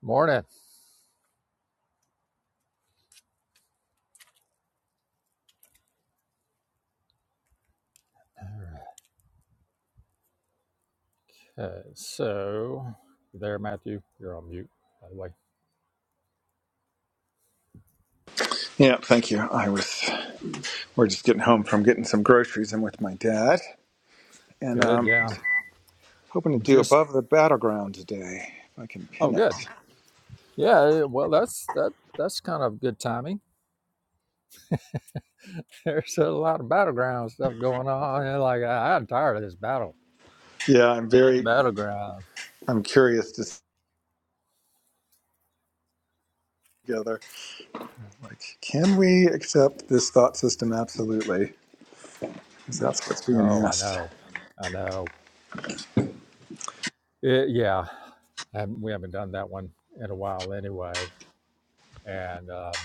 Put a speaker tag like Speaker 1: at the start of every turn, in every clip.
Speaker 1: Morning. Uh, so, you there, Matthew, you're on mute. By the way,
Speaker 2: Yeah, thank you. I was we're just getting home from getting some groceries. I'm with my dad, and
Speaker 1: good.
Speaker 2: um, I
Speaker 1: Yeah,
Speaker 2: was hoping to
Speaker 1: I'm
Speaker 2: do
Speaker 1: just.
Speaker 2: above the battleground today. If I can
Speaker 1: Oh,
Speaker 2: pin it.
Speaker 1: good. Yeah. Well, that's that. That's kind of good timing. There's a lot of battleground stuff going on. And like I, I'm tired of this battle.
Speaker 2: Yeah, I'm
Speaker 1: This
Speaker 2: very
Speaker 1: battleground.
Speaker 2: I'm curious to see together. Like, can we accept this thought system? Absolutely. Because that's what's being
Speaker 1: Oh, I
Speaker 2: asked.
Speaker 1: know. I know. It, yeah, and we haven't done that one in a while anyway. And um,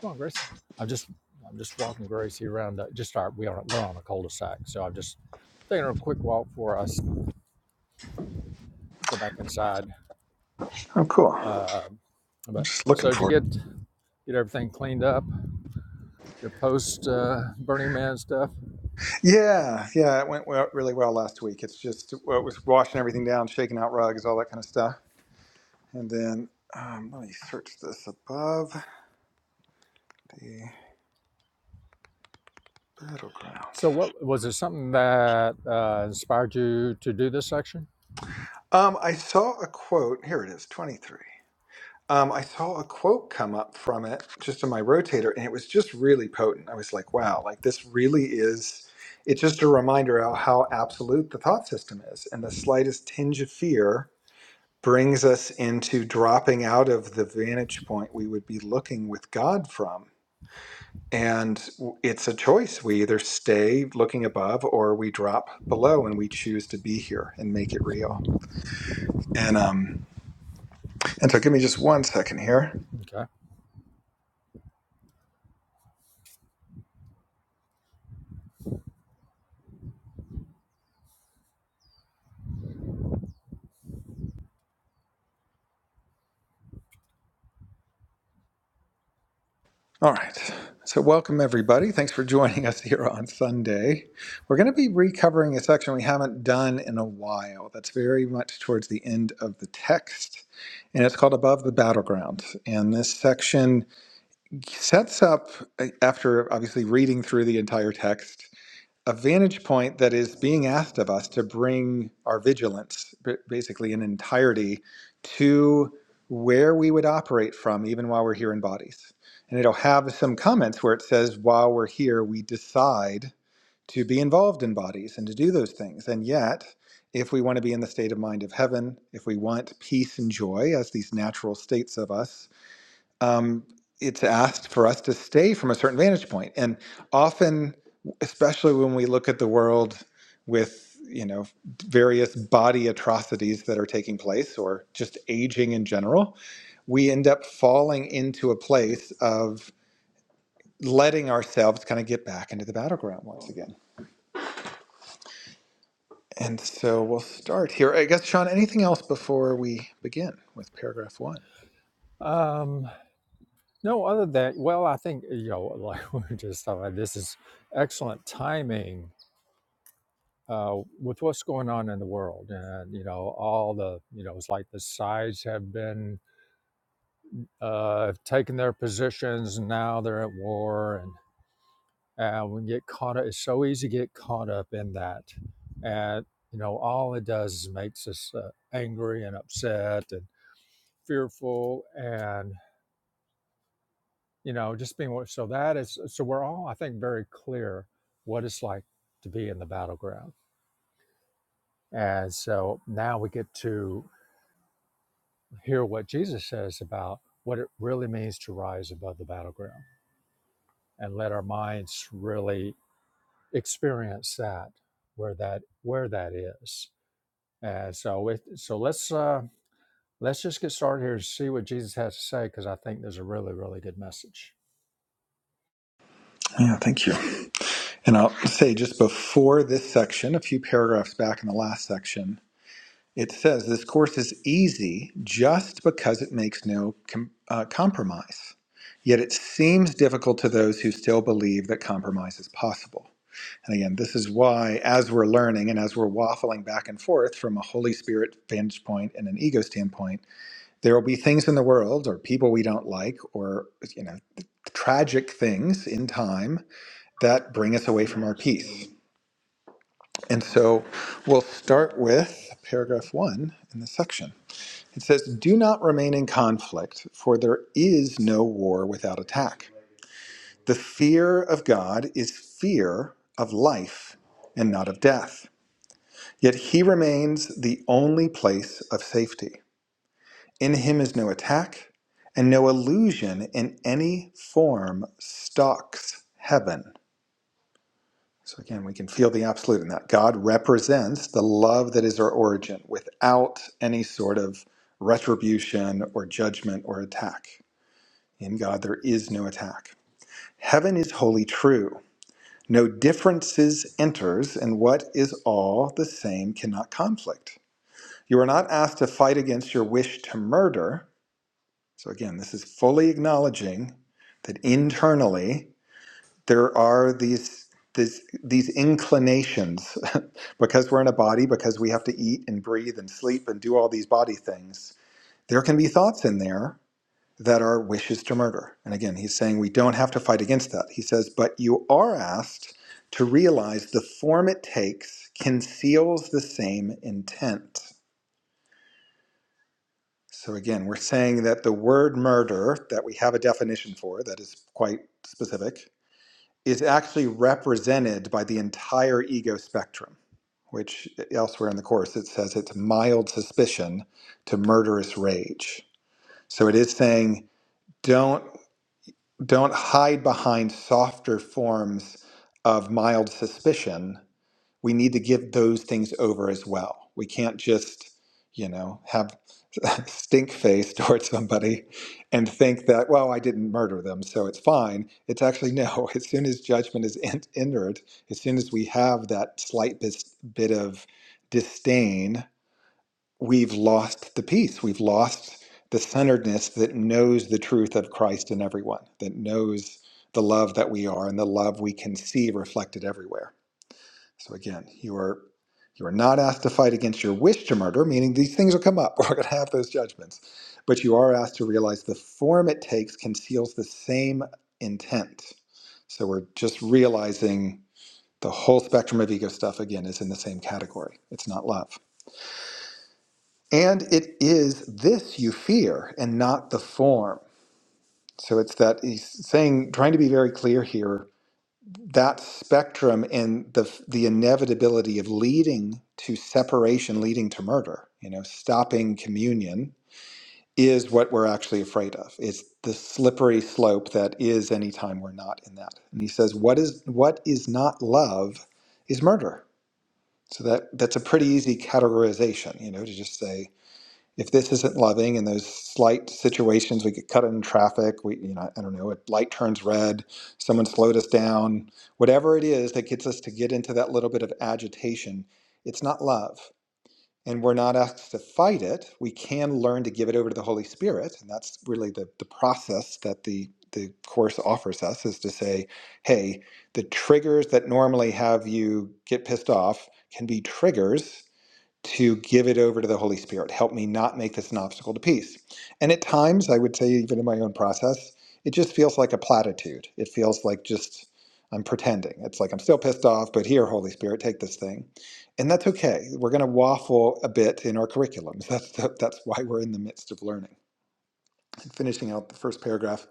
Speaker 1: Come on, Grace. I'm just I'm just walking Gracie around. The, just our we are we're on a cul-de-sac, so I'm just taking her a quick walk for us. Go back inside.
Speaker 2: Oh, cool.
Speaker 1: Uh,
Speaker 2: I'm
Speaker 1: but
Speaker 2: just
Speaker 1: so
Speaker 2: looking
Speaker 1: did you
Speaker 2: for it.
Speaker 1: get get everything cleaned up? Your post uh, Burning Man stuff.
Speaker 2: Yeah, yeah, it went well, really well last week. It's just, well, it was washing everything down, shaking out rugs, all that kind of stuff. And then, um, let me search this above. Battleground.
Speaker 1: So what was it? Something that uh, inspired you to do this section?
Speaker 2: Um, I saw a quote. Here it is, 23. Um, I saw a quote come up from it just in my rotator, and it was just really potent. I was like, wow, like this really is. It's just a reminder of how absolute the thought system is. And the slightest tinge of fear brings us into dropping out of the vantage point we would be looking with God from. And w- it's a choice. We either stay looking above or we drop below and we choose to be here and make it real. And um, And so give me just one second here.
Speaker 1: Okay.
Speaker 2: All right. So welcome everybody. Thanks for joining us here on Sunday. We're going to be recovering a section we haven't done in a while. That's very much towards the end of the text. And it's called Above the Battleground. And this section sets up uh, after obviously reading through the entire text a vantage point that is being asked of us to bring our vigilance, basically in entirety, to where we would operate from, even while we're here in bodies. And it'll have some comments where it says, while we're here, we decide to be involved in bodies and to do those things. And yet, if we want to be in the state of mind of heaven, if we want peace and joy as these natural states of us, um, it's asked for us to stay from a certain vantage point. And often, especially when we look at the world with you know various body atrocities that are taking place or just aging in general, we end up falling into a place of letting ourselves kind of get back into the battleground once again. And so we'll start here. I guess Sean, anything else before we begin with paragraph one?
Speaker 1: Um, no, other than well, I think you know, like we were just talking about, this is excellent timing uh, with what's going on in the world and you know all the you know it's like the sides have been uh have taken their positions and now they're at war and and we get caught up it's so easy to get caught up in that and you know all it does is makes us uh, angry and upset and fearful and you know just being so that is so we're all i think very clear what it's like to be in the battleground and so now we get to hear what Jesus says about what it really means to rise above the battleground and let our minds really experience that where that where that is. And so it, so let's uh let's just get started here and see what Jesus has to say because I think there's a really really good message.
Speaker 2: Yeah, thank you. And I'll say just before this section, a few paragraphs back in the last section, it says this course is easy just because it makes no com- uh, compromise. Yet it seems difficult to those who still believe that compromise is possible. And again, this is why, as we're learning and as we're waffling back and forth from a Holy Spirit vantage point and an ego standpoint, there will be things in the world or people we don't like or, you know, tragic things in time that bring us away from our peace. And so we'll start with paragraph one in this section. It says, Do not remain in conflict, for there is no war without attack. The fear of God is fear of life and not of death. Yet he remains the only place of safety. In him is no attack, and no illusion in any form stalks heaven. So again, we can feel the absolute in that. God represents the love that is our origin without any sort of retribution or judgment or attack. In God, there is no attack. Heaven is wholly true. No differences enters, and what is all the same cannot conflict. You are not asked to fight against your wish to murder. So again, this is fully acknowledging that internally there are these this, these inclinations because we're in a body because we have to eat and breathe and sleep and do all these body things there can be thoughts in there that are wishes to murder and again he's saying we don't have to fight against that he says but you are asked to realize the form it takes conceals the same intent so again we're saying that the word murder that we have a definition for that is quite specific is actually represented by the entire ego spectrum, which e, elsewhere in the Course it says it's mild suspicion to murderous rage. So it is saying don't don't hide behind softer forms of mild suspicion we need to give those things over as well. We can't just, you know, have stink face towards somebody and think that, well, I didn't murder them, so it's fine. It's actually no. As soon as judgment is en- entered, as soon as we have that slight bis- bit of disdain, we've lost the peace. We've lost the centeredness that knows the truth of Christ in everyone, that knows the love that we are and the love we can see reflected everywhere so again, you are you are not asked to fight against your wish to murder, meaning these things will come up. We're going to have those judgments, but you are asked to realize the form it takes conceals the same intent. So we're just realizing the whole spectrum of ego stuff again is in the same category. It's not love, and it is this you fear, and not the form. So it's that he's saying, trying to be very clear here that spectrum and the the inevitability of leading to separation leading to murder you know stopping communion is what we're actually afraid of it's the slippery slope that is anytime we're not in that and he says what is what is not love is murder so that that's a pretty easy categorization you know to just say if this isn't loving in those slight situations we get cut in traffic we you know i don't know a light turns red someone slowed us down whatever it is that gets us to get into that little bit of agitation it's not love and we're not asked to fight it we can learn to give it over to the holy spirit and that's really the, the process that the the course offers us is to say hey the triggers that normally have you get pissed off can be triggers to give it over to the Holy Spirit. Help me not make this an obstacle to peace. And at times, I would say, even in my own process, it just feels like a platitude. It feels like just I'm pretending. It's like I'm still pissed off, but here, Holy Spirit, take this thing. And that's okay. We're going to waffle a bit in our curriculums. That's, the, that's why we're in the midst of learning. Finishing out the first paragraph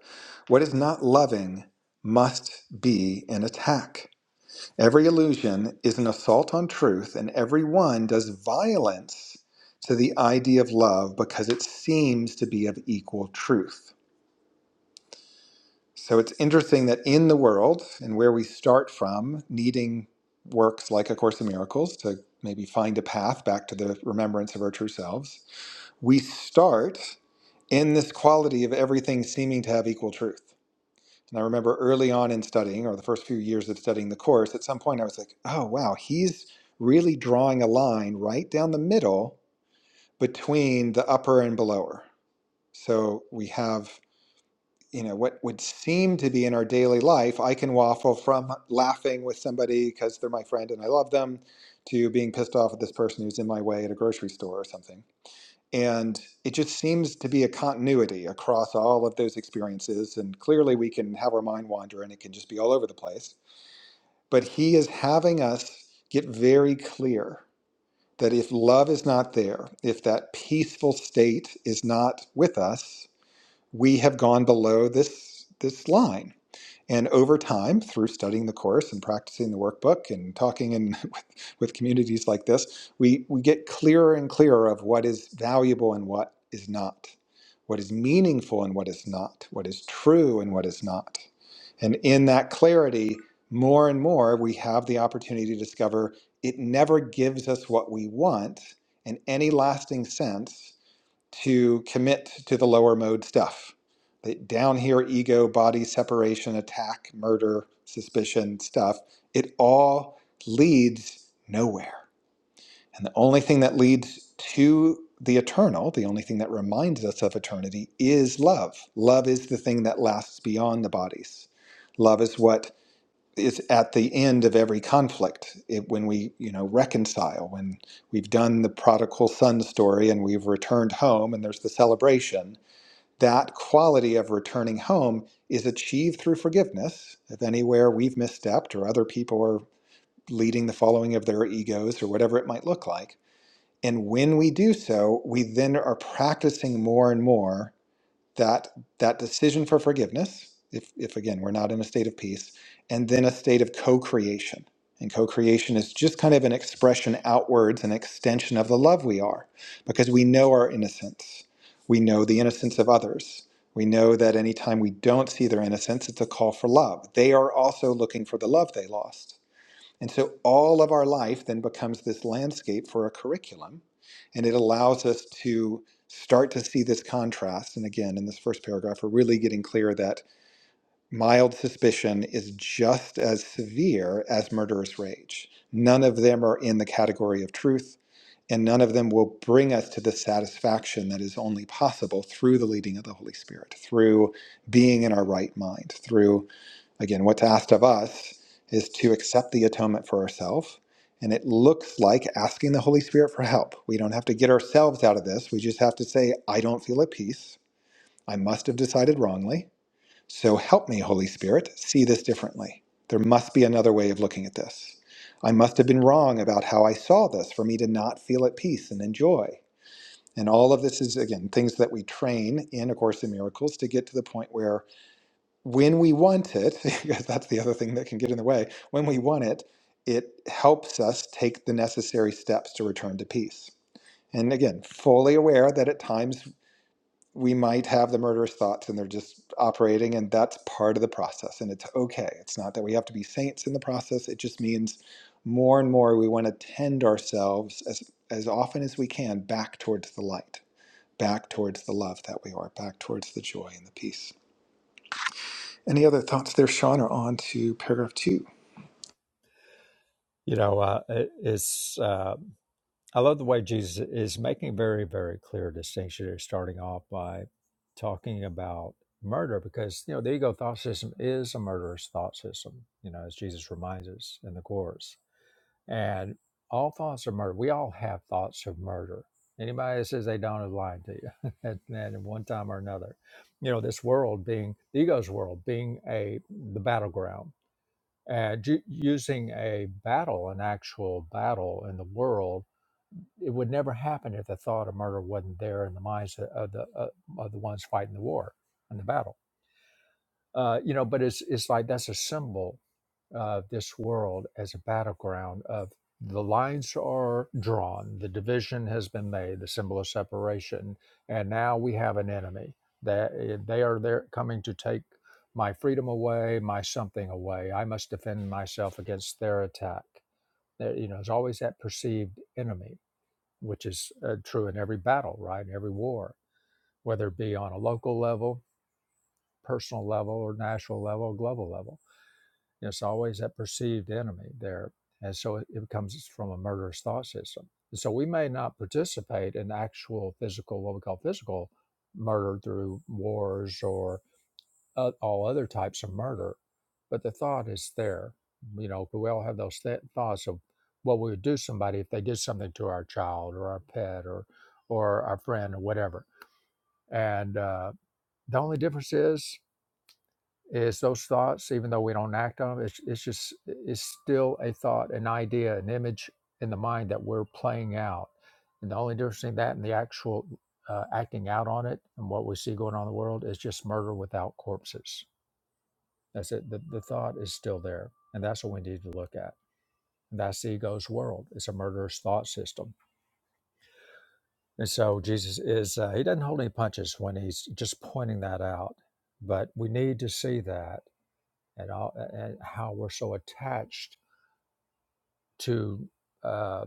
Speaker 2: what is not loving must be an attack. Every illusion is an assault on truth, and every one does violence to the idea of love because it seems to be of equal truth. So it's interesting that in the world, and where we start from, needing works like A Course in Miracles to maybe find a path back to the remembrance of our true selves, we start in this quality of everything seeming to have equal truth. And I remember early on in studying, or the first few years of studying the course, at some point I was like, oh, wow, he's really drawing a line right down the middle between the upper and belower. So we have, you know, what would seem to be in our daily life, I can waffle from laughing with somebody because they're my friend and I love them to being pissed off at this person who's in my way at a grocery store or something. And it just seems to be a continuity across all of those experiences. And clearly, we can have our mind wander and it can just be all over the place. But he is having us get very clear that if love is not there, if that peaceful state is not with us, we have gone below this, this line and over time, through studying the course and practicing the workbook and talking in with, with communities like this, we, we get clearer and clearer of what is valuable and what is not, what is meaningful and what is not, what is true and what is not. And in that clarity, more and more, we have the opportunity to discover it never gives us what we want in any lasting sense to commit to the lower mode stuff. The down here, ego, body separation, attack, murder, suspicion stuff, it all leads nowhere. And the only thing that leads to the eternal, the only thing that reminds us of eternity, is love. Love is the thing that lasts beyond the bodies. Love is what is at the end of every conflict it, when we you know reconcile when we've done the prodigal son story and we've returned home and there's the celebration that quality of returning home is achieved through forgiveness if anywhere we've misstepped or other people are leading the following of their egos or whatever it might look like and when we do so we then are practicing more and more that that decision for forgiveness if if again we're not in a state of peace and then a state of co-creation and co-creation is just kind of an expression outwards an extension of the love we are because we know our innocence we know the innocence of others we know that anytime we don't see their innocence it's a call for love they are also looking for the love they lost and so all of our life then becomes this landscape for a curriculum, and it allows us to start to see this contrast. And again, in this first paragraph, we're really getting clear that mild suspicion is just as severe as murderous rage. None of them are in the category of truth, and none of them will bring us to the satisfaction that is only possible through the leading of the Holy Spirit, through being in our right mind, through Again, what's asked of us is to accept the atonement for ourselves. And it looks like asking the Holy Spirit for help. We don't have to get ourselves out of this. We just have to say, I don't feel at peace. I must have decided wrongly. So help me, Holy Spirit, see this differently. There must be another way of looking at this. I must have been wrong about how I saw this for me to not feel at peace and enjoy. And all of this is, again, things that we train in A Course in Miracles to get to the point where when we want it, because that's the other thing that can get in the way, when we want it, it helps us take the necessary steps to return to peace. And again, fully aware that at times we might have the murderous thoughts and they're just operating, and that's part of the process. And it's okay. It's not that we have to be saints in the process, it just means more and more we want to tend ourselves as, as often as we can back towards the light, back towards the love that we are, back towards the joy and the peace. Any other thoughts there, Sean, or on to paragraph two?
Speaker 1: You know, uh, it, it's uh I love the way Jesus is making a very, very clear distinction here, starting off by talking about murder, because you know the ego thought system is a murderous thought system. You know, as Jesus reminds us in the course, and all thoughts are murder. We all have thoughts of murder. Anybody that says they don't is lying to you, at, at one time or another. You know, this world being the ego's world being a the battleground, and ju- using a battle, an actual battle in the world it would never happen if the thought of murder wasn't there in the minds of the uh, of the ones fighting the war and the battle. Uh, you know, but it's it's like that's a symbol of this world as a battleground of the lines are drawn, the division has been made, the symbol of separation, and now we have an enemy that eh, they are there coming to take my freedom away, my something away. I must defend myself against their attack. There, you know, there's always that perceived enemy which is uh, true in every battle, right? Every war, whether it be on a local level, personal level, or national level, global level. You know, it's always that perceived enemy there. And so it, it comes from a murderous thought system. And so we may not participate in actual physical, what we call physical murder through wars or uh, all other types of murder, but the thought is there. You know, we all have those th- thoughts of what we would do to somebody if they did something to our child or our pet or or our friend or whatever. And uh, the only difference is is those thoughts, even though we don't act on them, it's, it's just it's still a thought, an idea, an image in the mind that we're playing out. And the only difference between that and the actual uh, acting out on it and what we see going on in the world is just murder without corpses. That's it. The, the thought is still there. And that's what we need to look at. And that's the ego's world. It's a murderous thought system. And so Jesus is, uh, he doesn't hold any punches when he's just pointing that out. But we need to see that and, all, and how we're so attached to uh,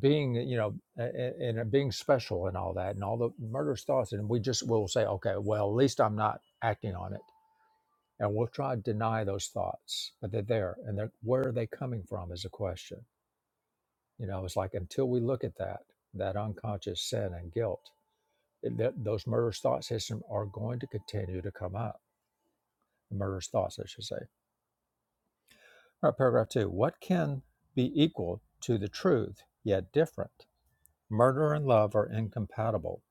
Speaker 1: being, you know, and, and being special and all that and all the murderous thoughts. And we just will say, okay, well, at least I'm not acting on it. And we'll try to deny those thoughts, but they're there. And they're, where are they coming from is a question You know, it's like until we look at that, that unconscious sin and guilt, it, that, those murderous thought system are going to continue to come up. Murderous thoughts, I should say. All right, paragraph two. What can be equal to the truth, yet different? Murder and love are incompatible.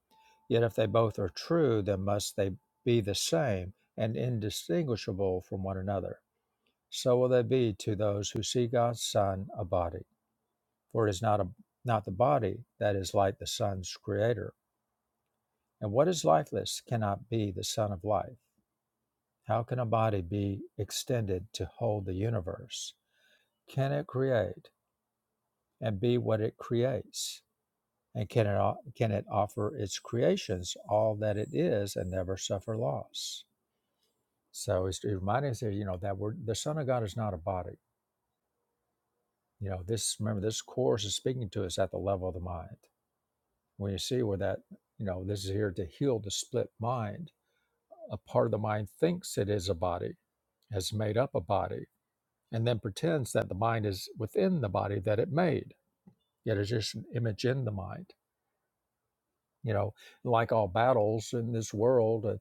Speaker 1: Yet if they both are true, then must they be the same and indistinguishable from one another. So will they be to those who see God's Son a body. For it is not a not the body that is like the Son's creator And what is lifeless cannot be the Son of Life. How can a body be extended to hold the universe? Can it create and be what it creates? And can it, can it offer its creations all that it is and never suffer loss? So it's reminding us here, you know, that we're, the Son of God is not a body. You know, this, remember, this course is speaking to us at the level of the mind. When you see where that, you know, this is here to heal the split mind, a part of the mind thinks it is a body has made up a body and then pretends that the mind is within the body that it made yet it's just an image in the mind you know like all battles in this world uh,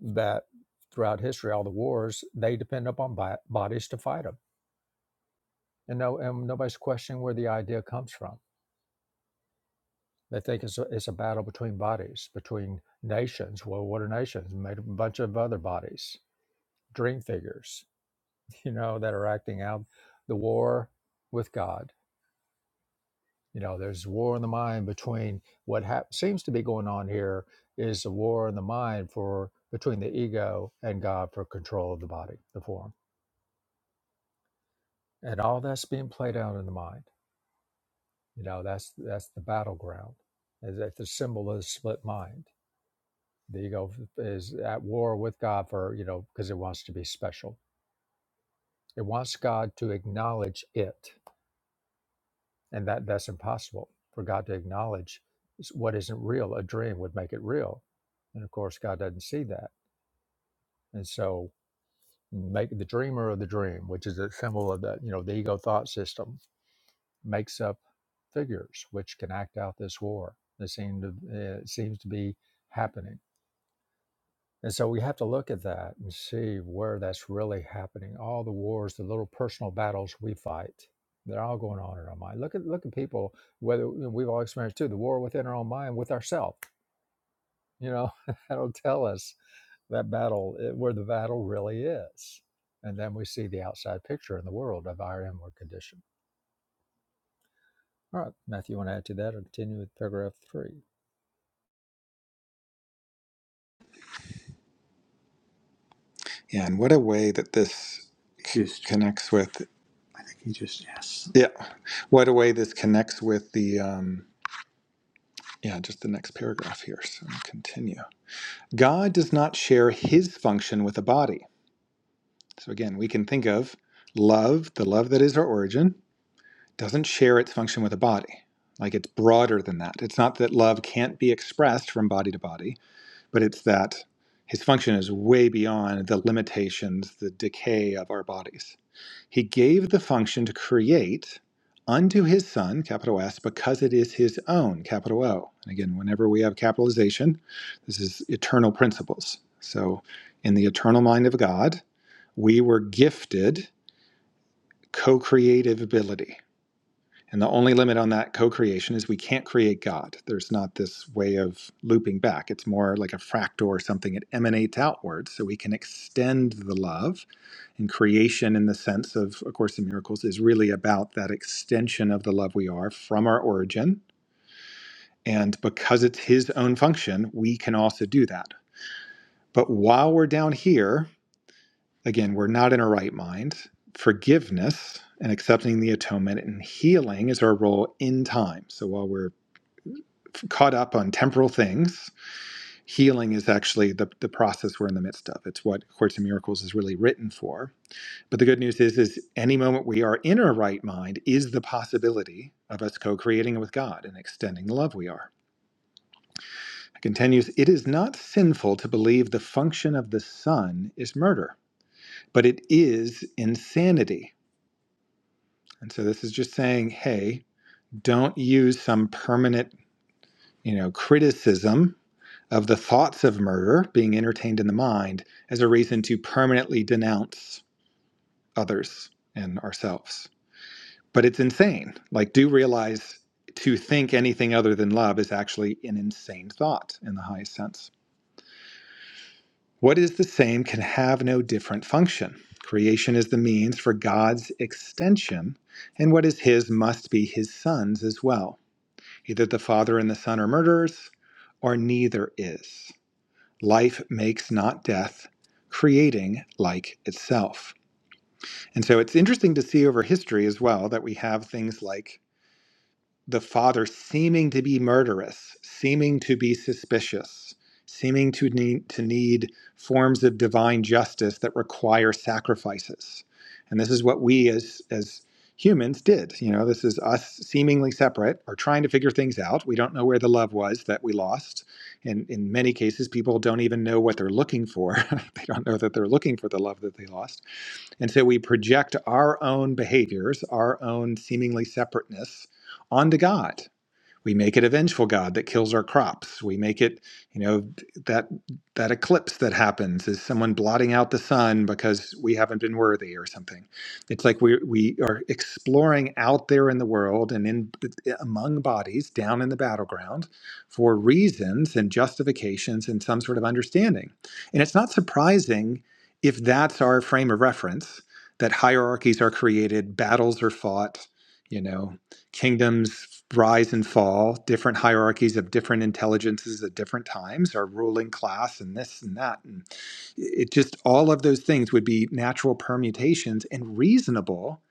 Speaker 1: that throughout history all the wars they depend upon bi- bodies to fight them and no and nobody's questioning where the idea comes from they think it's a, it's a battle between bodies between nations well what are nations made of a bunch of other bodies dream figures you know that are acting out the war with god You know, there's war in the mind between what hap seems to be going on here is a war in the mind for between the ego and God for control of the body, the form, and all that's being played out in the mind. You know, that's that's the battleground. Is that the symbol is split mind? The ego is at war with God for you know because it wants to be special. It wants God to acknowledge it and that that's impossible for God to acknowledge what isn't real. A dream would make it real, and of course, God doesn't see that, and so make the dreamer of the dream, which is a symbol of the you know the ego thought system, makes up figures which can act out this war. This seemed to, it seems to be happening And so we have to look at that and see where that's really happening. All the wars, the little personal battles we fight, they're all going on in our mind. Look at look at people, whether you know, we've all experienced too, the war within our own mind with ourselves. You know, that'll tell us that battle, eh, where the battle really is. And then we see the outside picture in the world of our inward condition. All right, Matthew, you want to add to that or continue with paragraph three?
Speaker 2: Yeah, and what a way that this c- connects with, yeah, what a way this connects with the, um, yeah, just the next paragraph here. So I'll continue. God does not share his function with a body. So again, we can think of love, the love that is our origin, doesn't share its function with a body. Like it's broader than that. It's not that love can't be expressed from body to body but it's that his function is way beyond the limitations, the decay of our bodies. He gave the function to create unto his son, capital S, because it is his own, capital O. And again, whenever we have capitalization, this is eternal principles. So in the eternal mind of God, we were gifted co creative ability. And the only limit on that co creation is we can't create God. There's not this way of looping back. It's more like a fractal or something. It emanates outward. So we can extend the love. And creation, in the sense of A Course in Miracles, is really about that extension of the love we are from our origin. And because it's His own function, we can also do that. But while we're down here, again, we're not in our right mind. Forgiveness and accepting the atonement and healing is our role in time. So while we're caught up on temporal things. Healing is actually the, the process we're in the midst of. It's what A Course in Miracles is really written for. But the good news is, is any moment we are in our right mind is the possibility of us co-creating with God and extending the love we are. It continues, it is not sinful to believe the function of the sun is murder, but it is insanity. And so this is just saying, hey, don't use some permanent, you know, criticism of the thoughts of murder being entertained in the mind as a reason to permanently denounce others and ourselves. But it's insane. Like, do realize to think anything other than love is actually an insane thought in the highest sense. What is the same can have no different function. Creation is the means for God's extension, and what is His must be His Son's as well. Either the Father and the Son are murderers, or neither is. life makes not death, creating like itself. And so it's interesting to see over history as well that we have things like the father seeming to be murderous, seeming to be suspicious, seeming to need, to need forms of divine justice that require sacrifices. And this is what we as as humans did. You know, this is us seemingly separate or trying to figure things out. We don't know where the love was that we lost. And in many cases, people don't even know what they're looking for. they don't know that they're looking for the love that they lost and so we project our own behaviors, our own seemingly separateness onto God. We make it a vengeful god that kills our crops. We make it, you know, that that eclipse that happens is someone blotting out the sun because we haven't been worthy or something. It's like we we are exploring out there in the world and in among bodies down in the battleground for reasons and justifications and some sort of understanding. And it's not surprising if that's our frame of reference that hierarchies are created, battles are fought, you know kingdoms rise and fall, different hierarchies of different intelligences at different times, our ruling class, and this and that. And it just all of those things would be natural permutations and reasonable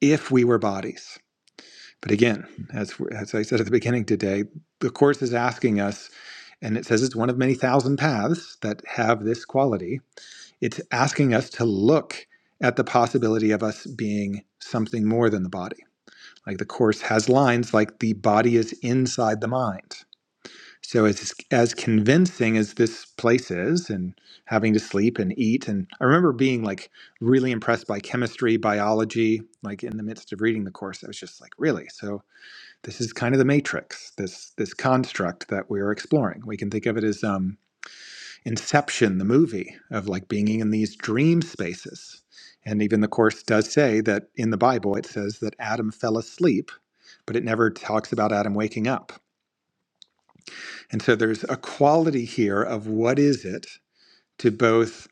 Speaker 2: if we were bodies. But again, as, as I said at the beginning today, the Course is asking us, and it says it's one of many thousand paths that have this quality. It's asking us to look at the possibility of us being something more than the body like the course has lines like the body is inside the mind. So as as convincing as this place is and having to sleep and eat and I remember being like really impressed by chemistry, biology, like in the midst of reading the course I was just like, really? So this is kind of the matrix, this this construct that we're exploring. We can think of it as um Inception the movie of like being in these dream spaces. And even the course does say that in the Bible it says that Adam fell asleep but it never talks about Adam waking up. And so there's a quality here of what is it to both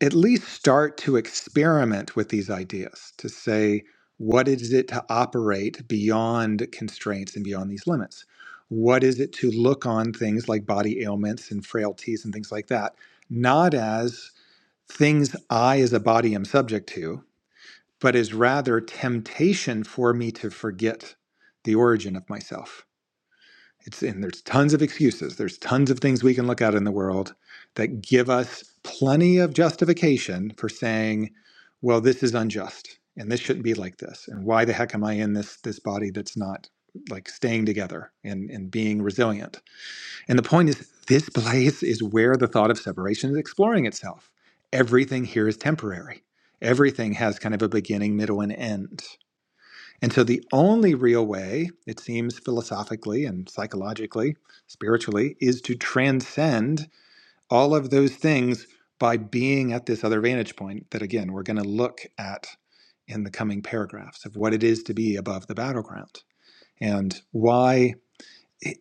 Speaker 2: at least start to experiment with these ideas, to say, what is it to operate beyond constraints and beyond these limits? What is it to look on things like body ailments and frailties and things like that, not as things I as a body am subject to, but as rather temptation for me to forget the origin of myself It's and there's tons of excuses. There's tons of things we can look at in the world that give us plenty of justification for saying, well, this is unjust and this shouldn't be like this. And why the heck am I in this this body that's not like staying together and, and being resilient? And the point is this place is where the thought of separation is exploring itself. Everything here is temporary. Everything has kind of a beginning, middle, and end. And so the only real way, it seems philosophically and psychologically, spiritually, is to transcend all of those things by being at this other vantage point that, again, we're going to look at in the coming paragraphs of what it is to be above the battleground and why,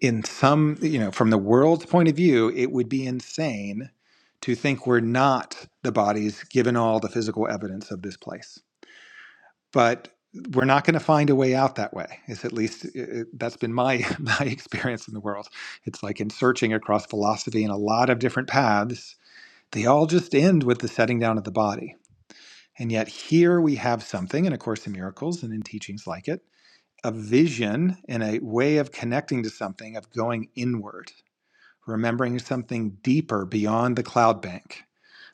Speaker 2: in some, you know, from the world's point of view, it would be insane to think we're not the bodies given all the physical evidence of this place but we're not going to find a way out that way it's at least it, that's been my my experience in the world it's like in searching across philosophy and a lot of different paths they all just end with the setting down of the body and yet here we have something in a course in miracles and in teachings like it a vision and a way of connecting to something of going inward remembering something deeper beyond the cloud bank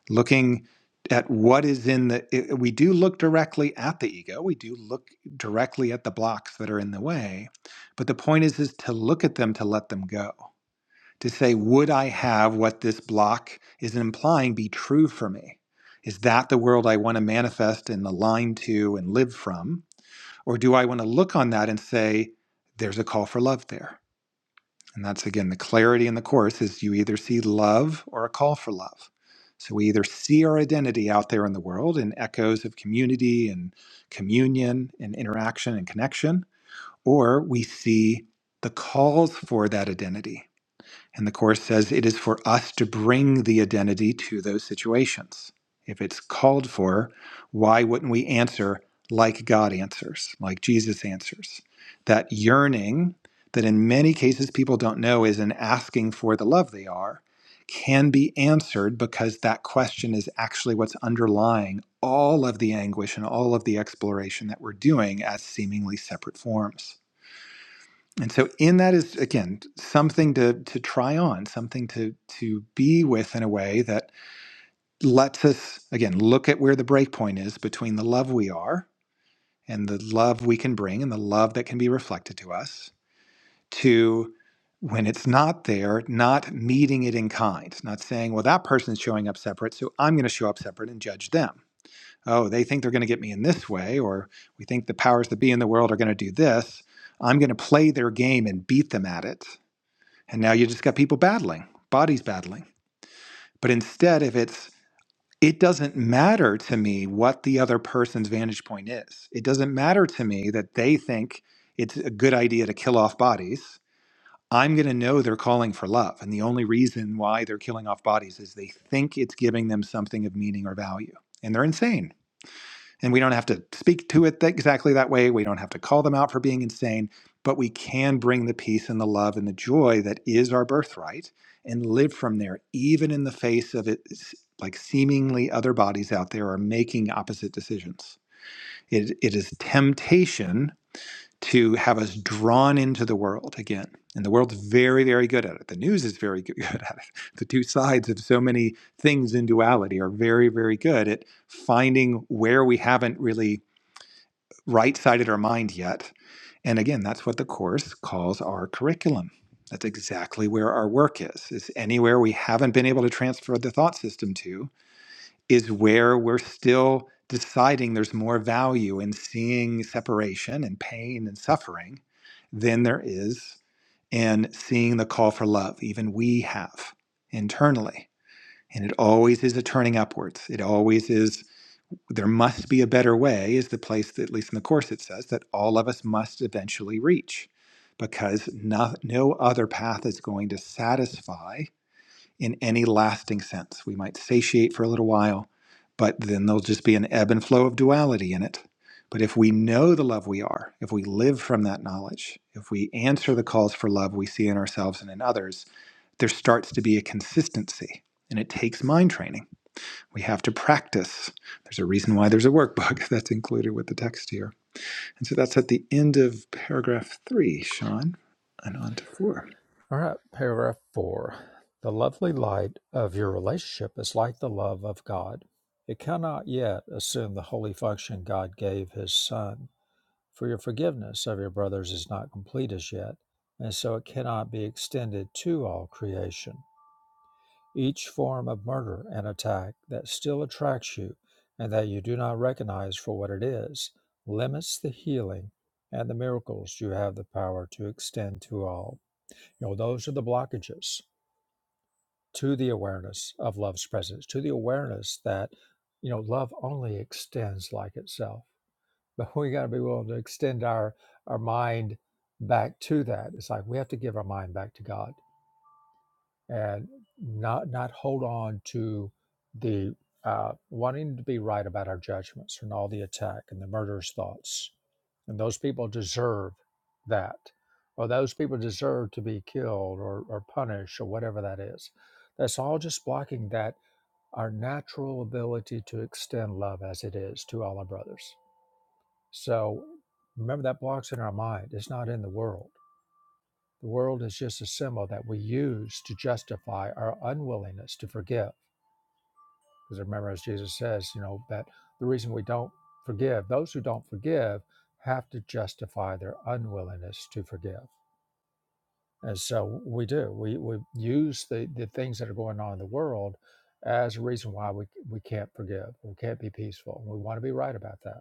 Speaker 2: looking at what is in the it- we do look directly at the ego we do look directly at the blocks that are in the way but the point is is to look at them to let them go to say would i have what this block is implying be true for me is that the world i want to manifest and align to and live from or do i want to look on that and say there's a call for love there and that's again the clarity in the course is you either see love or a call for love. So we either see our identity out there in the world in echoes of community and communion and interaction and connection, or we see the calls for that identity and the Course says it is for us to bring the identity to those situations. If it's called for, why wouldn't we answer like God answers, like Jesus answers? That yearning that in many cases people don't know is an asking for the love they are can be answered because that question is actually what's underlying all of the anguish and all of the exploration that we're doing as seemingly separate forms. And so in that is again something to to try on, something to to be with in a way that lets us again look at where the break point is between the love we are and the love we can bring and the love that can be reflected to us to when it's not there, not meeting it in kind, not saying, well, that person's showing up separate, so I'm going to show up separate and judge them. Oh, they think they're going to get me in this way, or we think the powers that be in the world are going to do this. I'm going to play their game and beat them at it and now you just got people battling, bodies battling. But instead, if it's, it doesn't matter to me what the other person's vantage point is. It doesn't matter to me that they think it's a good idea to kill off bodies. I'm going to know they're calling for love. And the only reason why they're killing off bodies is they think it's giving them something of meaning or value. And they're insane and we don't have to speak to it that, exactly that way. We don't have to call them out for being insane, but we can bring the peace and the love and the joy that is our birthright and live from there, even in the face of it. Like seemingly other bodies out there are making opposite decisions. It, it is temptation to have us drawn into the world again. And the world's very, very good at it. The news is very good at it. The two sides of so many things in duality are very, very good at finding where we haven't really right sided our mind yet. And again, that's what the course calls our curriculum. That's exactly where our work is. Is anywhere we haven't been able to transfer the thought system to is where we're still deciding there's more value in seeing separation and pain and suffering than there is in seeing the call for love. Even we have internally. And it always is a turning upwards. It always is there must be a better way is the place that, at least in the course it says that all of us must eventually reach because no, no other path is going to satisfy in any lasting sense we might satiate for a little while but then there'll just be an ebb and flow of duality in it but if we know the love we are if we live from that knowledge if we answer the calls for love we see in ourselves and in others there starts to be a consistency and it takes mind training we have to practice. There's a reason why there's a workbook that's included with the text here. And so that's at the end of paragraph three, Sean, and on to four.
Speaker 1: All right, paragraph four. The lovely light of your relationship is like the love of God. It cannot yet assume the holy function God gave His Son, for your forgiveness of your brothers is not complete as yet, and so it cannot be extended to all creation. Each form of murder and attack that still attracts you and that you do not recognize for what it is limits the healing and the miracles you have the power to extend to all. You know, those are the blockages to the awareness of love's presence, to the awareness that, you know, love only extends like itself. But we got to be willing to extend our our mind back to that. It's like we have to give our mind back to God and not not hold on to the uh, wanting to be right about our judgments and all the attack and the murderous thoughts. And those people deserve that, or those people deserve to be killed or, or punished or whatever that is. That's all just blocking that our natural ability to extend love as it is to all our brothers. So remember that blocks in our mind. It's not in the world. The world is just a symbol that we use to justify our unwillingness to forgive. Because remember, as Jesus says, you know, that the reason we don't forgive, those who don't forgive have to justify their unwillingness to forgive. And so we do. We, we use the, the things that are going on in the world as a reason why we, we can't forgive. We can't be peaceful. We want to be right about that.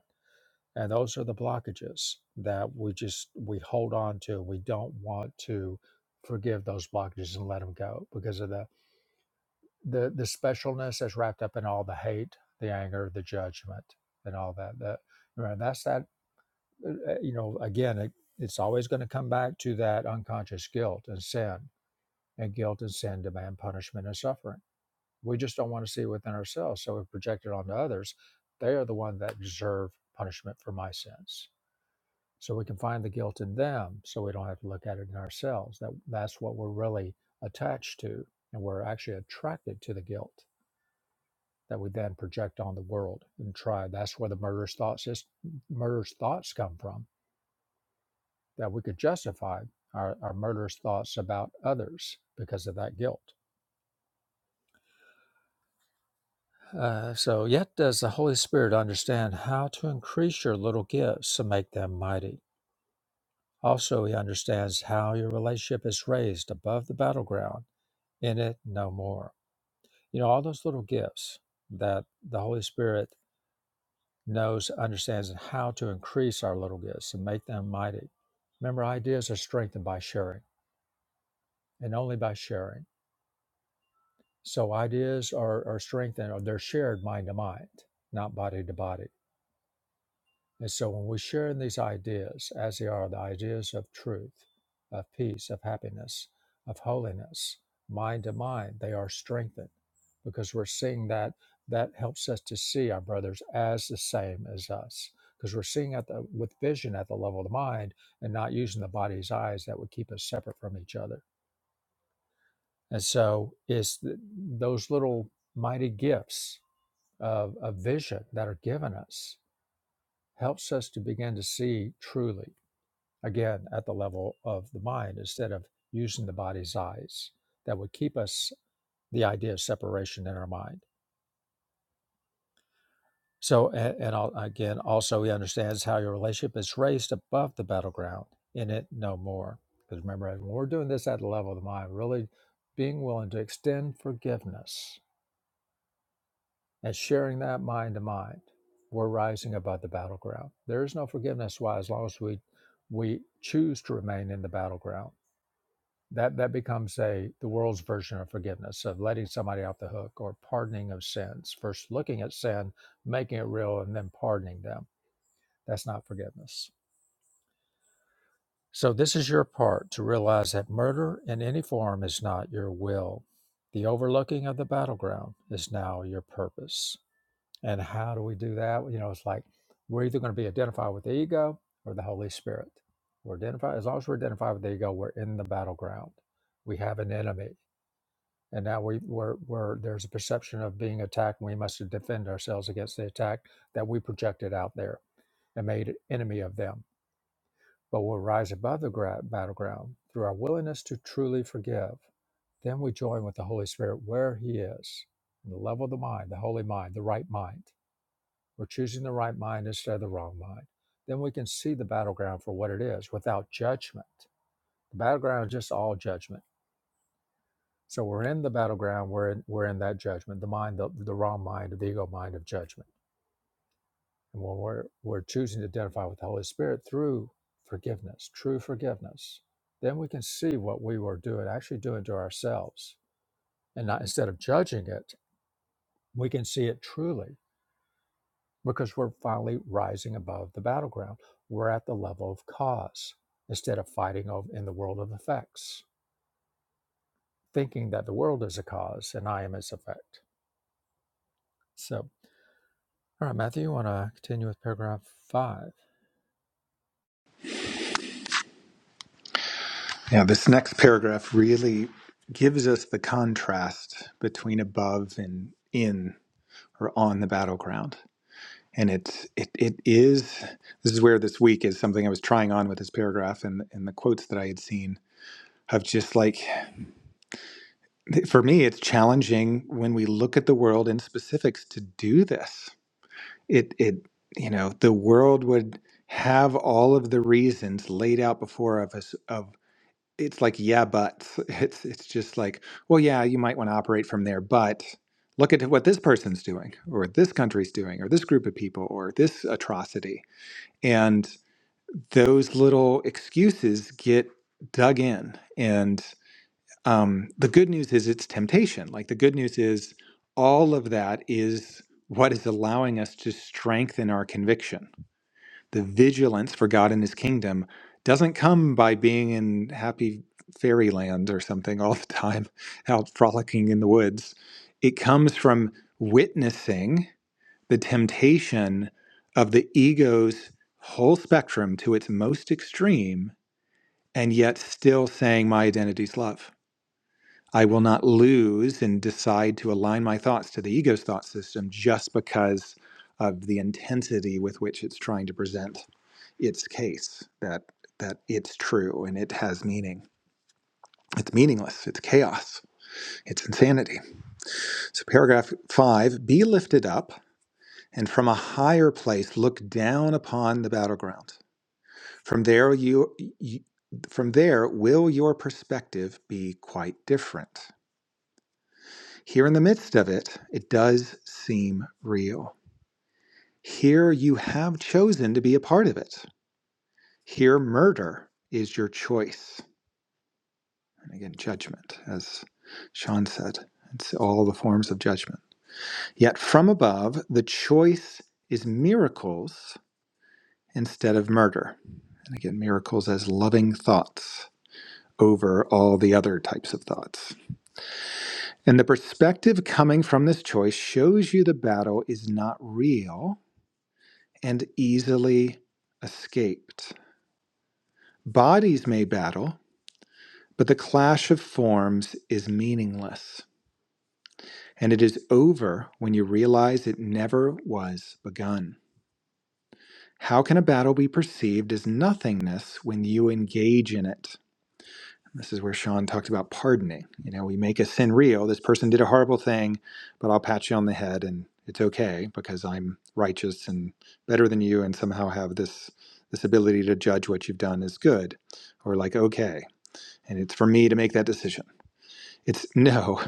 Speaker 1: And those are the blockages that we just we hold on to. We don't want to forgive those blockages and let them go because of the the the specialness that's wrapped up in all the hate, the anger, the judgment, and all that. That you that's that. uh, You know, again, it, it's always going to come back to that unconscious guilt and sin, and guilt and sin demand punishment and suffering. We just don't want to see it within ourselves, so we project it onto others. They are the one that deserve punishment for my sins so we can find the guilt in them so we don't have to look at it in ourselves that that's what we're really attached to and we're actually attracted to the guilt that we then project on the world and try that's where the murderous thoughts is murderous thoughts come from that we could justify our, our murderous thoughts about others because of that guilt uh, so yet does the holy spirit understand how to increase your little gifts to make them mighty also he understands how your relationship is raised above the battleground in it no more. You know, all those little gifts that the Holy Spirit knows, understands, and how to increase our little gifts and make them mighty. Remember, ideas are strengthened by sharing and only by sharing. So ideas are, are strengthened or they're shared mind to mind, not body to body. And so when we share in these ideas, as they are the ideas of truth, of peace, of happiness, of holiness, mind to mind, they are strengthened because we're seeing that that helps us to see our brothers as the same as us. Because we're seeing at the with vision at the level of the mind and not using the body's eyes that would keep us separate from each other. And so it's th- those little mighty gifts of, of vision that are given us helps us to begin to see truly again at the level of the mind instead of using the body's eyes that would keep us the idea of separation in our mind so and, and al- again also he understands how your relationship is raised above the battleground in it no more because remember when we're doing this at the level of the mind really being willing to extend forgiveness and sharing that mind to mind we're rising above the battleground there is no forgiveness why as long as we we choose to remain in the battleground that that becomes a the world's version of forgiveness of letting somebody off the hook or pardoning of sins first looking at sin making it real and then pardoning them that's not forgiveness so this is your part to realize that murder in any form is not your will the overlooking of the battleground is now your purpose and how do we do that you know it's like we're either going to be identified with the ego or the holy spirit we're identified as long as we're identified with the ego we're in the battleground we have an enemy and now we, we're, we're there's a perception of being attacked and we must defend ourselves against the attack that we projected out there and made enemy of them but we'll rise above the gra- battleground through our willingness to truly forgive then we join with the holy spirit where he is in the level of the mind the holy mind the right mind we're choosing the right mind instead of the wrong mind then we can see the battleground for what it is without judgment the battleground is just all judgment So we're in the battleground. We're in, we're in that judgment, the mind, the, the wrong mind, the ego mind of judgment. And when we're we're choosing to identify with the Holy Spirit through forgiveness, true forgiveness, then we can see what we were doing, actually doing to ourselves, and not instead of judging it, we can see it truly because we're finally rising above the battleground. We're at the level of cause instead of fighting over in the world of effects, thinking that the world is a cause and I am its effect. So All right, Matthew, you want to continue with paragraph five?
Speaker 2: Now, this next paragraph really gives us the contrast between above and in or on the battleground. And it's it it is this is where this week is something I was trying on with this paragraph and and the quotes that I had seen of just like for me it's challenging when we look at the world in specifics to do this it it you know the world would have all of the reasons laid out before of us of it's like yeah but it's it's just like well yeah you might want to operate from there but look at what this person's doing or this country's doing or this group of people or this atrocity and those little excuses get dug in and um, the good news is it's temptation like the good news is all of that is what is allowing us to strengthen our conviction the vigilance for God and his kingdom doesn't come by being in happy fairyland or something all the time, out frolicking in the woods. It comes from witnessing the temptation of the ego's whole spectrum to its most extreme, and yet still saying, My identity's love. I will not lose and decide to align my thoughts to the ego's thought system just because of the intensity with which it's trying to present its case that that it's true and it has meaning. It's meaningless. It's chaos. It's insanity. So paragraph five: Be lifted up, and from a higher place look down upon the battleground. From there you. you from there, will your perspective be quite different? Here in the midst of it, it does seem real. Here you have chosen to be a part of it. Here, murder is your choice. And again, judgment, as Sean said, it's all the forms of judgment. Yet from above, the choice is miracles instead of murder. And again, miracles as loving thoughts over all the other types of thoughts. And the perspective coming from this choice shows you the battle is not real and easily escaped. Bodies may battle, but the clash of forms is meaningless. and it is over when you realize it never was begun. How can a battle be perceived as nothingness when you engage in it? This is where Sean talked about pardoning. You know, we make a sin real. This person did a horrible thing, but I'll pat you on the head and it's okay because I'm righteous and better than you and somehow have this this ability to judge what you've done as good or like okay and it's for me to make that decision. It's no,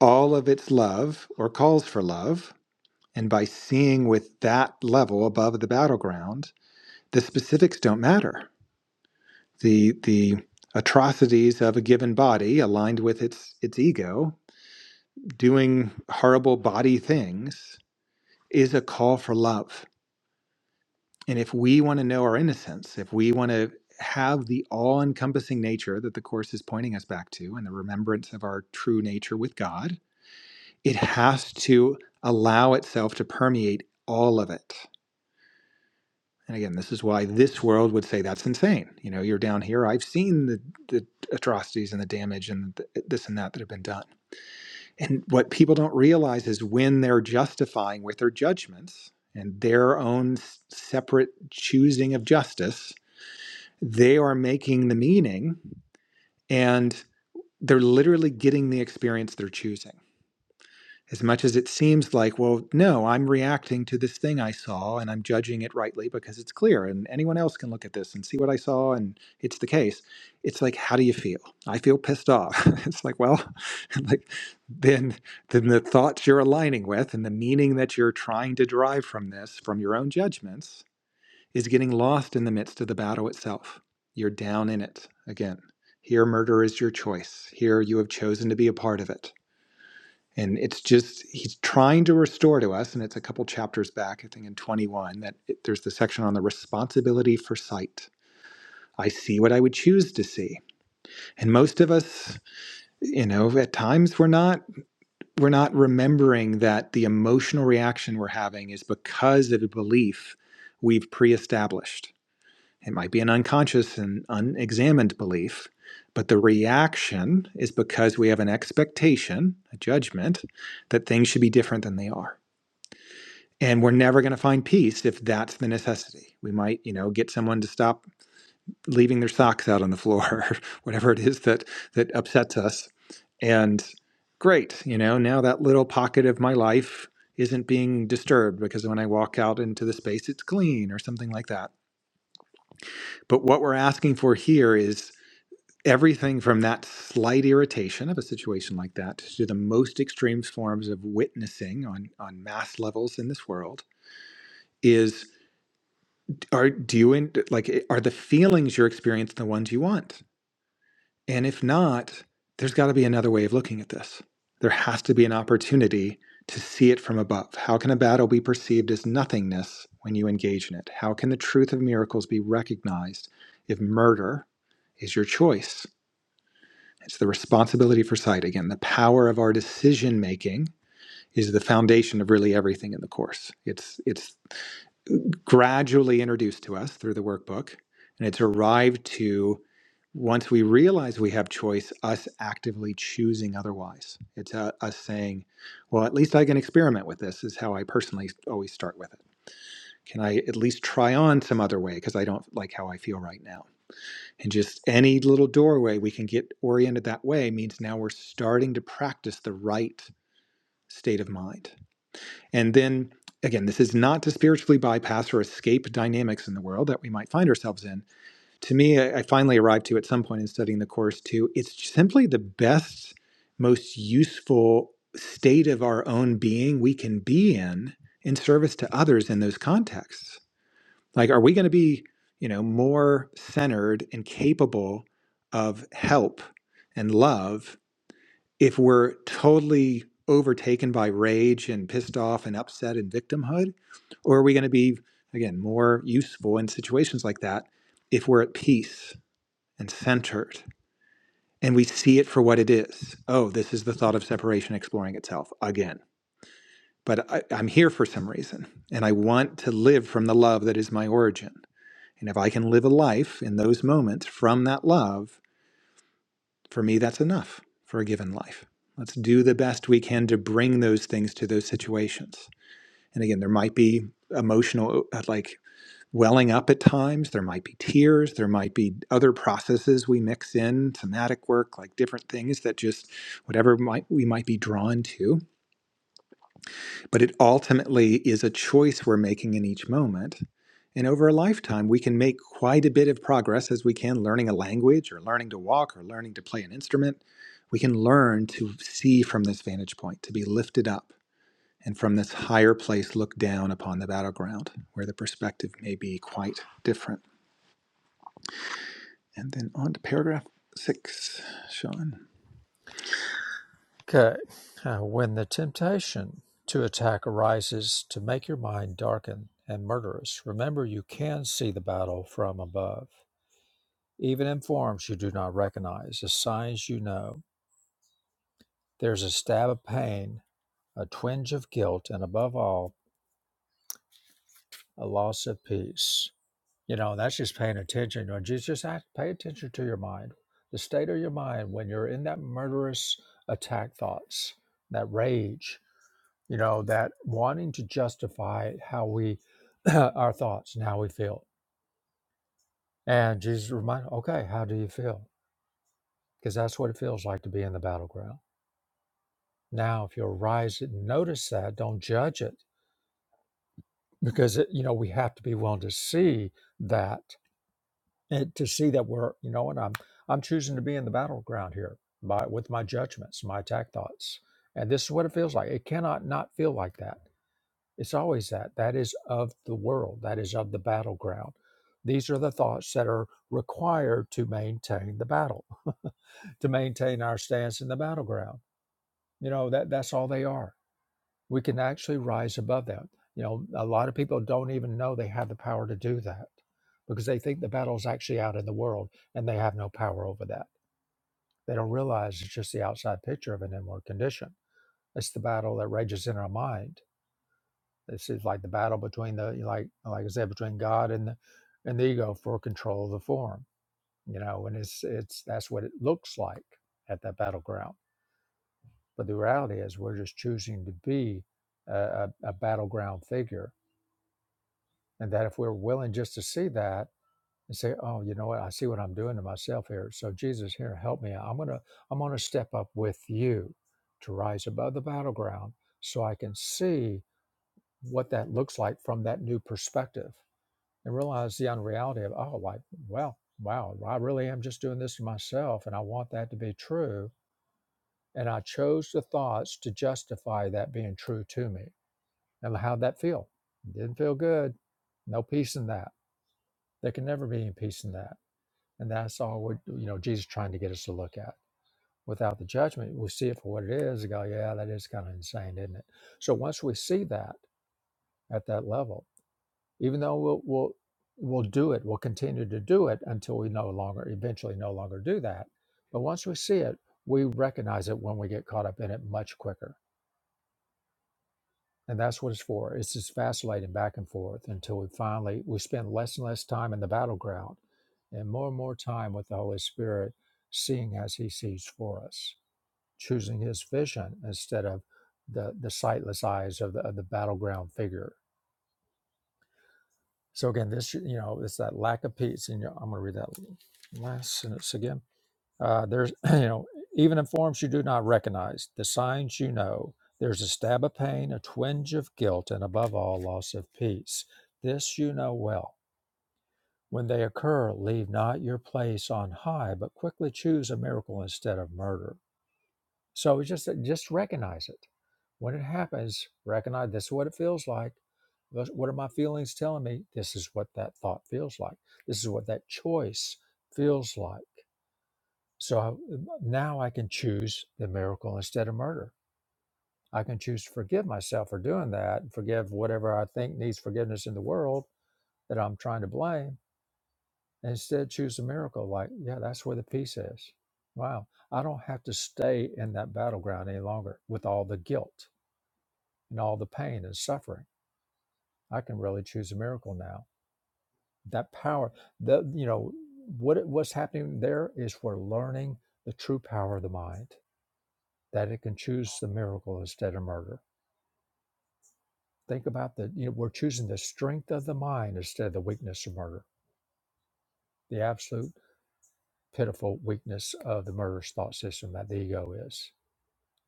Speaker 2: all of its love or calls for love And by seeing with that level above the battleground, the specifics don't matter. The the atrocities of a given body aligned with its its ego doing horrible body things is a call for love. And if we want to know our innocence, if we want to have the all-encompassing nature that the course is pointing us back to and the remembrance of our true nature with God, it has to allow itself to permeate all of it And again, this is why this world would say that's insane. You know, you're down here. I've seen the, the atrocities and the damage and th this and that that have been done. And what people don't realize is when they're justifying with their judgments and their own separate choosing of justice, they are making the meaning and they're literally getting the experience they're choosing as much as it seems like, well, no, I'm reacting to this thing I saw and I'm judging it rightly because it's clear and anyone else can look at this and see what I saw and it's the case. It's like, how do you feel? I feel pissed off. it's like, well, like then then the thoughts you're aligning with and the meaning that you're trying to derive from this, from your own judgments, is getting lost in the midst of the battle itself. You're down in it again. Here murder is your choice. Here you have chosen to be a part of it and it's just, he's trying to restore to us, and it's a couple chapters back, I think in 21, that it, there's the section on the responsibility for sight. I see what I would choose to see. And most of us, you know, at times we're not we're not remembering that the emotional reaction we're having is because of a belief we've pre-established. It might be an unconscious and unexamined belief, but the reaction is because we have an expectation, a judgment that things should be different than they are. and we're never going to find peace if that's the necessity we might you know get someone to stop leaving their socks out on the floor or whatever it is that that upsets us and great you know now that little pocket of my life isn't being disturbed because when i walk out into the space it's clean or something like that but what we're asking for here is everything from that slight irritation of a situation like that to the most extreme forms of witnessing on on mass levels in this world is. are do you in, like eh, are the feelings you're experiencing the ones you want and if not there's got to be another way of looking at this there has to be an opportunity to see it from above how can a battle be perceived as nothingness when you engage in it how can the truth of miracles be recognized if murder is your choice it's the responsibility for sight again the power of our decision making is the foundation of really everything in the course it's it's gradually introduced to us through the workbook. And it's arrived to once we realize we have choice, us actively choosing otherwise. It's uh, us saying, well, at least I can experiment with this, is how I personally always start with it. Can I at least try on some other way because I don't like how I feel right now? And just any little doorway we can get oriented that way means now we're starting to practice the right state of mind. And then again, this is not to spiritually bypass or escape dynamics in the world that we might find ourselves in. To me, I I finally arrived to at some point in studying the Course too, it's simply the best, most useful state of our own being we can be in in service to others in those contexts. Like, are we going to be, you know, more centered and capable of help and love if we're totally overtaken by rage and pissed off and upset and victimhood? Or are we going to be, again, more useful in situations like that if we're at peace and centered and we see it for what it is? Oh, this is the thought of separation exploring itself again. But I, I'm here for some reason and I want to live from the love that is my origin. And if I can live a life in those moments from that love, For me, that's enough for a given life. Let's do the best we can to bring those things to those situations. And again, there might be emotional, uh, like welling up at times. There might be tears. There might be other processes we mix in, somatic work, like different things that just whatever might, we might be drawn to but it ultimately is a choice we're making in each moment. And over a lifetime, we can make quite a bit of progress as we can learning a language or learning to walk or learning to play an instrument. We can learn to see from this vantage point, to be lifted up, and from this higher place, look down upon the battleground where the perspective may be quite different. And then on to paragraph six, Sean.
Speaker 1: Okay. Uh, when the temptation to attack arises to make your mind darken and murderous, remember you can see the battle from above. Even in forms you do not recognize, the signs you know. There's a stab of pain, a twinge of guilt, and above all, a loss of peace. You know, that's just paying attention. Or just, just act, pay attention to your mind, the state of your mind when you're in that murderous attack thoughts, that rage, you know, that wanting to justify how we, our thoughts and how we feel. And Jesus reminded, okay, how do you feel? Because that's what it feels like to be in the battleground. Now, if you arise and notice that, don't judge it because, it, you know, we have to be willing to see that and to see that we're you know and i'm i'm choosing to be in the battleground here by with my judgments my attack thoughts and this is what it feels like it cannot not feel like that it's always that that is of the world that is of the battleground these are the thoughts that are required to maintain the battle to maintain our stance in the battleground you know that that's all they are we can actually rise above that. You know, a lot of people don't even know they have the power to do that because they think the battle's actually out in the world and they have no power over that. They don't realize it's just the outside picture of an inward condition. It's the battle that rages in our mind. This is like the battle between the like like I said between God and the and the ego for control of the form. You know, and it's it's that's what it looks like at that battleground. But the reality is, we're just choosing to be a, a, a battleground figure And that if we're willing just to see that and say, oh, you know what, I see what I'm doing to myself here. So Jesus, here, help me. I'm gonna, I'm gonna step up with you to rise above the battleground so I can see what that looks like from that new perspective and realize the unreality of, oh, like, well, wow, I really am just doing this to myself and I want that to be true. And I chose the thoughts to justify that being true to me. And how'd that feel? Didn't feel good. No peace in that There can never be any peace in that. And that's all we're, you know, Jesus trying to get us to look at. Without the judgment, we see it for what it is and go, yeah, that is kind of insane, isn't it? So once we see that at that level, even though we'll, we'll, we'll do it, we'll continue to do it until we no longer, eventually no longer do that. But once we see it, we recognize it when we get caught up in it much quicker And that's what it's for. It's just vacillating back and forth until we finally we spend less and less time in the battleground and more and more time with the Holy Spirit seeing as he sees for us, choosing his vision instead of the the sightless eyes of the, of the battleground figure. So again, this you know, it's that lack of peace. And you know, I'm going to read that last sentence again. Uh, there's, you know, even in forms you do not recognize, the signs you know. There's a stab of pain, a twinge of guilt, and above all, loss of peace. This you know well. When they occur, leave not your place on high, but quickly choose a miracle instead of murder. So it's just just recognize it. When it happens, recognize this is what it feels like. Thus, What are my feelings telling me? This is what that thought feels like. This is what that choice feels like so I, now I can choose the miracle instead of murder. I can choose to forgive myself for doing that, and forgive whatever I think needs forgiveness in the world that I'm trying to blame, and instead choose the miracle. Like, yeah, that's where the peace is. Wow. I don't have to stay in that battleground any longer with all the guilt and all the pain and suffering. I can really choose a miracle now. That power, the you know, what what's happening there is we're learning the true power of the mind that it can choose the miracle instead of murder. Think about that. You know, we're choosing the strength of the mind instead of the weakness of murder. The absolute pitiful weakness of the murderous thought system that the ego is.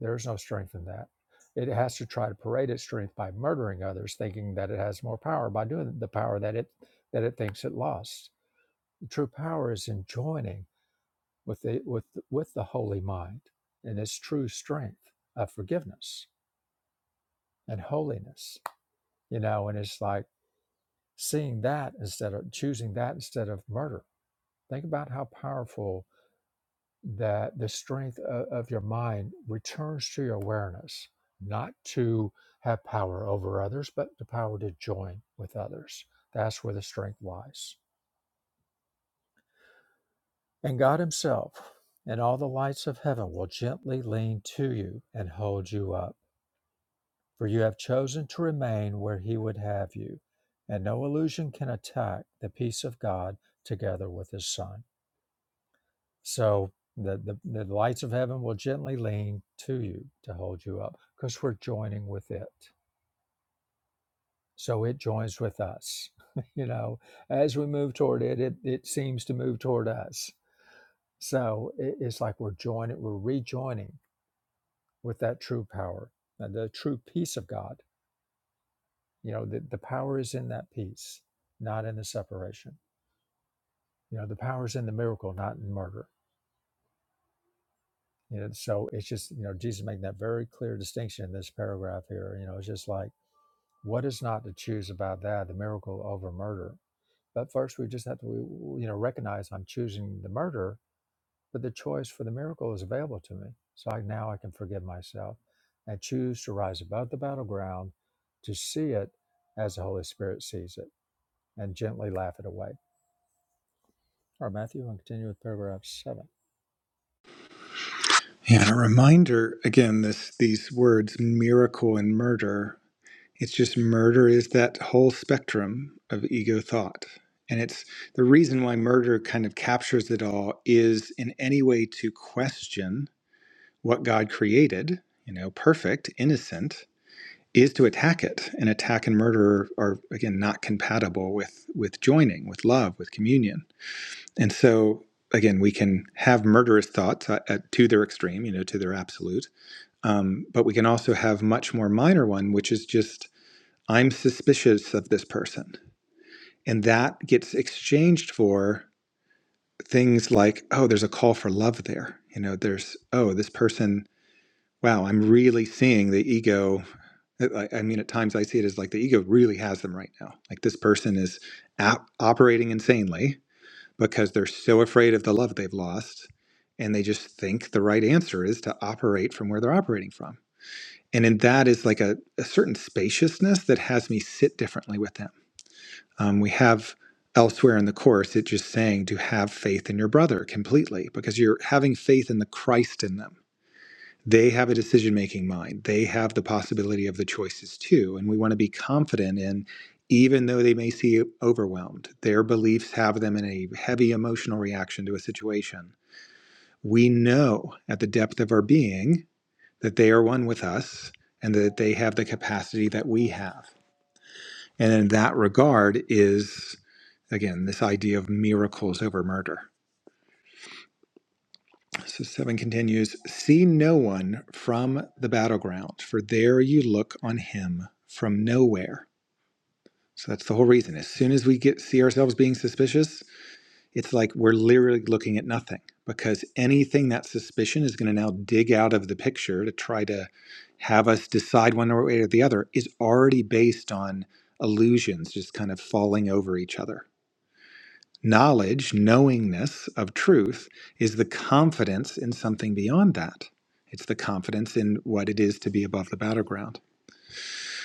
Speaker 1: There is no strength in that. It has to try to parade its strength by murdering others, thinking that it has more power by doing the power that it that it thinks it lost. The true power is in joining with the with with the holy mind and its true strength of forgiveness and holiness. You know, and it's like seeing that instead of choosing that instead of murder. Think about how powerful that the strength of, of your mind returns to your awareness, not to have power over others, but the power to join with others. That's where the strength lies. And God Himself and all the lights of heaven will gently lean to you and hold you up, for you have chosen to remain where He would have you, and no illusion can attack the peace of God together with His Son. So that the, the lights of heaven will gently lean to you to hold you up because we're joining with it. So it joins with us. you know, as we move toward it, it, it seems to move toward us. So it, it's like we're joining, we're rejoining with that true power, uh, the true peace of God. You know, the, the power is in that peace, not in the separation. You know, the power is in the miracle, not in murder You know, so it's just, you know, Jesus making that very clear distinction in this paragraph here. You know, it's just like, what is not to choose about that, the miracle over murder? But first, we just have to, you know, recognize I'm choosing the murder, but the choice for the miracle is available to me. So I, now I can forgive myself and choose to rise above the battleground to see it as the Holy Spirit sees it and gently laugh it away. All right, Matthew, and continue with paragraph seven.
Speaker 2: Yeah, a reminder again, this, these words, miracle and murder, It's just murder is that whole spectrum of ego thought. And it's the reason why murder kind of captures it all is in any way to question what God created, you know, perfect, innocent, is to attack it. And attack and murder are again not compatible with with joining, with love, with communion. And so again, we can have murderous thoughts uh, at, to their extreme, you know, to their absolute. Um, but we can also have much more minor one, which is just I'm suspicious of this person. And that gets exchanged for things like, oh, there's a call for love there. You know, there's, oh, this person, wow, I'm really seeing the ego. I I mean, at times I see it as like the ego really has them right now. Like this person is ap- operating insanely because they're so afraid of the love they've lost. And they just think the right answer is to operate from where they're operating from. And in that is like a, a certain spaciousness that has me sit differently with them Um, we have elsewhere in the course it just saying to have faith in your brother completely because you're having faith in the Christ in them. They have a decision making mind, they have the possibility of the choices too. And we want to be confident in, even though they may seem overwhelmed, their beliefs have them in a heavy emotional reaction to a situation. We know at the depth of our being that they are one with us and that they have the capacity that we have. And in that regard is, again, this idea of miracles over murder. So seven continues See no one from the battleground, for there you look on him from nowhere. So that's the whole reason. As soon as we get see ourselves being suspicious, it's like we're literally looking at nothing because anything that suspicion is going to now dig out of the picture to try to have us decide one way or the other is already based on illusions just kind of falling over each other. Knowledge, knowingness of truth, is the confidence in something beyond that. It's the confidence in what it is to be above the battleground.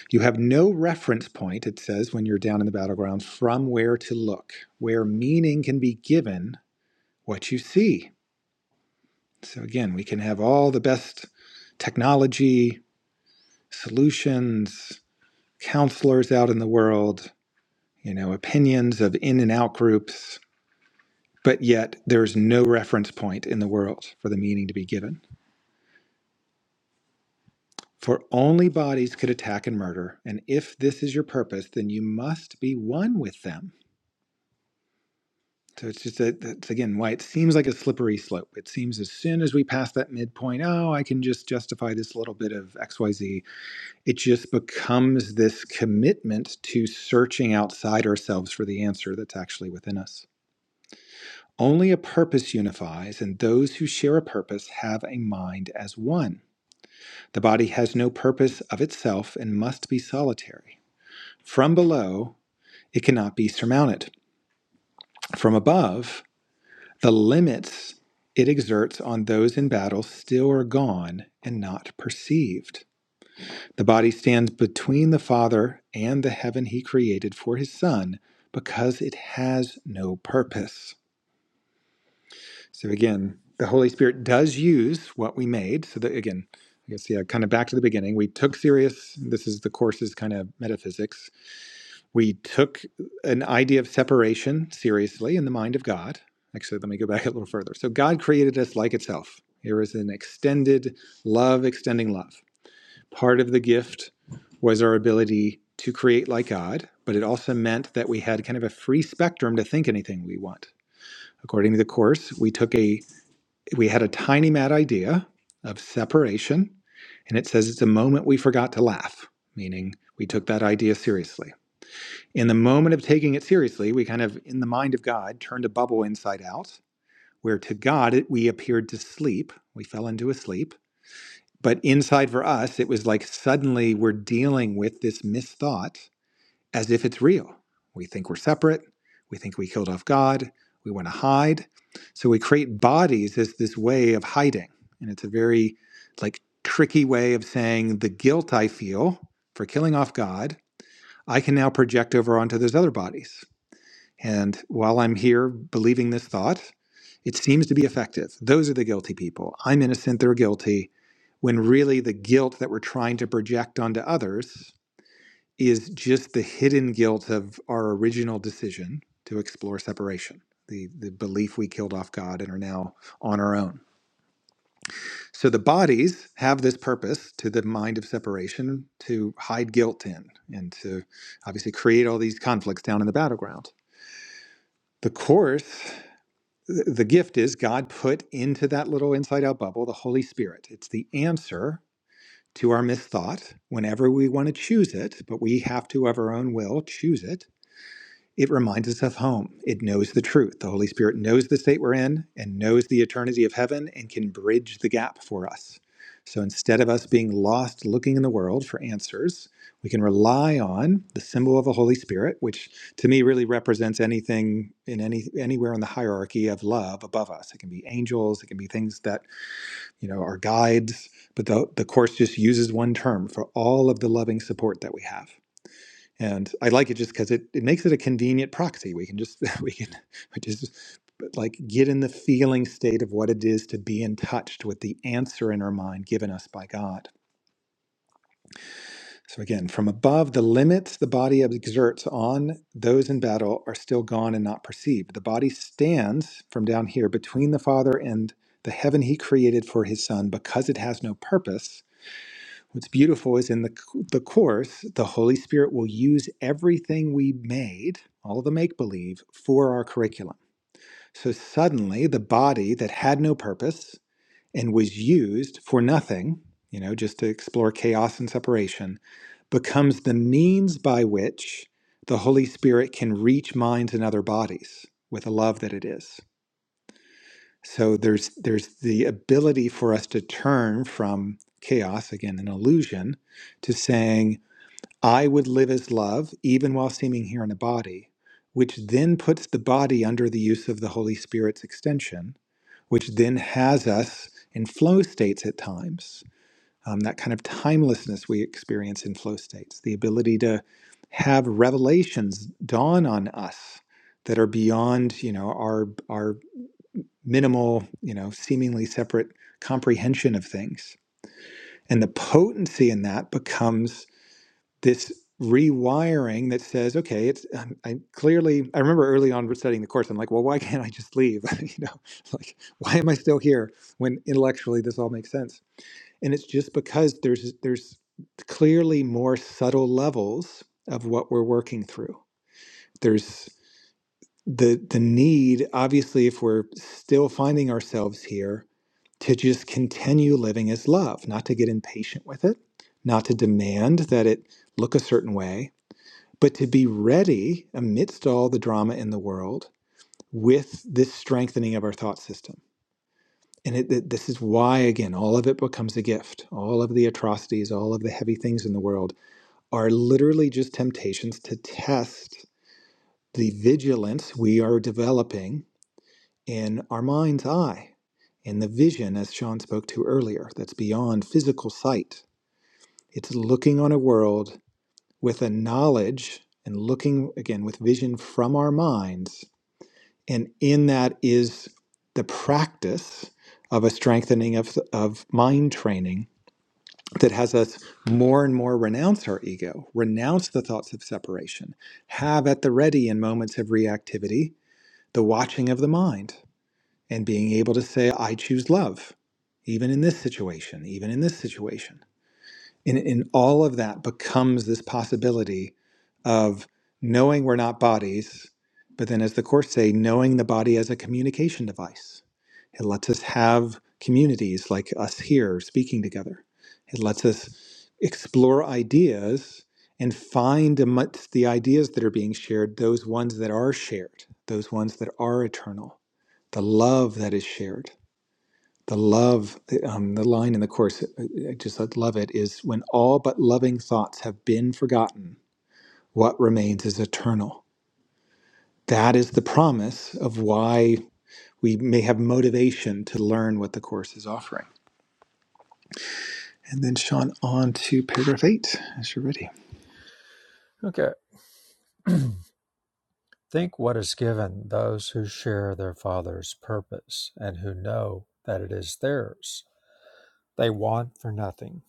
Speaker 2: You have no reference point, it says, when you're down in the battleground, from where to look, where meaning can be given what you see. So again, we can have all the best technology, solutions, counselors out in the world, you know, opinions of in and out groups, But yet, there is no reference point in the world for the meaning to be given. For only bodies could attack and murder, and if this is your purpose, then you must be one with them. So it's just that that's again why it seems like a slippery slope. It seems as soon as we pass that midpoint, oh, I can just justify this little bit of XYZ. It just becomes this commitment to searching outside ourselves for the answer that's actually within us. Only a purpose unifies, and those who share a purpose have a mind as one. The body has no purpose of itself and must be solitary. From below, it cannot be surmounted. From above, the limits it exerts on those in battle still are gone and not perceived. The body stands between the Father and the heaven he created for his Son because it has no purpose. So, again, the Holy Spirit does use what we made. So, that again, I guess, yeah, kind of back to the beginning. We took serious, this is the course's kind of metaphysics we took an idea of separation seriously in the mind of God. Actually, let me go back a little further. So, God created us like itself. There is an extended love, extending love. Part of the gift was our ability to create like God, but it also meant that we had kind of a free spectrum to think anything we want. According to the course, we took a we had a tiny mad idea of separation, and it says it's a moment we forgot to laugh, meaning we took that idea seriously. In the moment of taking it seriously, we kind of, in the mind of God, turned a bubble inside out, where to God it, we appeared to sleep. We fell into a sleep. But inside for us, it was like suddenly we're dealing with this misthought as if it's real. We think we're separate. We think we killed off God. We want to hide. So we create bodies as this way of hiding. And it's a very like tricky way of saying the guilt I feel for killing off God, I can now project over onto those other bodies and while I'm here believing this thought, it seems to be effective. Those are the guilty people. I'm innocent, they're guilty. When really the guilt that we're trying to project onto others is just the hidden guilt of our original decision to explore separation, the, the belief we killed off God and are now on our own. So the bodies have this purpose to the mind of separation to hide guilt in and to obviously create all these conflicts down in the battleground. The course the gift is God put into that little inside out bubble the Holy Spirit. It's the answer to our misthought whenever we want to choose it, but we have to, of our own will, choose it. It reminds us of home. It knows the truth. The Holy Spirit knows the state we're in and knows the eternity of heaven and can bridge the gap for us. So instead of us being lost looking in the world for answers, we can rely on the symbol of the Holy Spirit, which to me really represents anything in any anywhere in the hierarchy of love above us. It can be angels, it can be things that, you know, are guides, but the, the course just uses one term for all of the loving support that we have. And I like it just because it, it makes it a convenient proxy. We can just we can we just like get in the feeling state of what it is to be in touch with the answer in our mind given us by God. So again, from above, the limits the body exerts on those in battle are still gone and not perceived. The body stands from down here between the Father and the heaven he created for his son because it has no purpose What's beautiful is in the, the Course, the Holy Spirit will use everything we made, all the make believe, for our curriculum. So suddenly, the body that had no purpose and was used for nothing, you know, just to explore chaos and separation, becomes the means by which the Holy Spirit can reach minds and other bodies with the love that it is. So there's there's the ability for us to turn from chaos again an illusion to saying I would live as love, even while seeming here in a body, which then puts the body under the use of the Holy Spirit's extension, which then has us in flow states at times. Um, that kind of timelessness we experience in flow states, the ability to have revelations dawn on us that are beyond, you know, our our minimal, you know, seemingly separate comprehension of things. And the potency in that becomes this rewiring that says, okay, it's i I clearly I remember early on studying the course, I'm like, well, why can't I just leave? you know, like why am I still here when intellectually this all makes sense? And it's just because there's there's clearly more subtle levels of what we're working through. There's the the need, obviously, if we're still finding ourselves here, to just continue living as love, not to get impatient with it, not to demand that it look a certain way, but to be ready amidst all the drama in the world with this strengthening of our thought system. And it, it- this is why, again, all of it becomes a gift. All of the atrocities, all of the heavy things in the world are literally just temptations to test the vigilance we are developing in our mind's eye, in the vision, as Sean spoke to earlier, that's beyond physical sight. It's looking on a world with a knowledge and looking, again, with vision from our minds and in that is the practice of a strengthening of, of mind training that has us more and more renounce our ego, renounce the thoughts of separation, have at the ready in moments of reactivity the watching of the mind, and being able to say, I choose love, even in this situation, even in this situation. And, and all of that becomes this possibility of knowing we're not bodies, but then, as the Course say, knowing the body as a communication device. It lets us have communities like us here speaking together. It lets us explore ideas and find amongst the ideas that are being shared those ones that are shared, those ones that are eternal, the love that is shared the love, um, the line in the course, uh, uh, I just love it, is when all but loving thoughts have been forgotten, what remains is eternal. That is the promise of why we may have motivation to learn what the course is offering. And then, Sean, on to paragraph eight, as you're ready.
Speaker 1: Okay. Think what is given those who share their Father's purpose and who know that it is theirs. They want for nothing.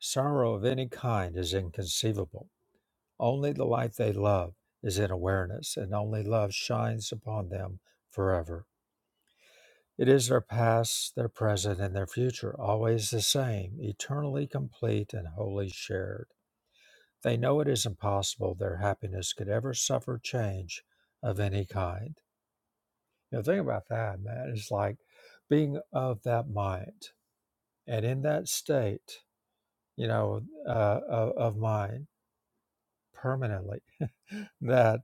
Speaker 1: Sorrow of any kind is inconceivable. Only the life they love is in awareness, and only love shines upon them forever. It is their past, their present, and their future, always the same, eternally complete and wholly shared. They know it is impossible their happiness could ever suffer change of any kind Now think about that, man. It's like being of that mind and in that state, you know, uh, of, of mind permanently, that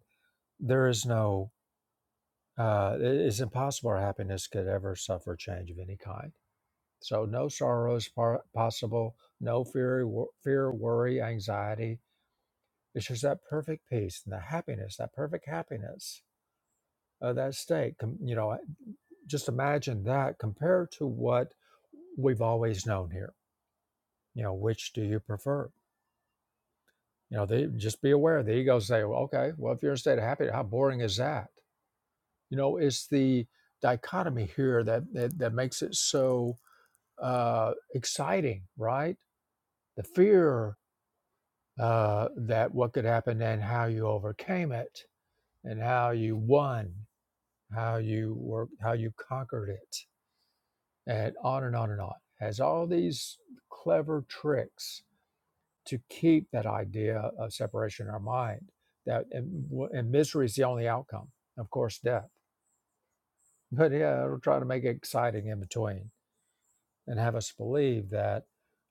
Speaker 1: there is no, uh, it- it's impossible happiness could ever suffer change of any kind. So no sorrow is par- possible, no fear, wo- fear, worry, anxiety. It's just that perfect peace and the happiness, that perfect happiness of that state. Com- you know, just imagine that compared to what we've always known here you know which do you prefer you know they just be aware the ego say well, okay well if you're in a state of happiness how boring is that you know it's the dichotomy here that that, that makes it so uh exciting right the fear uh that what could happen and how you overcame it and how you won how you worked how you conquered it and on and on and on has all these clever tricks to keep that idea of separation in our mind that and, and misery is the only outcome of course death but yeah it'll try to make it exciting in between and have us believe that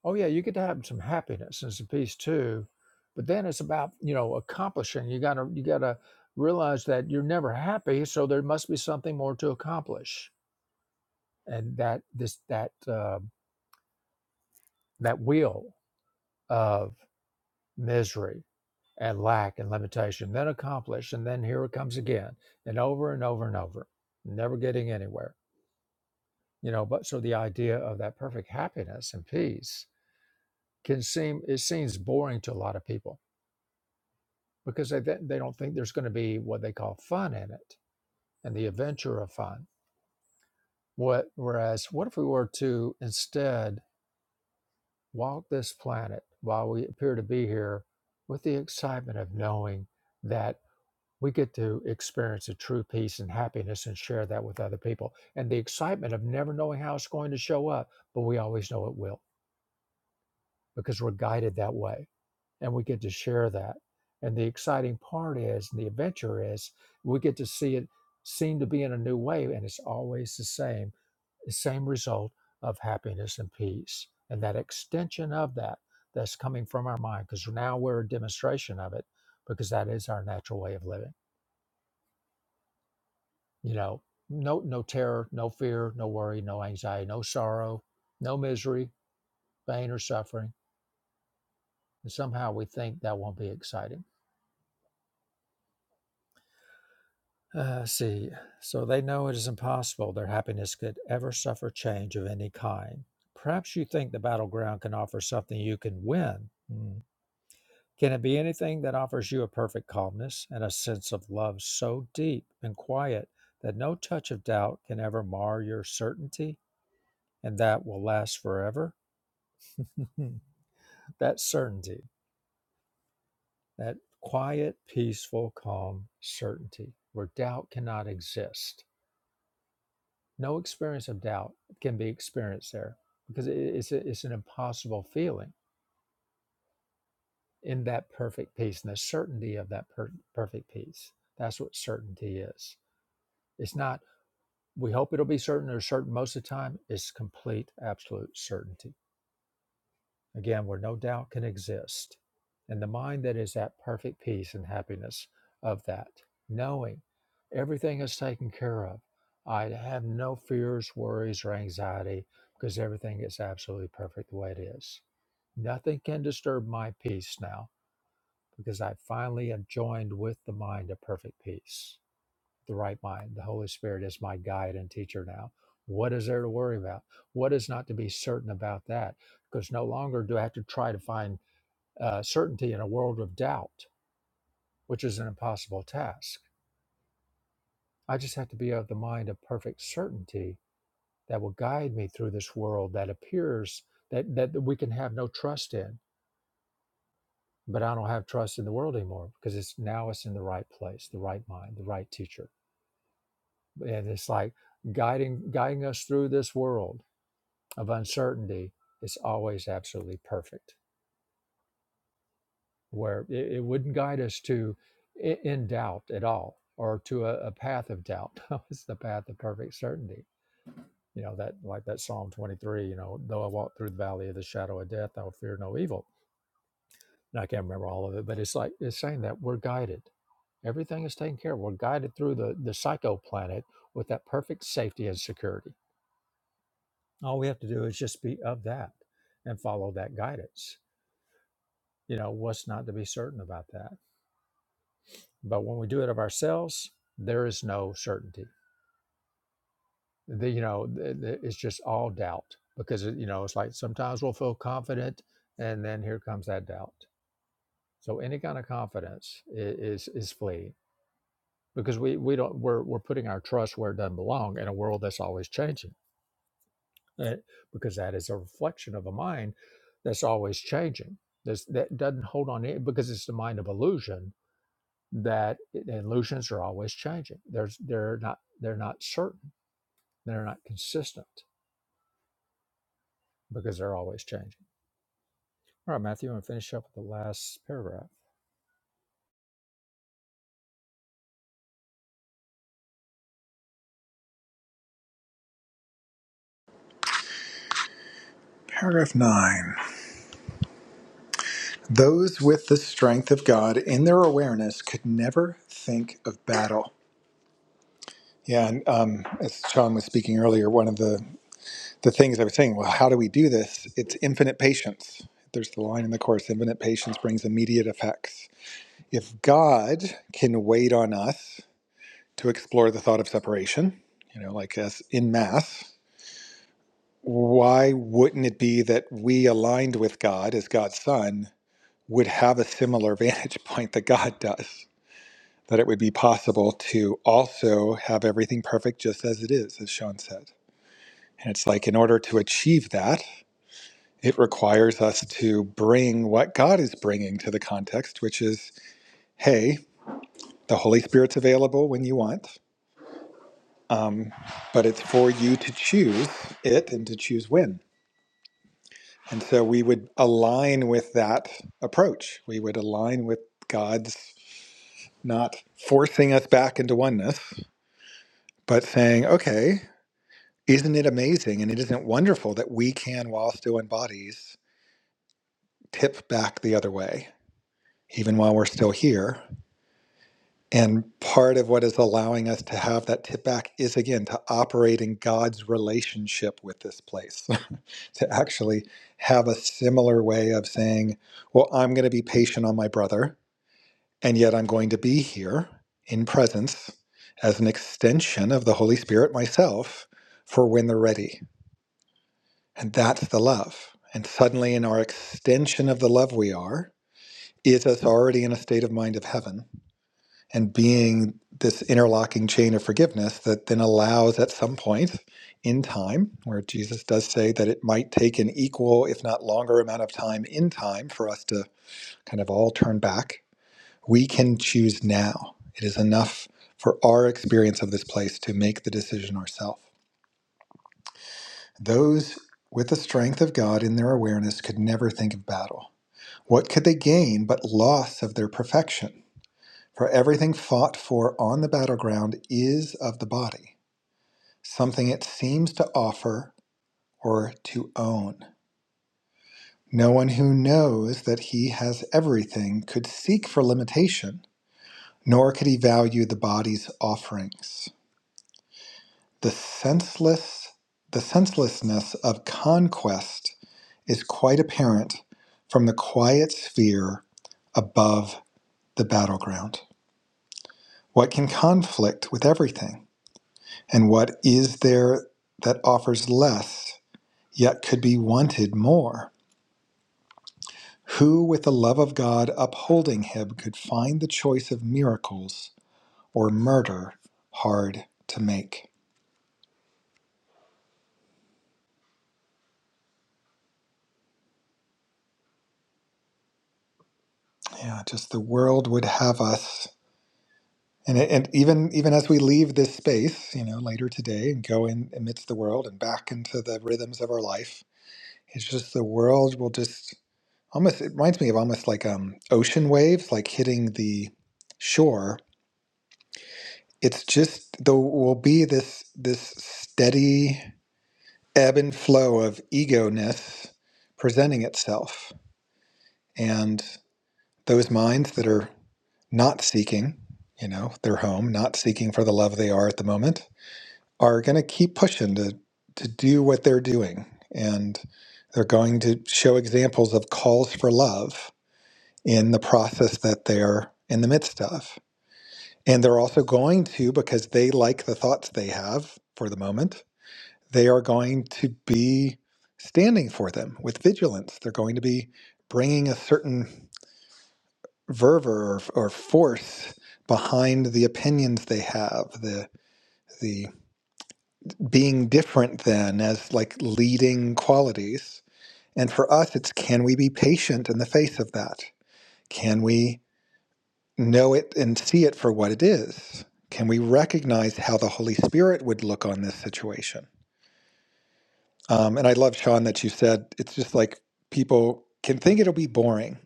Speaker 1: oh yeah you get to have some happiness and some peace too but then it's about you know accomplishing you gotta you gotta realize that you're never happy so there must be something more to accomplish and that this that uh, that wheel of misery and lack and limitation, then accomplish, and then here it comes again, and over and over and over, never getting anywhere. You know, but so the idea of that perfect happiness and peace can seem it seems boring to a lot of people because they they don't think there's going to be what they call fun in it and the adventure of fun. What whereas what if we were to instead walk this planet while we appear to be here with the excitement of knowing that we get to experience a true peace and happiness and share that with other people. And the excitement of never knowing how it's going to show up, but we always know it will because we're guided that way and we get to share that. And the exciting part is, and the adventure is, we get to see it seem to be in a new way and it's always the same, the same result of happiness and peace. And that extension of that that's coming from our mind because now we're a demonstration of it because that is our natural way of living. you know no no terror no fear no worry no anxiety no sorrow no misery pain or suffering and somehow we think that won't be exciting uh, see so they know it is impossible their happiness could ever suffer change of any kind perhaps you think the battleground can offer something you can win Hmm. can it be anything that offers you a perfect calmness and a sense of love so deep and quiet that no touch of doubt can ever mar your certainty and that will last forever that certainty, that quiet, peaceful, calm certainty where doubt cannot exist. No experience of doubt can be experienced there because it- it's, a, it's an impossible feeling in that perfect peace and the certainty of that per- perfect peace. That's what certainty is. It's not, we hope it'll be certain or certain most of the time, it's complete, absolute certainty. again, where no doubt can exist, and the mind that is at perfect peace and happiness of that, knowing everything is taken care of. I have no fears, worries, or anxiety because everything is absolutely perfect the way it is. Nothing can disturb my peace now because I finally have joined with the mind of perfect peace the right mind. The Holy Spirit is my guide and teacher now. What is there to worry about? What is not to be certain about that? Because no longer do I have to try to find uh, certainty in a world of doubt, which is an impossible task. I just have to be of the mind of perfect certainty that will guide me through this world that appears that, that we can have no trust in. But I don't have trust in the world anymore because it's now it's in the right place, the right mind, the right teacher. And it's like guiding guiding us through this world of uncertainty is always absolutely perfect, where it, it wouldn't guide us to i- in doubt at all or to a, a path of doubt. No, it's the path of perfect certainty. You know, that like that Psalm 23, you know, though I walk through the valley of the shadow of death, I will fear no evil. And I can't remember all of it, but it's like it's saying that we're guided. Everything is taken care of. We're guided through the, the psycho planet with that perfect safety and security. All we have to do is just be of that and follow that guidance You know, what's not to be certain about that? But when we do it of ourselves, there is no certainty. The, you know, th- th- it's just all doubt because, you know, it's like sometimes we'll feel confident and then here comes that doubt. So any kind of confidence i- is, is fleeing because we, we don't, we're, we're putting our trust where it doesn't belong in a world that's always changing eh, because that is a reflection of a mind that's always changing. That's, that doesn't hold on to it because it's the mind of illusion that illusions are always changing. There's they're not they're not certain. They're not consistent because they're always changing. All right, Matthew, I'm gonna finish up with the last paragraph.
Speaker 2: Paragraph nine. Those with the strength of God in their awareness could never think of battle. Yeah, and um, as Sean was speaking earlier, one of the the things I was saying, well, how do we do this? It's infinite patience. There's the line in the Course infinite patience brings immediate effects. If God can wait on us to explore the thought of separation, you know, like as in Mass, why wouldn't it be that we aligned with God as God's Son would have a similar vantage point that God does? That it would be possible to also have everything perfect just as it is, as Sean said. And it's like, in order to achieve that, It requires us to bring what God is bringing to the context, which is, hey, the Holy Spirit's available when you want, um, but it's for you to choose it and to choose when. And so we would align with that approach. We would align with God's not forcing us back into oneness, but saying, okay, isn't it amazing and it isn't wonderful that we can, while still in bodies, tip back the other way, even while we're still here? And part of what is allowing us to have that tip back is again to operate in God's relationship with this place, to actually have a similar way of saying, well, I'm going to be patient on my brother, and yet I'm going to be here in presence as an extension of the Holy Spirit myself for when they're ready. And that's the love. And suddenly, in our extension of the love we are, is us already in a state of mind of heaven and being this interlocking chain of forgiveness that then allows at some point in time where jesus does say that it might take an equal if not longer amount of time in time for us to kind of all turn back we can choose now it is enough for our experience of this place to make the decision ourselves those with the strength of god in their awareness could never think of battle what could they gain but loss of their perfection For everything fought for on the battleground is of the body, something it seems to offer or to own. No one who knows that he has everything could seek for limitation, nor could he value the body's offerings. The senseless the senselessness of conquest is quite apparent from the quiet sphere above the battleground. What can conflict with everything? And what is there that offers less, yet could be wanted more? Who, with the love of God upholding him, could find the choice of miracles or murder hard to make? Yeah, just the world would have us. And, it, and even even as we leave this space, you know, later today and go in amidst the world and back into the rhythms of our life, it's just the world will just almost, it reminds me of almost like um, ocean waves, like hitting the shore it's just there will be this this steady ebb and flow of ego-ness presenting itself and those minds that are not seeking you know their home not seeking for the love they are at the moment are going to keep pushing to to do what they're doing and they're going to show examples of calls for love in the process that they're in the midst of and they're also going to because they like the thoughts they have for the moment they are going to be standing for them with vigilance. They're going to be bringing a certain fervor or, or force behind the opinions they have, the the being different than as like leading qualities. And for us, it's can we be patient in the face of that? Can we know it and see it for what it is? Can we recognize how the Holy Spirit would look on this situation? Um, and I love Sean that you said it's just like people can think it'll be boring.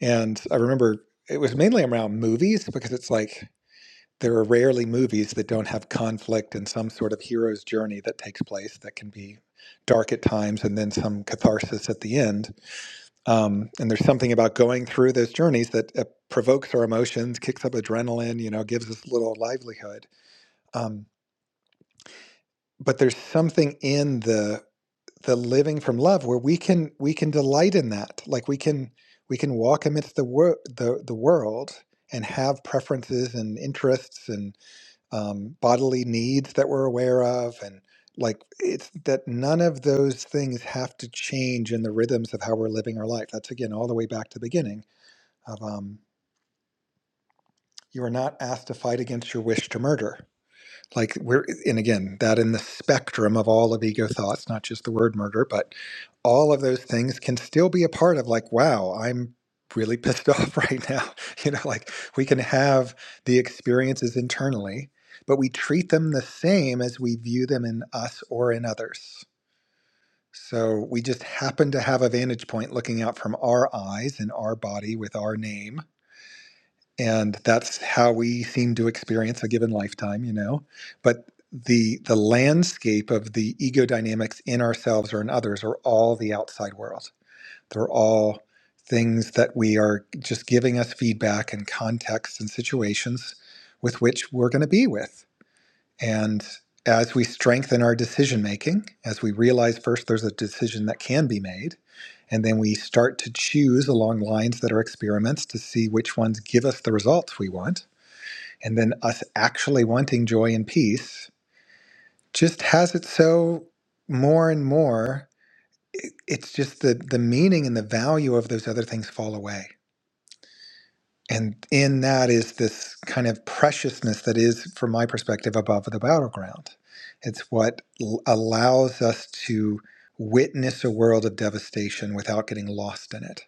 Speaker 2: And I remember it was mainly around movies because it's like there are rarely movies that don't have conflict and some sort of hero's journey that takes place that can be dark at times and then some catharsis at the end. Um, and there's something about going through those journeys that uh, provokes our emotions, kicks up adrenaline, you know, gives us a little livelihood. Um, but there's something in the the living from love where we can we can delight in that like we can we can walk amidst the wor- the, the world and have preferences and interests and um, bodily needs that we're aware of and like it's that none of those things have to change in the rhythms of how we're living our life that's again all the way back to the beginning of um, you are not asked to fight against your wish to murder like we're and again that in the spectrum of all of ego thoughts not just the word murder but all of those things can still be a part of like wow i'm really pissed off right now you know like we can have the experiences internally but we treat them the same as we view them in us or in others so we just happen to have a vantage point looking out from our eyes and our body with our name and that's how we seem to experience a given lifetime you know but the the landscape of the ego dynamics in ourselves or in others are all the outside world they're all things that we are just giving us feedback and contexts and situations with which we're going to be with and as we strengthen our decision making, as we realize first there's a decision that can be made, and then we start to choose along lines that are experiments to see which ones give us the results we want, and then us actually wanting joy and peace just has it so more and more. It's just the, the meaning and the value of those other things fall away And in that is this kind of preciousness that is, from my perspective, above the battleground. It's what l- allows us to witness a world of devastation without getting lost in it.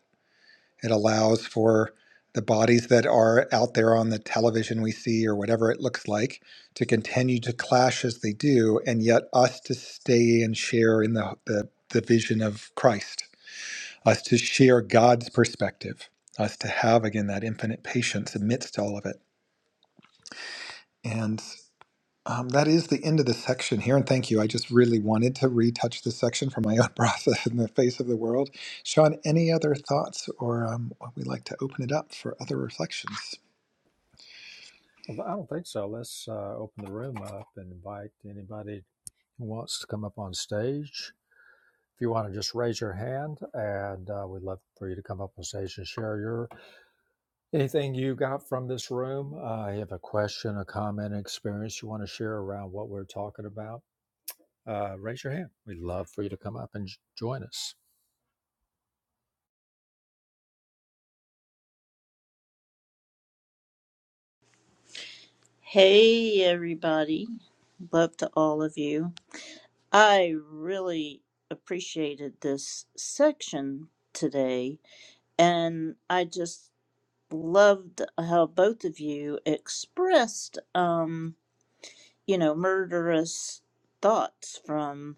Speaker 2: It allows for the bodies that are out there on the television we see or whatever it looks like to continue to clash as they do, and yet us to stay and share in the, the, the vision of Christ us to share God's perspective, us to have, again, that infinite patience amidst all of it. And um, that is the end of this section here. And thank you. I just really wanted to retouch this section for my own process in the face of the world. Sean, any other thoughts, or um, would we like to open it up for other reflections?
Speaker 1: Well, I don't think so. Let's uh, open the room up and invite anybody who wants to come up on stage. If you want to just raise your hand, and uh, we'd love for you to come up on stage and share your Anything you got from this room? Uh, you have a question, a comment, an experience you want to share around what we're talking about? Uh, raise your hand. We'd love for you to come up and j- join us.
Speaker 3: Hey, everybody. Love to all of you. I really appreciated this section today, and I just loved how both of you expressed, um, you know, murderous thoughts from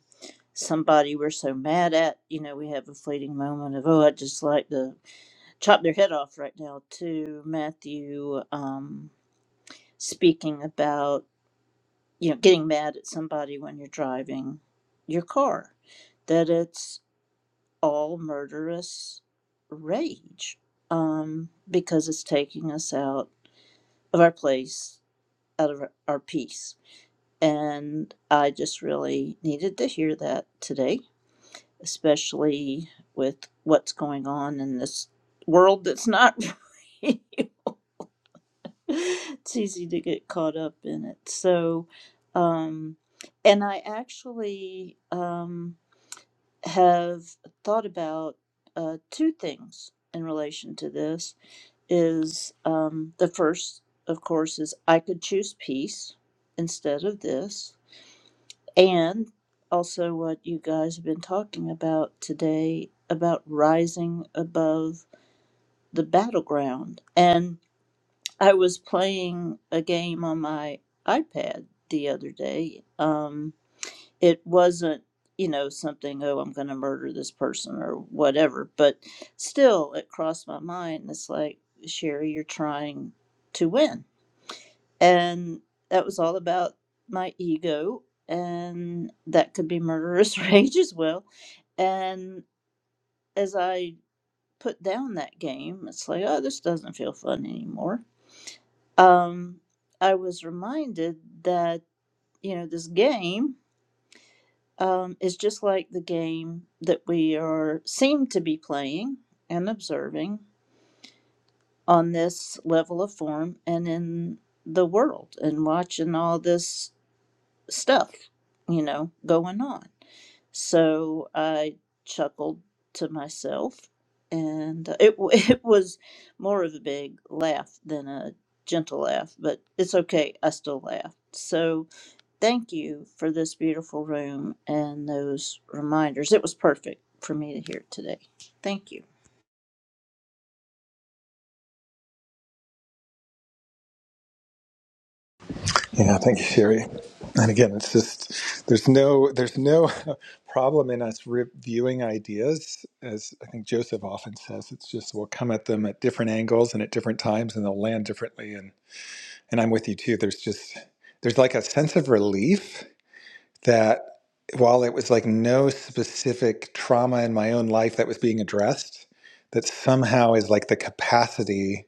Speaker 3: somebody we're so mad at. You know, we have a fleeting moment of, oh, I'd just like to chop their head off right now, to Matthew um, speaking about. you know, getting mad at somebody when you're driving your car, that it's all murderous rage um, because it's taking us out of our place, out of our, our peace. And I just really needed to hear that today, especially with what's going on in this world that's not really it's easy to get caught up in it. So, um, and I actually um, have thought about uh, two things in relation to this. Is um, the first, of course, is I could choose peace instead of this, and also what you guys have been talking about today about rising above the battleground and I was playing a game on my iPad the other day. Um, it wasn't, you know, something, oh, I'm going to murder this person or whatever, but still, it crossed my mind. It's like, Sherry, you're trying to win. And that was all about my ego, and that could be murderous rage as well. And as I put down that game, it's like, oh, this doesn't feel fun anymore um, I was reminded that you know this game um, is just like the game that we are seem to be playing and observing on this level of form and in the world and watching all this stuff you know going on. So I chuckled to myself, and it it was more of a big laugh than a gentle laugh, but it's okay. I still laugh. So Thank you for this beautiful room and those reminders. It was perfect for me to hear today. Thank you.
Speaker 2: Yeah, thank you, Sherry. And again, it's just there's no there's no problem in us reviewing ideas, as I think Joseph often says. It's just we'll come at them at different angles and at different times, and they'll land differently. And and I'm with you too. There's just there's like a sense of relief that while it was like no specific trauma in my own life that was being addressed, that somehow is like the capacity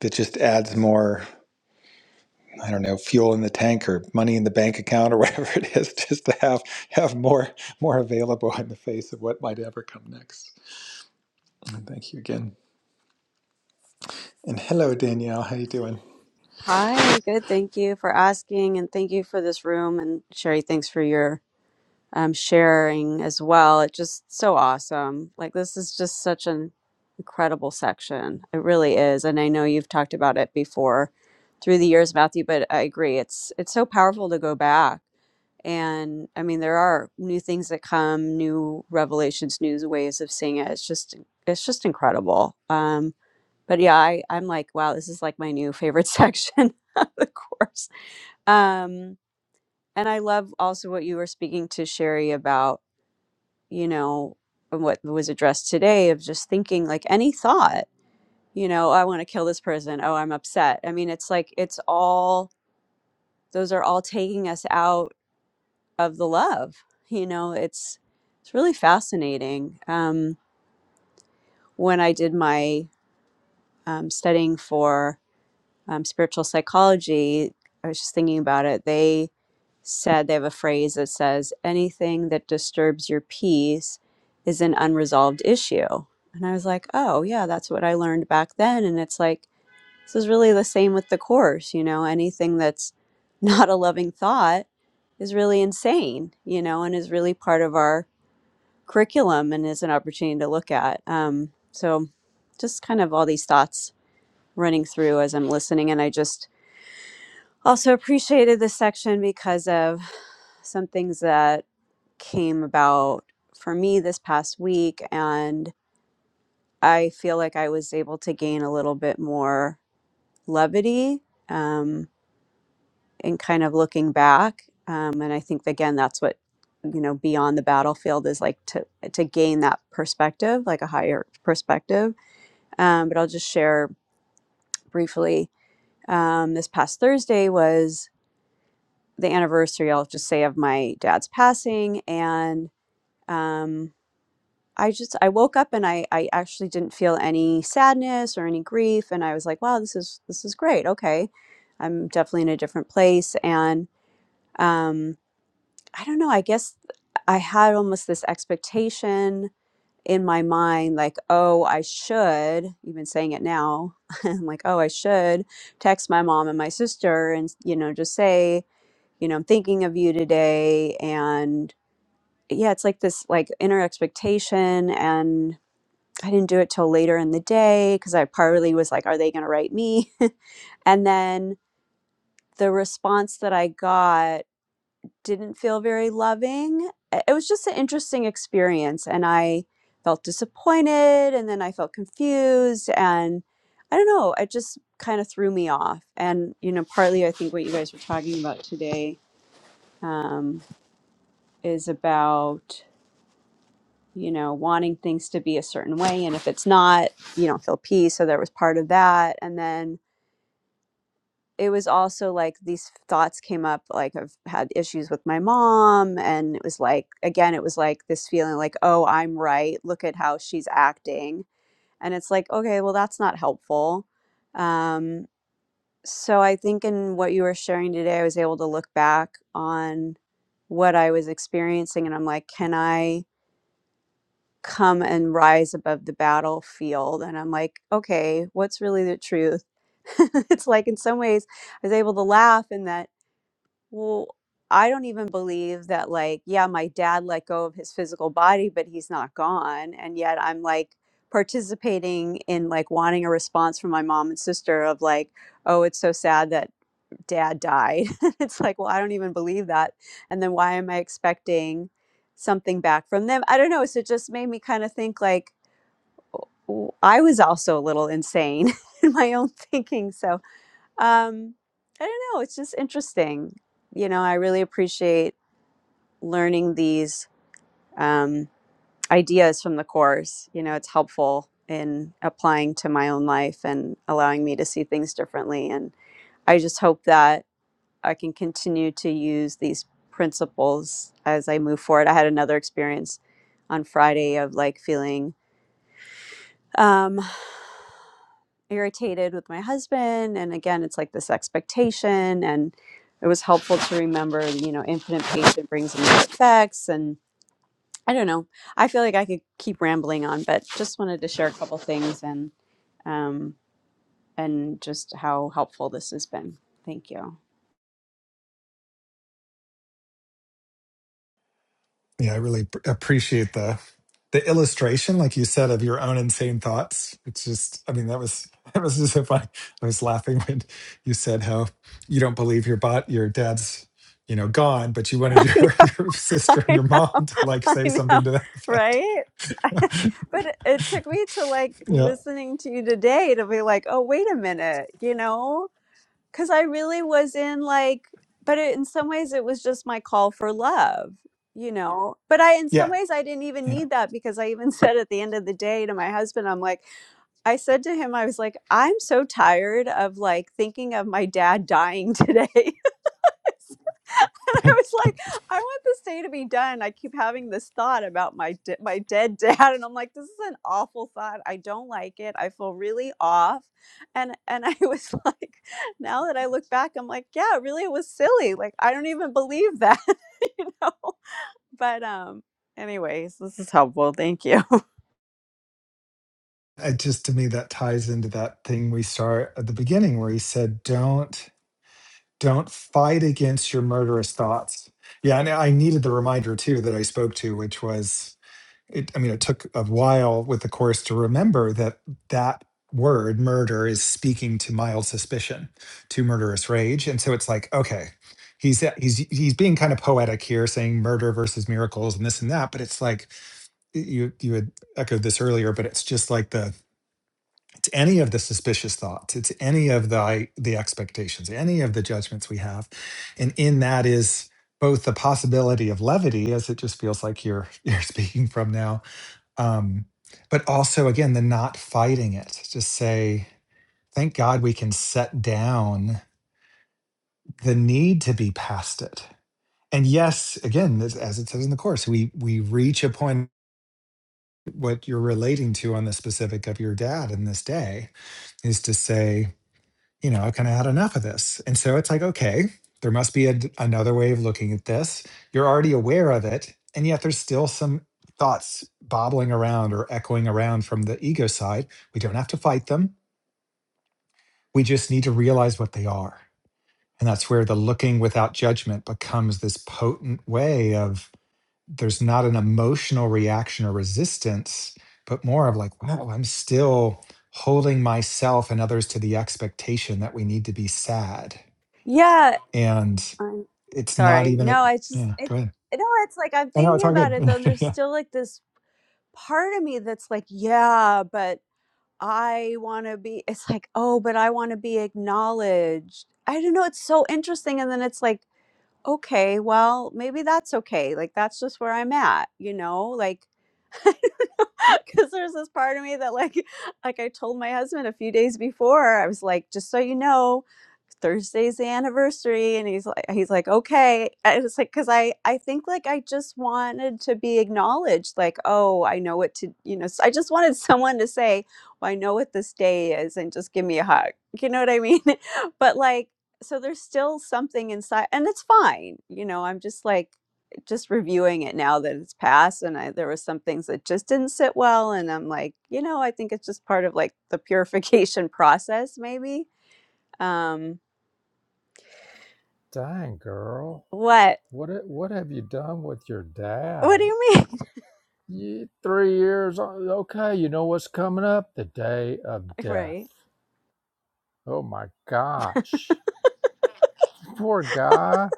Speaker 2: that just adds more. I don't know, fuel in the tank or money in the bank account or whatever it is, just to have have more more available in the face of what might ever come next. And thank you again. And hello, Danielle. How you doing?
Speaker 4: Hi, good. Thank you for asking and thank you for this room. And Sherry, thanks for your um, sharing as well. It's just so awesome. Like, this is just such an incredible section. It really is. And I know you've talked about it before through the years, Matthew, but I agree. It's it's so powerful to go back. And I mean, there are new things that come, new revelations, new ways of seeing it. It's just it's just incredible. Um, but yeah, I, I'm like, wow, this is like my new favorite section of the course. Um, and I love also what you were speaking to Sherry about, you know, and what was addressed today of just thinking like any thought, you know, "Oh, I want to kill this person. Oh, I'm upset. I mean, it's like, it's all, those are all taking us out of the love, you know, it's, it's really fascinating. Um, when I did my um, studying for um, spiritual psychology, I was just thinking about it. They said they have a phrase that says, anything that disturbs your peace is an unresolved issue. And I was like, oh, yeah, that's what I learned back then. And it's like, this is really the same with the Course, you know, anything that's not a loving thought is really insane, you know, and is really part of our curriculum and is an opportunity to look at. Um, so just kind of all these thoughts running through as I'm listening. And I just, also appreciated this section because of some things that came about for me this past week. And I feel like I was able to gain a little bit more levity um, in kind of looking back. Um, and I think, again, that's what you know beyond the battlefield is like to to gain that perspective like a higher perspective um, but i'll just share briefly um, this past thursday was the anniversary, I'll just say, of my dad's passing. And um, I just, I woke up and I, I actually didn't feel any sadness or any grief. And I was like, wow, this is, this is great. Okay. I'm definitely in a different place. And um, I don't know, I guess I had almost this expectation in my mind, like, oh, I should, even saying it now, I'm like, oh, I should text my mom and my sister and, you know, just say, you know, I'm thinking of you today. And yeah, it's like this like inner expectation. And I didn't do it till later in the day because I partly was like, are they going to write me? and then the response that I got didn't feel very loving. I- It was just an interesting experience. And I felt disappointed. And then I felt confused. And I don't know, it just kind of threw me off. And, you know, partly I think what you guys were talking about today. Um, is about you know wanting things to be a certain way and if it's not you don't feel peace so there was part of that and then it was also like these thoughts came up like i've had issues with my mom and it was like again it was like this feeling like oh i'm right look at how she's acting and it's like okay well that's not helpful um so i think in what you were sharing today i was able to look back on what i was experiencing and i'm like can i come and rise above the battlefield. And I'm like, okay, what's really the truth? it's like, in some ways, I was able to laugh in that, well, I don't even believe that, like, yeah, my dad let go of his physical body, but he's not gone. And yet I'm like participating in like wanting a response from my mom and sister of like, oh, it's so sad that dad died. it's like, well, I don't even believe that. And then why am I expecting something back from them? I don't know. So it just made me kind of think like, w- I was also a little insane in my own thinking. So um, I don't know. It's just interesting. You know, I really appreciate learning these um, ideas from the course. You know, it's helpful in applying to my own life and allowing me to see things differently. And I just hope that I can continue to use these principles as I move forward. I had another experience on Friday of like feeling. um, irritated with my husband and again it's like this expectation and it was helpful to remember you know infinite patience brings immediate effects and i don't know i feel like i could keep rambling on but just wanted to share a couple things and um and just how helpful this has been thank you
Speaker 2: Yeah, I really pr- appreciate the the illustration, like you said, of your own insane thoughts. It's just, I mean, that was that was just so funny. I was laughing when you said how you don't believe your bot, your dad's, you know, gone, but you wanted
Speaker 4: i
Speaker 2: your
Speaker 4: know
Speaker 2: your sister and
Speaker 4: i
Speaker 2: your
Speaker 4: know
Speaker 2: mom to like
Speaker 4: i
Speaker 2: say
Speaker 4: know
Speaker 2: something to that effect.
Speaker 4: right but it, it took me to like
Speaker 2: yeah,
Speaker 4: listening to you today to be like oh wait a minute you know because I really was in like, but it, in some ways it was just my call for love, you know. But I, in some
Speaker 2: yeah.
Speaker 4: ways, I didn't even need that because I even said at the end of the day to my husband, I'm like, I said to him, I was like, I'm so tired of like thinking of my dad dying today. and I was like, I want this day to be done. I keep having this thought about my de- my dead dad, and I'm like, this is an awful thought. I don't like it. I feel really off, and and I was like, now that I look back, I'm like, yeah, really, it was silly. Like I don't even believe that, you know. But um, anyways, this is helpful. Thank you.
Speaker 2: it just to me that ties into that thing we start at the beginning where he said don't don't fight against your murderous thoughts yeah and i needed the reminder too that i spoke to which was it i mean it took a while with the course to remember that that word murder is speaking to mild suspicion to murderous rage and so it's like okay he's he's he's being kind of poetic here saying murder versus miracles and this and that but it's like you you had echoed this earlier but it's just like the to any of the suspicious thoughts it's any of the the expectations any of the judgments we have and in that is both the possibility of levity as it just feels like you're you're speaking from now um but also again the not fighting it just say thank god we can set down the need to be past it and yes again as as it says in the course we we reach a point what you're relating to on the specific of your dad in this day is to say you know, I kind of had enough of this. And so it's like, okay, there must be a d another way of looking at this. You're already aware of it. And yet there's still some thoughts bobbling around or echoing around from the ego side. We don't have to fight them. We just need to realize what they are. And that's where the looking without judgment becomes this potent way of there's not an emotional reaction or resistance, but more of like, wow, I'm still holding myself and others to the expectation that we need to be sad
Speaker 4: yeah,
Speaker 2: and
Speaker 4: I'm
Speaker 2: it's not
Speaker 4: sorry.
Speaker 2: even a,
Speaker 4: No, I just
Speaker 2: yeah
Speaker 4: it.
Speaker 2: go ahead
Speaker 4: No, it's like I'm
Speaker 2: i know it's
Speaker 4: thinking
Speaker 2: all
Speaker 4: about
Speaker 2: good
Speaker 4: it. Then there's
Speaker 2: yeah.
Speaker 4: still like this part of me that's like, yeah, but I want to be, it's like, oh, but I want to be acknowledged. I don't know. It's so interesting. And then it's like, okay, well, maybe that's okay. Like, that's just where I'm at, you know? Like, because there's this part of me that like like i told my husband a few days before i was like just so you know thursday's the anniversary and he's like he's like okay and it's like because i i think like i just wanted to be acknowledged like oh i know what to you know s- i just wanted someone to say well i know what this day is and just give me a hug you know what i mean but like so there's still something inside and it's fine you know i'm just like just reviewing it now that it's passed and I, there was some things that just didn't sit well and i'm like you know i think it's just part of like the purification process maybe um
Speaker 1: Dang, girl.
Speaker 4: what
Speaker 1: What, ha- what have you done with your
Speaker 4: what do
Speaker 1: dad?
Speaker 4: you mean
Speaker 1: Ye three years. o- Okay, you know what's coming up? The day of
Speaker 4: right
Speaker 1: death. Oh my gosh. Poor guy.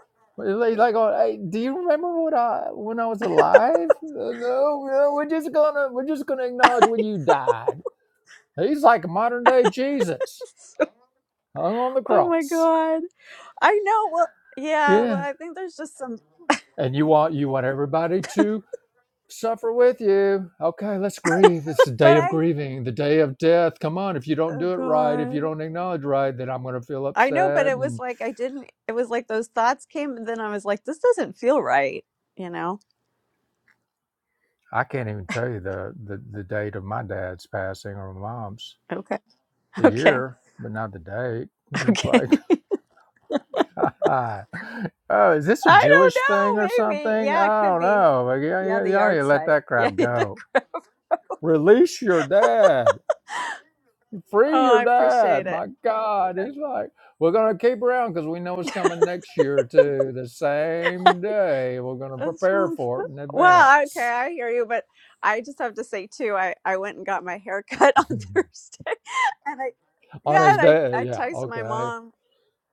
Speaker 1: like, like oh, hey, do you remember what I when I was alive? Uh, No, no, we're just gonna we're just gonna acknowledge when you died. He's like a modern day Jesus, hung on the
Speaker 4: oh my
Speaker 1: cross.
Speaker 4: god i know well yeah well
Speaker 1: Yeah,
Speaker 4: i think there's just some
Speaker 1: and you want you want everybody to suffer with you. Okay, let's grieve. It's the
Speaker 4: but
Speaker 1: day of
Speaker 4: i
Speaker 1: grieving, the day of death. Come on, if you don't
Speaker 4: oh
Speaker 1: do it right, if
Speaker 4: god
Speaker 1: you don't acknowledge right, then I'm gonna feel
Speaker 4: i know but
Speaker 1: upset.
Speaker 4: it was
Speaker 1: And
Speaker 4: like i didn't it was like those thoughts came and then i was like this doesn't feel right you know
Speaker 1: I can't even tell you the the, the date of my dad's passing or my mom's
Speaker 4: okay
Speaker 1: the
Speaker 4: okay
Speaker 1: year, but not the date. It's
Speaker 4: okay
Speaker 1: like, oh, is this a
Speaker 4: I
Speaker 1: Jewish thing or
Speaker 4: don't know. Maybe.
Speaker 1: something?
Speaker 4: Yeah, it
Speaker 1: I
Speaker 4: could
Speaker 1: don't
Speaker 4: be.
Speaker 1: know. Like,
Speaker 4: Yeah,
Speaker 1: y-
Speaker 4: the
Speaker 1: y- y'all need
Speaker 4: yard
Speaker 1: to let
Speaker 4: site.
Speaker 1: that
Speaker 4: Yeah.
Speaker 1: crap go. Release your dad.
Speaker 4: oh,
Speaker 1: Free
Speaker 4: I
Speaker 1: your
Speaker 4: appreciate
Speaker 1: dad.
Speaker 4: it.
Speaker 1: My God. He's like, we're going to keep around because we know it's coming next year, too. The same day. We're going to
Speaker 4: That's
Speaker 1: prepare
Speaker 4: really
Speaker 1: for
Speaker 4: fun.
Speaker 1: it in
Speaker 4: Well, okay,
Speaker 1: advance.
Speaker 4: I hear you, but I just have to say too, I, I went and got my hair cut on Thursday. And I
Speaker 1: On
Speaker 4: yeah,
Speaker 1: his
Speaker 4: and I,
Speaker 1: day.
Speaker 4: I
Speaker 1: Yeah.
Speaker 4: texted my
Speaker 1: Okay.
Speaker 4: mom.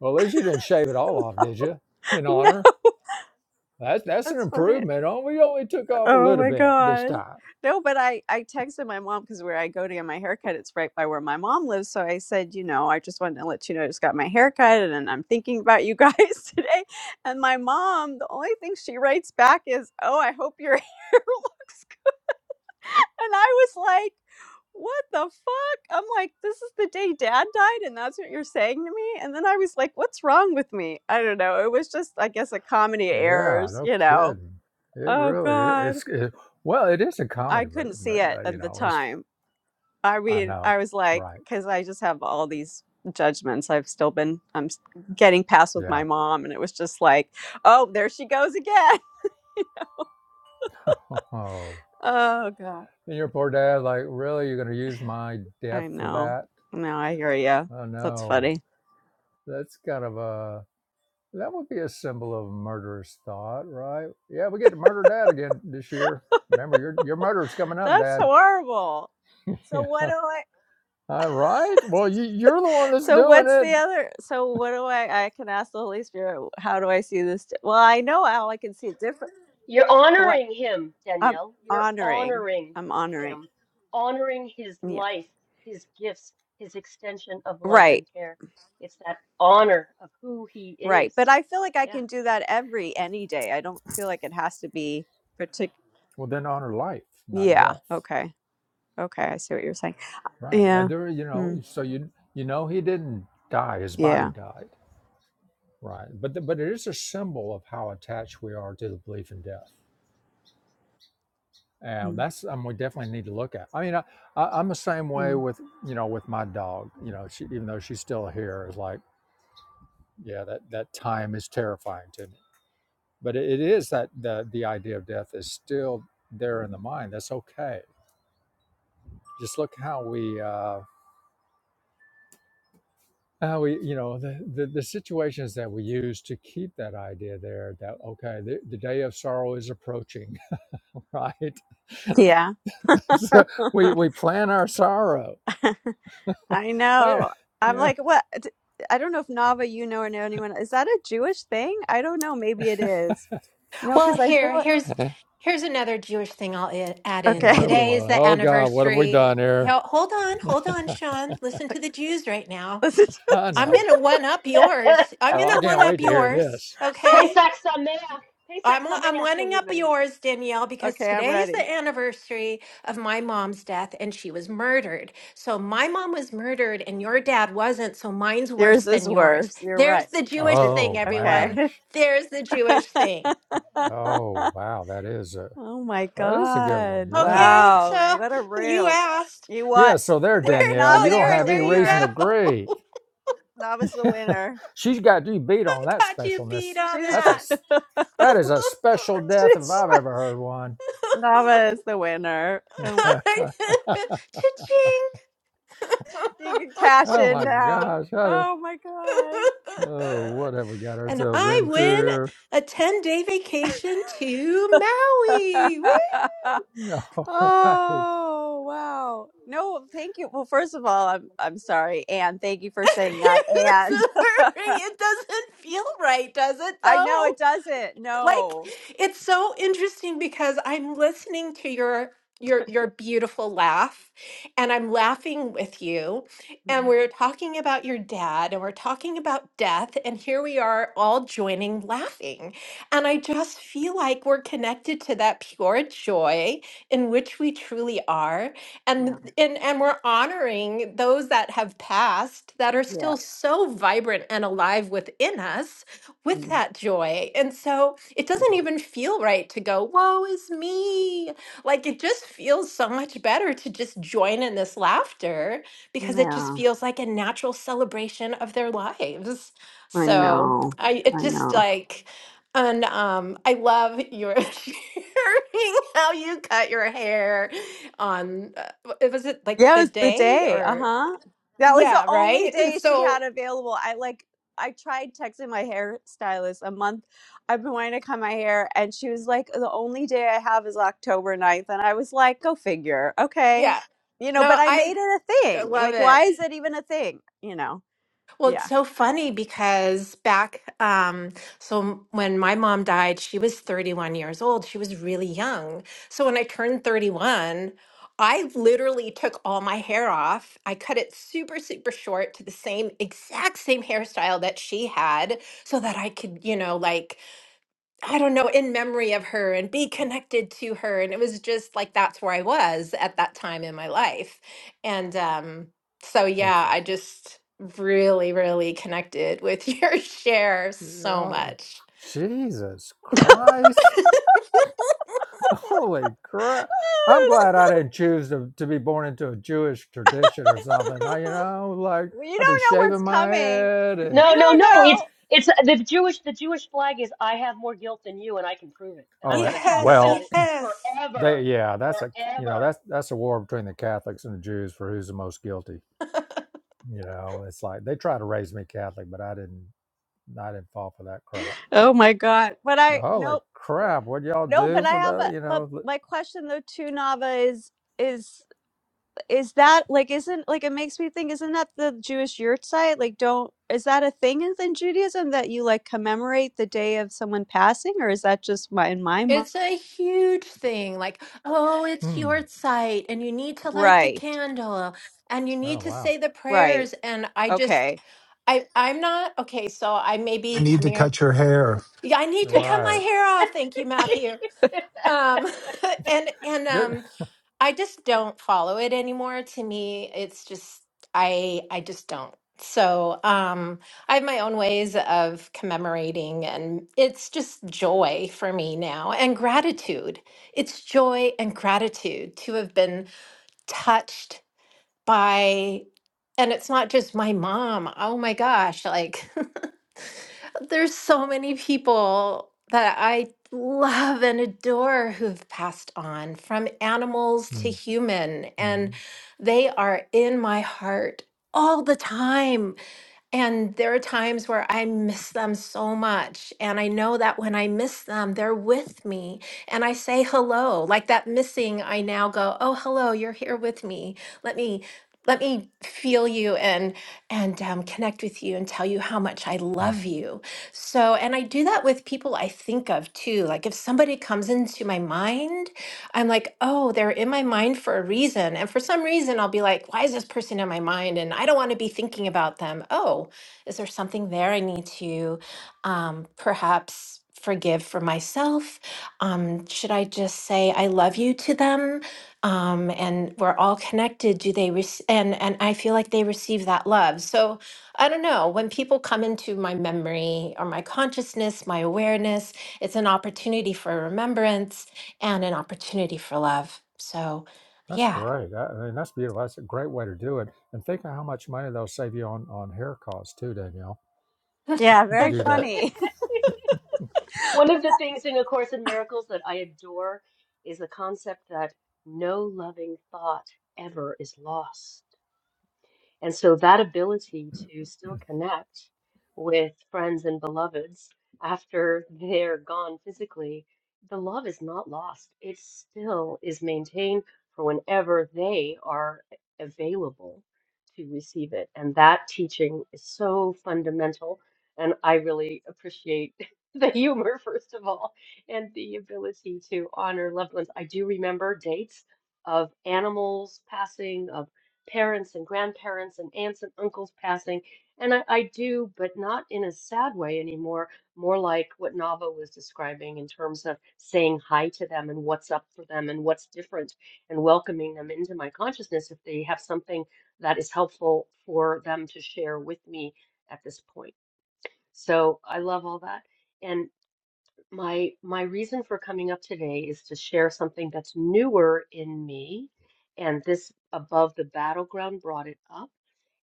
Speaker 1: Well, at least you didn't shave it all off, did you? In
Speaker 4: No,
Speaker 1: honor? That's that's an
Speaker 4: that's funny.
Speaker 1: improvement. On we only took off a
Speaker 4: Oh
Speaker 1: little
Speaker 4: my
Speaker 1: bit this
Speaker 4: God.
Speaker 1: time.
Speaker 4: No, but I, I texted my mom because where I go to get my haircut, it's right by where my mom lives. So I said, you know, I just wanted to let you know I just got my haircut and I'm thinking about you guys today. And my mom, the only thing she writes back is, oh, I hope your hair looks good. And I was like, what the fuck? I'm like, this is the day dad died and that's what you're saying to me? And then I was like, what's wrong with me? I don't know. It was just, I guess, a comedy of
Speaker 1: Yeah,
Speaker 4: errors,
Speaker 1: no
Speaker 4: you know.
Speaker 1: kidding. It
Speaker 4: Oh
Speaker 1: really i-
Speaker 4: God.
Speaker 1: it's it, well, it is a
Speaker 4: I
Speaker 1: comedy, but,
Speaker 4: couldn't see
Speaker 1: but
Speaker 4: it
Speaker 1: uh, you
Speaker 4: at the
Speaker 1: know, it's
Speaker 4: time. I
Speaker 1: I
Speaker 4: mean,
Speaker 1: know,
Speaker 4: I was like,
Speaker 1: right?
Speaker 4: because I just have all these judgments. I've still been, I'm s- getting past with my
Speaker 1: Yeah.
Speaker 4: mom, and it was just like, oh, there she goes again. Oh God,
Speaker 1: And your poor dad, like, really, you're going to use my death
Speaker 4: I
Speaker 1: for
Speaker 4: know.
Speaker 1: that?
Speaker 4: No, I hear you.
Speaker 1: Oh
Speaker 4: That's
Speaker 1: no,
Speaker 4: funny.
Speaker 1: that's kind of a that would be a symbol of murderous thought, right? Yeah, we get to murder dad again this year. Remember, your your murder's coming up,
Speaker 4: That's
Speaker 1: dad.
Speaker 4: horrible. So what
Speaker 1: yeah,
Speaker 4: do I?
Speaker 1: all right. Well, you, you're the one that's
Speaker 4: So
Speaker 1: doing
Speaker 4: what's
Speaker 1: it.
Speaker 4: the other? So what do I? I can ask the Holy Spirit. How do I see this? di- Well, I know how I can see it different.
Speaker 5: You're
Speaker 4: What
Speaker 5: honoring him,
Speaker 4: I'm
Speaker 5: Danielle. You're
Speaker 4: honoring.
Speaker 5: honoring
Speaker 4: I'm honoring.
Speaker 5: him, honoring his
Speaker 4: Yeah.
Speaker 5: life, his gifts, his extension of love
Speaker 4: Right.
Speaker 5: and care. It's that honor of who he
Speaker 4: Right. But
Speaker 5: is.
Speaker 4: I feel like I
Speaker 5: Yeah.
Speaker 4: can do that every any day. I don't feel like it has to be particular.
Speaker 1: Well, then honor life, not
Speaker 4: Yeah.
Speaker 1: death,
Speaker 4: Okay. Okay. I see what you're saying.
Speaker 1: right? Uh,
Speaker 4: Yeah.
Speaker 1: There, you know,
Speaker 4: Mm.
Speaker 1: so you you know he didn't die; his body
Speaker 4: Yeah.
Speaker 1: died, right? But the, but it is a symbol of how attached we are to the belief in death And
Speaker 4: Mm.
Speaker 1: that's um, we definitely need to look at. I mean, I, I, I'm the same way
Speaker 4: Mm.
Speaker 1: with you know with my dog. You know, she even though she's still here, is like yeah, that that time is terrifying to me. But it, it is that the the idea of death is still there in the mind. That's okay. Just look how we uh, how we you know the, the the situations that we use to keep that idea there. That okay, the, the day of sorrow is approaching, right?
Speaker 4: Yeah.
Speaker 1: so we we plan our sorrow.
Speaker 4: I
Speaker 1: Wait,
Speaker 4: know. I'm
Speaker 1: yeah.
Speaker 4: like, what? d- I don't know if Nava, you know, or know anyone. Is that a Jewish thing? I don't know. Maybe it is. No,
Speaker 6: Well,
Speaker 4: because I feel
Speaker 6: here,
Speaker 4: it.
Speaker 6: here's here's another Jewish thing I'll i- add in.
Speaker 4: Okay.
Speaker 1: Oh
Speaker 6: Today is
Speaker 1: boy.
Speaker 6: the
Speaker 1: Oh God, what have we
Speaker 6: anniversary.
Speaker 1: done here?
Speaker 6: Now, hold on, hold on, Sean. Listen to the Jews right now.
Speaker 4: Listen. to-
Speaker 1: I
Speaker 6: I'm
Speaker 1: know.
Speaker 6: gonna one up yours. I'm
Speaker 1: Oh, I
Speaker 6: gonna
Speaker 1: can't
Speaker 6: one up
Speaker 1: wait to hear
Speaker 6: yours.
Speaker 1: this.
Speaker 6: Okay.
Speaker 5: Pesach Sameach. Pesach
Speaker 6: I'm o- I'm
Speaker 5: Sameach,
Speaker 6: one up
Speaker 5: everybody.
Speaker 6: yours, Danielle, because
Speaker 4: okay. I'm
Speaker 6: today is
Speaker 4: ready.
Speaker 6: the anniversary of my mom's death, and she was murdered. So my mom was murdered, and your dad wasn't. So mine's worse
Speaker 4: Yours is
Speaker 6: than yours.
Speaker 4: worse. You're
Speaker 6: There's
Speaker 4: right.
Speaker 6: the Jewish
Speaker 4: You're-
Speaker 6: thing,
Speaker 1: Oh man.
Speaker 6: everyone.
Speaker 4: Okay.
Speaker 6: There's the Jewish thing.
Speaker 1: Oh wow, that is a
Speaker 4: Oh my
Speaker 1: that is a good one.
Speaker 4: God.
Speaker 1: Yeah.
Speaker 6: Okay,
Speaker 4: Wow.
Speaker 6: so
Speaker 4: What a
Speaker 6: you
Speaker 4: room.
Speaker 6: asked.
Speaker 4: You
Speaker 1: Yeah,
Speaker 4: what?
Speaker 1: so there,
Speaker 4: Wi-
Speaker 6: so
Speaker 1: Danielle, you
Speaker 4: Nava,
Speaker 1: don't
Speaker 4: you're
Speaker 6: there,
Speaker 4: the
Speaker 1: have any
Speaker 6: there you go.
Speaker 1: reason to
Speaker 4: winner.
Speaker 1: grieve.
Speaker 4: Nava's the winner.
Speaker 1: She's got you beat
Speaker 6: I
Speaker 1: on that
Speaker 6: got you beat
Speaker 1: specialness.
Speaker 6: on
Speaker 4: She's
Speaker 1: That's a
Speaker 6: that.
Speaker 1: s- that is a special death if
Speaker 4: she's
Speaker 1: I've ever heard one.
Speaker 4: Nava is the winner. Oh,
Speaker 6: Cha-ching.
Speaker 4: You can cash
Speaker 1: oh
Speaker 4: in
Speaker 1: my
Speaker 4: now.
Speaker 1: gosh. How do,
Speaker 4: Oh my
Speaker 1: oh, what have we got
Speaker 6: and
Speaker 1: ourselves
Speaker 6: I
Speaker 1: into
Speaker 6: win
Speaker 1: here?
Speaker 6: a 10 day vacation to Maui. Woo!
Speaker 4: God.
Speaker 1: No, all right.
Speaker 4: Oh wow. No, thank you. Well, first of all, I'm I'm sorry, Anne. Thank you for saying that.
Speaker 6: Sorry,
Speaker 4: And
Speaker 6: it doesn't feel right, does it
Speaker 4: I know
Speaker 6: though?
Speaker 4: it doesn't.
Speaker 6: like
Speaker 4: No.
Speaker 6: it's so interesting because I'm listening to your your your beautiful laugh and I'm laughing with you and
Speaker 4: Mm,
Speaker 6: we're talking about your dad and we're talking about death and here we are all joining laughing and I just feel like we're connected to that pure joy in which we truly are
Speaker 4: Yeah.
Speaker 6: and and and we're honoring those that have passed that are
Speaker 4: Yeah.
Speaker 6: still so vibrant and alive within us with
Speaker 4: Mm.
Speaker 6: that joy. And so it doesn't even feel right to go, woe is me. Like it just feels so much better to just join in this laughter because it just
Speaker 4: Yeah,
Speaker 6: feels like a natural celebration of their lives.
Speaker 4: I
Speaker 6: So
Speaker 4: know.
Speaker 6: I it
Speaker 4: I
Speaker 6: just
Speaker 4: know.
Speaker 6: like and um I love your sharing how you cut your hair on uh, w- was it like
Speaker 4: Yeah, it
Speaker 6: the
Speaker 4: was the
Speaker 6: day
Speaker 4: day. Uh
Speaker 6: or
Speaker 4: huh. That was the
Speaker 6: yeah,
Speaker 4: only
Speaker 6: right? And
Speaker 4: day she had
Speaker 6: so
Speaker 4: available. I like, I tried texting my hairstylist a month. I've been wanting to cut my hair, and she was like, the only day I have is October ninth." And I was like, go figure. Okay.
Speaker 6: yeah.
Speaker 4: You know,
Speaker 6: No,
Speaker 4: but I
Speaker 6: I
Speaker 4: made it a
Speaker 6: I
Speaker 4: thing.
Speaker 6: love
Speaker 4: Like,
Speaker 6: it.
Speaker 4: why is it even a thing? You know,
Speaker 6: Well, it's
Speaker 4: yeah.
Speaker 6: so funny because back, um, so when my mom died, she was 31 years old. She was really young. So when I turned 31, I literally took all my hair off. I cut it super, super short to the same exact same hairstyle that she had so that I could, you know, like I don't know, in memory of her and be connected to her. And it was just like that's where I was at that time in my life. And um, so,
Speaker 1: Well,
Speaker 6: yeah, I just really, really connected with your share so
Speaker 1: Yo,
Speaker 6: much.
Speaker 1: Jesus Christ. Holy crap. I'm
Speaker 4: It's,
Speaker 1: glad I didn't choose to, to be born into a Jewish tradition or something. I, you know, like
Speaker 4: you don't
Speaker 1: I'd be
Speaker 4: know what's
Speaker 1: shaving my
Speaker 4: coming.
Speaker 1: head and
Speaker 4: You
Speaker 5: No, no,
Speaker 4: don't
Speaker 5: no. It's
Speaker 4: know.
Speaker 5: it's the Jewish the Jewish flag is I have more guilt than you and I can prove it. And I'm
Speaker 1: oh eh,
Speaker 5: going to talk
Speaker 6: yes,
Speaker 5: about it
Speaker 1: well,
Speaker 6: yes.
Speaker 1: they
Speaker 5: forever.
Speaker 1: yeah, that's a you know,
Speaker 5: Forever.
Speaker 1: that's that's a war between the Catholics and the Jews for who's the most guilty. You know, it's like they try to raise me Catholic, but I didn't I didn't fall for that crap.
Speaker 4: Oh my God. But
Speaker 1: But
Speaker 4: I, no,
Speaker 1: Holy crap, what y'all
Speaker 4: No, but
Speaker 1: do
Speaker 4: I
Speaker 1: for
Speaker 4: have
Speaker 1: the
Speaker 4: a,
Speaker 1: you
Speaker 4: but
Speaker 1: know, li-
Speaker 4: my question though to Nava is is is that like isn't like it makes me think isn't that the Jewish yurt site? Like don't is that a thing in Judaism that you like commemorate the day of someone passing or is that just my in my mind?
Speaker 6: It's a huge thing. Like, oh, it's
Speaker 1: hmm.
Speaker 6: your site, and you need to light the
Speaker 4: Right.
Speaker 6: candle, and you
Speaker 1: Oh
Speaker 6: need to
Speaker 1: wow.
Speaker 6: say the
Speaker 4: Right.
Speaker 6: prayers. And I just,
Speaker 4: Okay.
Speaker 6: I, I'm not okay. So I may
Speaker 2: you
Speaker 6: be
Speaker 2: need to
Speaker 6: coming out.
Speaker 2: cut your hair
Speaker 6: Yeah, I need to cut my
Speaker 1: Right.
Speaker 6: hair off. Thank you, Matthew. Um, and and
Speaker 1: Good.
Speaker 6: um, I just don't follow it anymore. To me, it's just I I just don't. So, um I have my own ways of commemorating and it's just joy for me now and gratitude. It's joy and gratitude to have been touched by and it's not just my mom. Oh my gosh, like there's so many people that I love and adore who've passed on from animals to human, and
Speaker 1: Mhm.
Speaker 6: they are in my heart all the time. And there are times where I miss them so much. And I know that when I miss them, they're with me. And I say hello. Like that missing, I now go, oh, hello, you're here with me. Let me let me feel you and and um, connect with you and tell you how much i love you so and i do that with people i think of too like if somebody comes into my mind I'm like, oh, they're in my mind for a reason. And for some reason, I'll be like, why is this person in my mind? And I don't want to be thinking about them. Oh, is there something there I need to um, perhaps forgive for myself? Um, should I just say I love you to them? Um, and we're all connected. Do they rec- and and I feel like they receive that love. So I don't know. When people come into my memory or my consciousness, my awareness, it's an opportunity for remembrance and an opportunity for love. So,
Speaker 1: That's
Speaker 6: yeah,
Speaker 1: great. I, I mean, that's beautiful. That's a great way to do it. And think of how much money they'll save you on on hair costs too, Danielle.
Speaker 4: Yeah,
Speaker 1: If you can
Speaker 6: I
Speaker 4: very
Speaker 1: do that,
Speaker 4: funny.
Speaker 5: One of
Speaker 4: Well,
Speaker 5: the
Speaker 4: that-
Speaker 5: things in A Course in Miracles that I adore is the concept that no loving thought ever is lost. And so that ability to still connect with friends and beloveds after they're gone physically, the love is not lost. It still is maintained for whenever they are available to receive it. And that teaching is so fundamental. And I really appreciate the humor, first of all, and the ability to honor loved ones. I do remember dates of animals passing, of parents and grandparents and aunts and uncles passing. And I, I do, but not in a sad way anymore, more like what Nava was describing in terms of saying hi to them and what's up for them and what's different and welcoming them into my consciousness if they have something that is helpful for them to share with me at this point. So I love all that. and. My my reason for coming up today is to share something that's newer in me, and this above the battleground brought it up,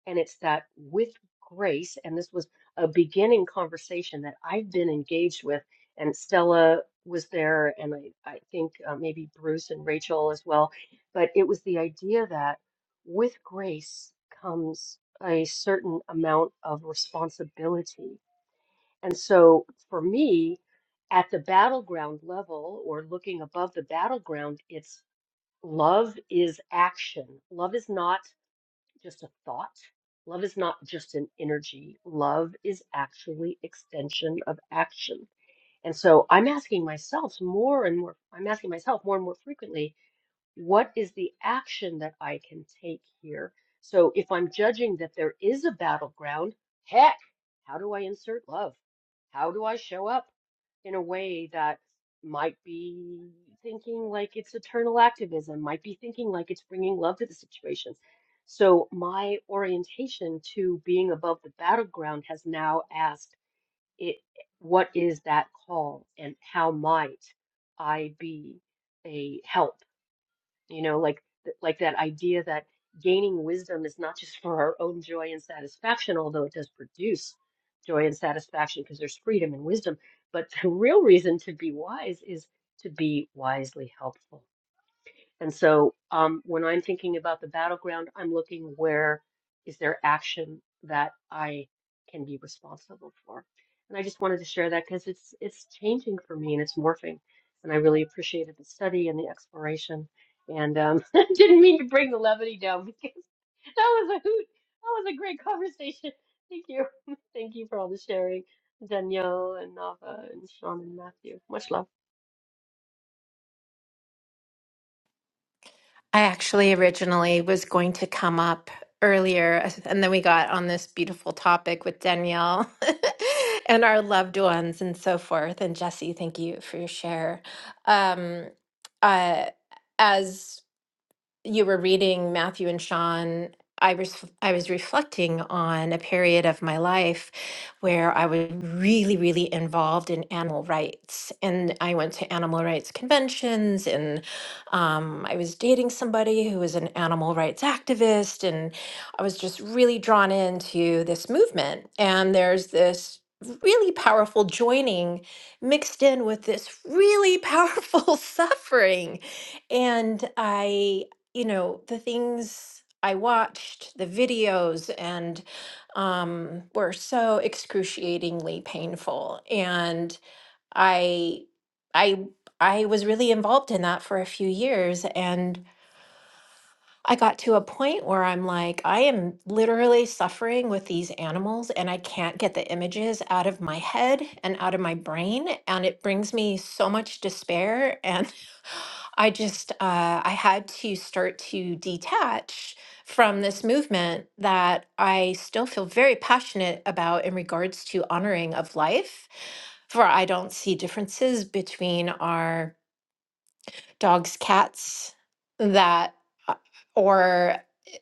Speaker 5: and it's that with grace, and this was a beginning conversation that I've been engaged with, and Stella was there, and I I think uh, maybe Bruce and Rachel as well, but it was the idea that with grace comes a certain amount of responsibility and so for me, at the battleground level or looking above the battleground, it's love is action. Love is not just a thought. Love is not just an energy. Love is actually extension of action. And so I'm asking myself more and more, I'm asking myself more and more frequently, what is the action that I can take here? So if I'm judging that there is a battleground, heck, how do I insert love? How do I show up in a way that might be thinking like it's eternal activism, might be thinking like it's bringing love to the situation? So my orientation to being above the battleground has now asked it, what is that call and how might I be a help? You know, like like that idea that gaining wisdom is not just for our own joy and satisfaction, although it does produce joy and satisfaction because there's freedom and wisdom, but the real reason to be wise is to be wisely helpful and so um, when I'm thinking about the battleground, I'm looking where is there action that I can be responsible for. And I just wanted to share that because it's it's changing for me and it's morphing. And I really appreciated the study and the exploration. And um, I didn't mean to bring the levity down because that was a hoot. That was a great conversation. Thank you. Thank you for all the sharing, Danielle and Nava and Sean and Matthew. Much love.
Speaker 6: actually originally was going to come up earlier, and then we got on this beautiful topic with Danielle and our loved ones and so forth. And Jesse, thank you for your share. Um, uh, as you were reading Matthew and Sean, I was I was reflecting on a period of my life where I was really, really involved in animal rights, and I went to animal rights conventions, and um, I was dating somebody who was an animal rights activist, and I was just really drawn into this movement. And there's this really powerful joining mixed in with this really powerful suffering and I you know, the things I watched, the videos, and um, were so excruciatingly painful. And I, I, I was really involved in that for a few years, and I got to a point where I'm like, I am literally suffering with these animals, and I can't get the images out of my head and out of my brain, and it brings me so much despair I just uh, I had to start to detach from this movement that I still feel very passionate about in regards to honoring of life. For I don't see differences between our dogs, cats, that, uh, or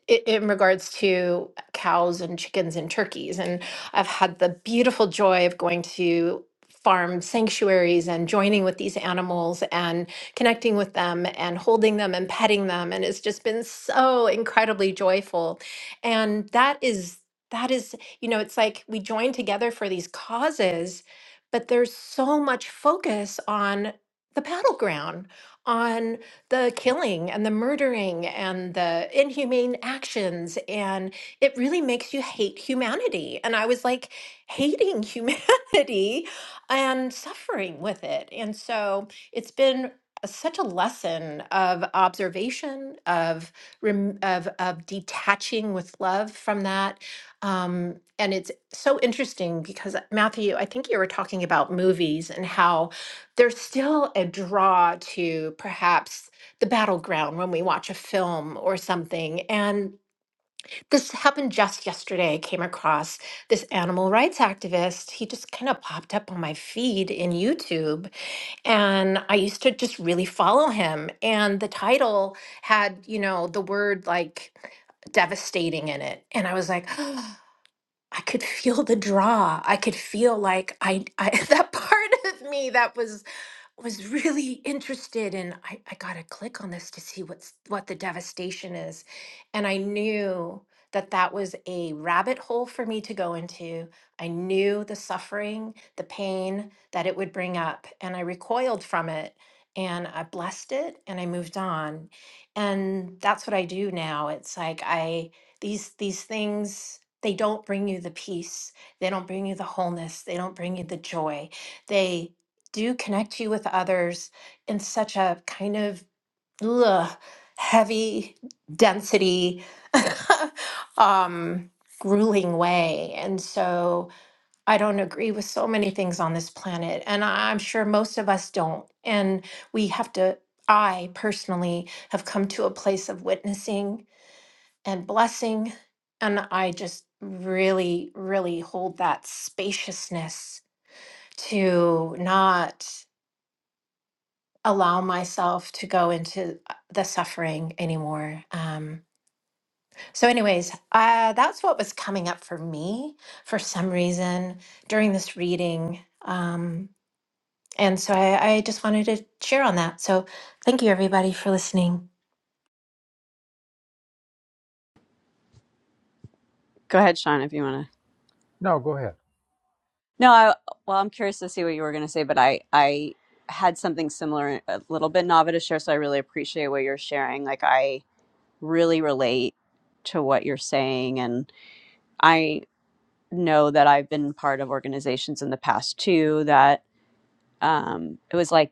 Speaker 6: i- in regards to cows and chickens and turkeys. And I've had the beautiful joy of going to farm sanctuaries and joining with these animals and connecting with them and holding them and petting them. And it's just been so incredibly joyful. And that is, that is, you know, it's like we join together for these causes, but there's so much focus on the battleground on the killing and the murdering and the inhumane actions. And it really makes you hate humanity. And I was like hating humanity and suffering with it. And so it's been a- such a lesson of observation of rem- of of detaching with love from that um, and it's so interesting because uh, Matthew, I think you were talking about movies and how there's still a draw to perhaps the battleground when we watch a film or something. And this happened just yesterday. I came across this animal rights activist. He just kind of popped up on my feed in YouTube. And I used to just really follow him. And the title had, you know, the word like devastating in it. And I was like, I could feel the draw. I could feel like I, I that part of me that was was really interested and I, I gotta click on this to see what's what the devastation is. And I knew that that was a rabbit hole for me to go into. I knew the suffering, the pain that it would bring up, and I recoiled from it and I blessed it and I moved on. And that's what I do now. It's like I these these things they don't bring you the peace they don't bring you the wholeness they don't bring you the joy they do connect you with others in such a kind of ugh, heavy density um grueling way and so i don't agree with so many things on this planet and I- i'm sure most of us don't and we have to i personally have come to a place of witnessing and blessing. And I just really, really hold that spaciousness to not allow myself to go into uh, the suffering anymore. Um, so, anyways, uh, that's what was coming up for me for some reason during this reading. Um, and so I, I just wanted to share on that. So, thank you everybody for listening.
Speaker 4: Go ahead, Sean, if you want to.
Speaker 1: no, go ahead.
Speaker 4: No, I well, I'm curious to see what you were going to say, but I I had something similar a little bit Nava to share, so I really appreciate what you're sharing. Like I really relate to what you're saying. And I know that I've been part of organizations in the past too that um, it was like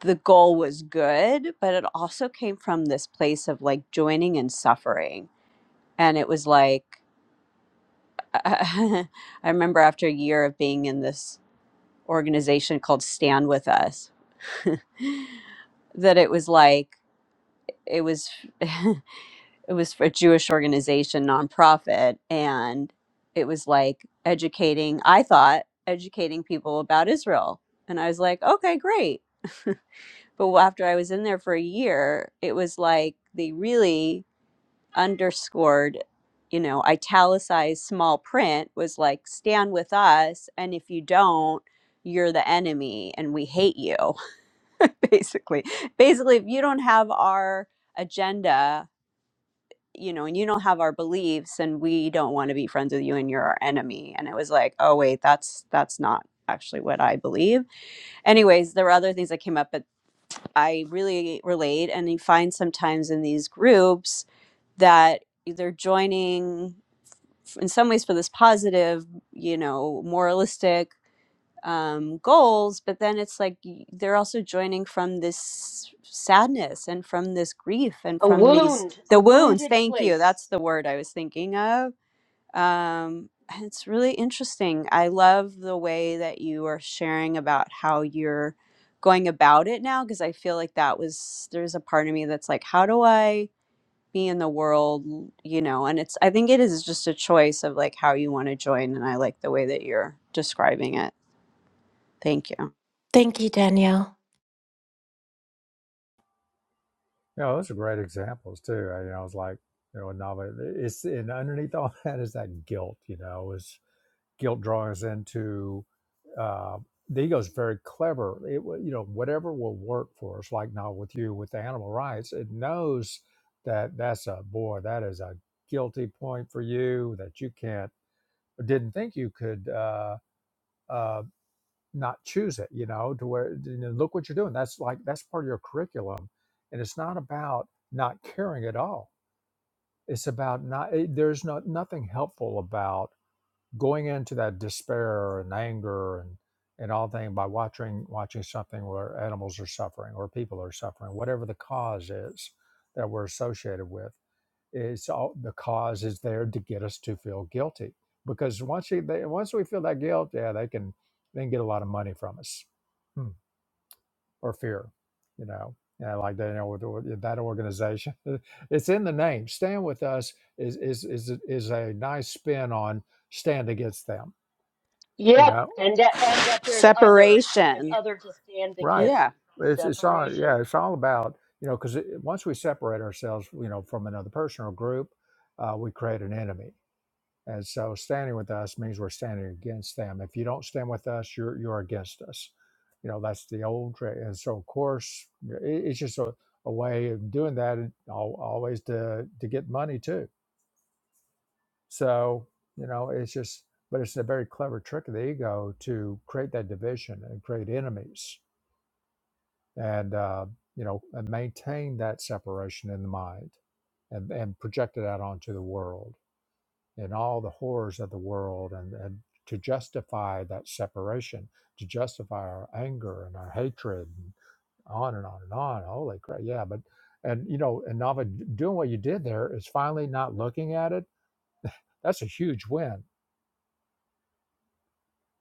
Speaker 4: the goal was good, but it also came from this place of like joining and suffering. And it was like, I remember after a year of being in this organization called Stand With Us, that it was like, it was. it was for a Jewish organization, nonprofit, and it was like educating, I thought, educating people about Israel. And I was like, okay, great. But after I was in there for a year, it was like they really underscored, you know, italicized small print was like, stand with us. And if you don't, you're the enemy and we hate you, basically. Basically, if you don't have our agenda, you know, and you don't have our beliefs and we don't want to be friends with you and you're our enemy. And it was like, oh wait, that's that's not actually what I believe. Anyways, there were other things that came up, but I really relate and you find sometimes in these groups that they're joining f- in some ways for this positive, you know, moralistic um, goals, but then it's like they're also joining from this sadness and from this grief and
Speaker 5: A
Speaker 4: from these
Speaker 5: wound, a
Speaker 4: the wounds.
Speaker 5: wounded
Speaker 4: Thank you.
Speaker 5: place.
Speaker 4: That's the word I was thinking of. Um, and it's really interesting. I love the way that you are sharing about how you're going about it now because I feel like that was there's a part of me that's like, how do I be in the world, l- you know? And it's I think it is just a choice of like how you want to join, and I like the way that you're describing it. Thank you.
Speaker 6: Thank you, Danielle.
Speaker 1: You know, those are great examples too. I, you know, it's like you know, a novel. It's and underneath all that is that guilt. You know, is guilt drawing us into uh, the ego is very clever. It will- you know whatever will work for us. Like now with you with the animal rights, it knows that that's a boy that is a guilty point for you that you can't didn't think you could uh, uh, not choose it. You know to where you know, look what you're doing. That's like that's part of your curriculum, and it's not about not caring at all. It's about not. It, there's not nothing helpful about going into that despair and anger and and all thing by watching watching something where animals are suffering or people are suffering, whatever the cause is that we're associated with, it's all the cause is there to get us to feel guilty. Because once you, they, once we feel that guilt, yeah, they can they can get a lot of money from us hmm. or fear, you know. Yeah, like they you know with with that organization, it's in the name. Stand with us is is is is a nice spin on stand against them you
Speaker 5: Yep,
Speaker 1: know
Speaker 5: and that and that there's other that there's
Speaker 4: Separation.
Speaker 5: other to stand
Speaker 1: right
Speaker 5: against
Speaker 4: Yeah.
Speaker 1: it's it's all
Speaker 5: separation.
Speaker 1: yeah it's all about you know because once we separate ourselves you know from another person or group uh, we create an enemy and so standing with us means we're standing against them if you don't stand with us you're you're against us you know that's the old trick and so of course yeah, it, it's just a, a way of doing that and al- always to to get money too so you know it's just but it's a very clever trick of the ego to create that division and create enemies and uh, you know and maintain that separation in the mind and, and project it out onto the world and all the horrors of the world and, and to justify that separation to justify our anger and our hatred and on and on and on holy crap yeah but and you know and nava doing what you did there is finally not looking at it that's a huge win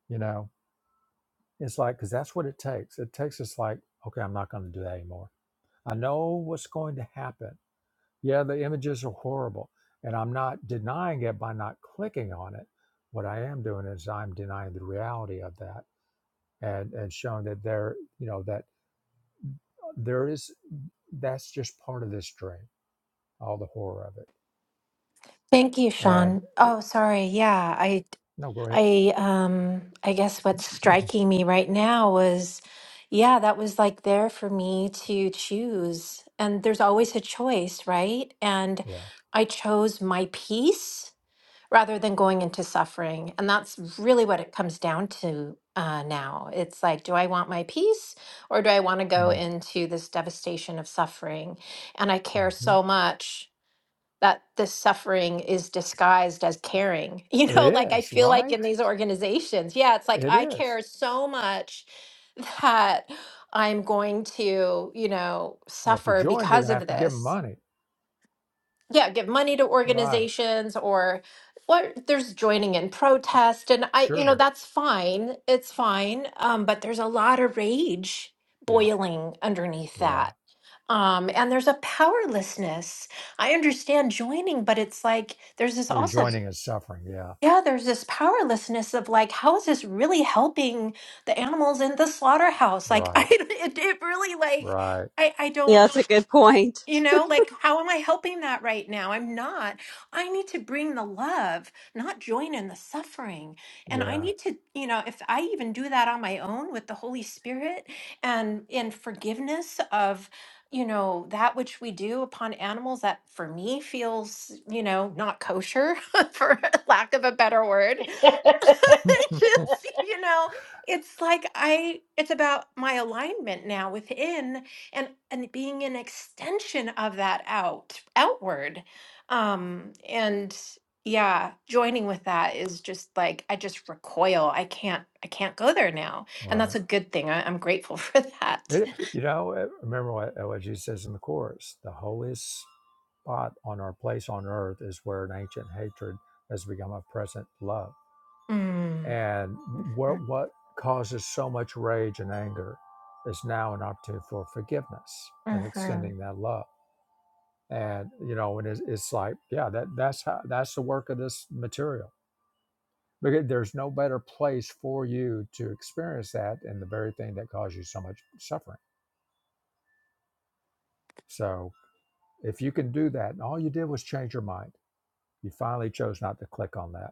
Speaker 1: you know it's like because that's what it takes it takes us like okay i'm not going to do that anymore i know what's going to happen Yeah, the images are horrible. And I'm not denying it by not clicking on it. What I am doing is I'm denying the reality of that and, and showing that there, you know, that there is, that's just part of this dream, all the horror of it.
Speaker 6: Thank you,
Speaker 1: And
Speaker 6: Sean. Oh, sorry. Yeah, I
Speaker 1: no, go ahead.
Speaker 6: I um I guess what's striking me right now was yeah, that was like there for me to choose. And there's always a choice, right? And
Speaker 1: yeah.
Speaker 6: I chose my peace rather than going into suffering. And that's really what it comes down to uh, now. It's like, do I want my peace or do I want to go
Speaker 1: Mm,
Speaker 6: into this devastation of suffering? And I care
Speaker 1: Mm-hmm.
Speaker 6: so much that the suffering is disguised as caring. You know,
Speaker 1: It
Speaker 6: like I
Speaker 1: is,
Speaker 6: feel like
Speaker 1: right?
Speaker 6: in these organizations, yeah, it's like
Speaker 1: It
Speaker 6: I
Speaker 1: is.
Speaker 6: care so much that I'm going to, you know,
Speaker 1: Well, if you
Speaker 6: suffer
Speaker 1: join, you're going
Speaker 6: because
Speaker 1: to
Speaker 6: of
Speaker 1: have to give 'em
Speaker 6: this.
Speaker 1: money.
Speaker 6: Yeah, give money to
Speaker 1: Right.
Speaker 6: organizations or what there's joining in protest and I you know
Speaker 1: Sure.
Speaker 6: that's fine. It's fine. Um but there's a lot of rage
Speaker 1: Yeah.
Speaker 6: boiling underneath
Speaker 1: Yeah.
Speaker 6: that um, and there's a powerlessness. I understand joining, but it's like there's this
Speaker 1: Well, you're
Speaker 6: also,
Speaker 1: joining is suffering. Yeah.
Speaker 6: yeah, there's this powerlessness of like, how is this really helping the animals in the slaughterhouse? Like, I,
Speaker 1: Right.
Speaker 6: it, it really like,
Speaker 1: Right.
Speaker 6: I, I don't.
Speaker 4: Yeah, that's a good point.
Speaker 6: You know, like, how am I helping that right now? I'm not. I need to bring the love, not join in the suffering. And I
Speaker 1: Yeah.
Speaker 6: need to, you know, if I even do that on my own with the Holy Spirit and in forgiveness of, you know, that which we do upon animals that for me feels, you know, not kosher, for lack of a better word. Just, you know, it's like I, it's about my alignment now within and and being an extension of that out outward um and yeah joining with that is just like i just recoil i can't i can't go there now and that's
Speaker 1: Right.
Speaker 6: a good thing I, i'm grateful for that
Speaker 1: It, you know, uh, remember what, uh, what Jesus says in the chorus the holiest spot on our place on earth is where an ancient hatred has become a present love.
Speaker 6: mm.
Speaker 1: And what,
Speaker 6: Mhm,
Speaker 1: what causes so much rage and anger is now an opportunity for forgiveness and
Speaker 6: mhm.
Speaker 1: extending that love. And, you know, and it's, it's like, yeah, that, that's how, that's the work of this material. Because there's no better place for you to experience that and the very thing that caused you so much suffering. So, If you can do that, and all you did was change your mind, you finally chose not to click on that.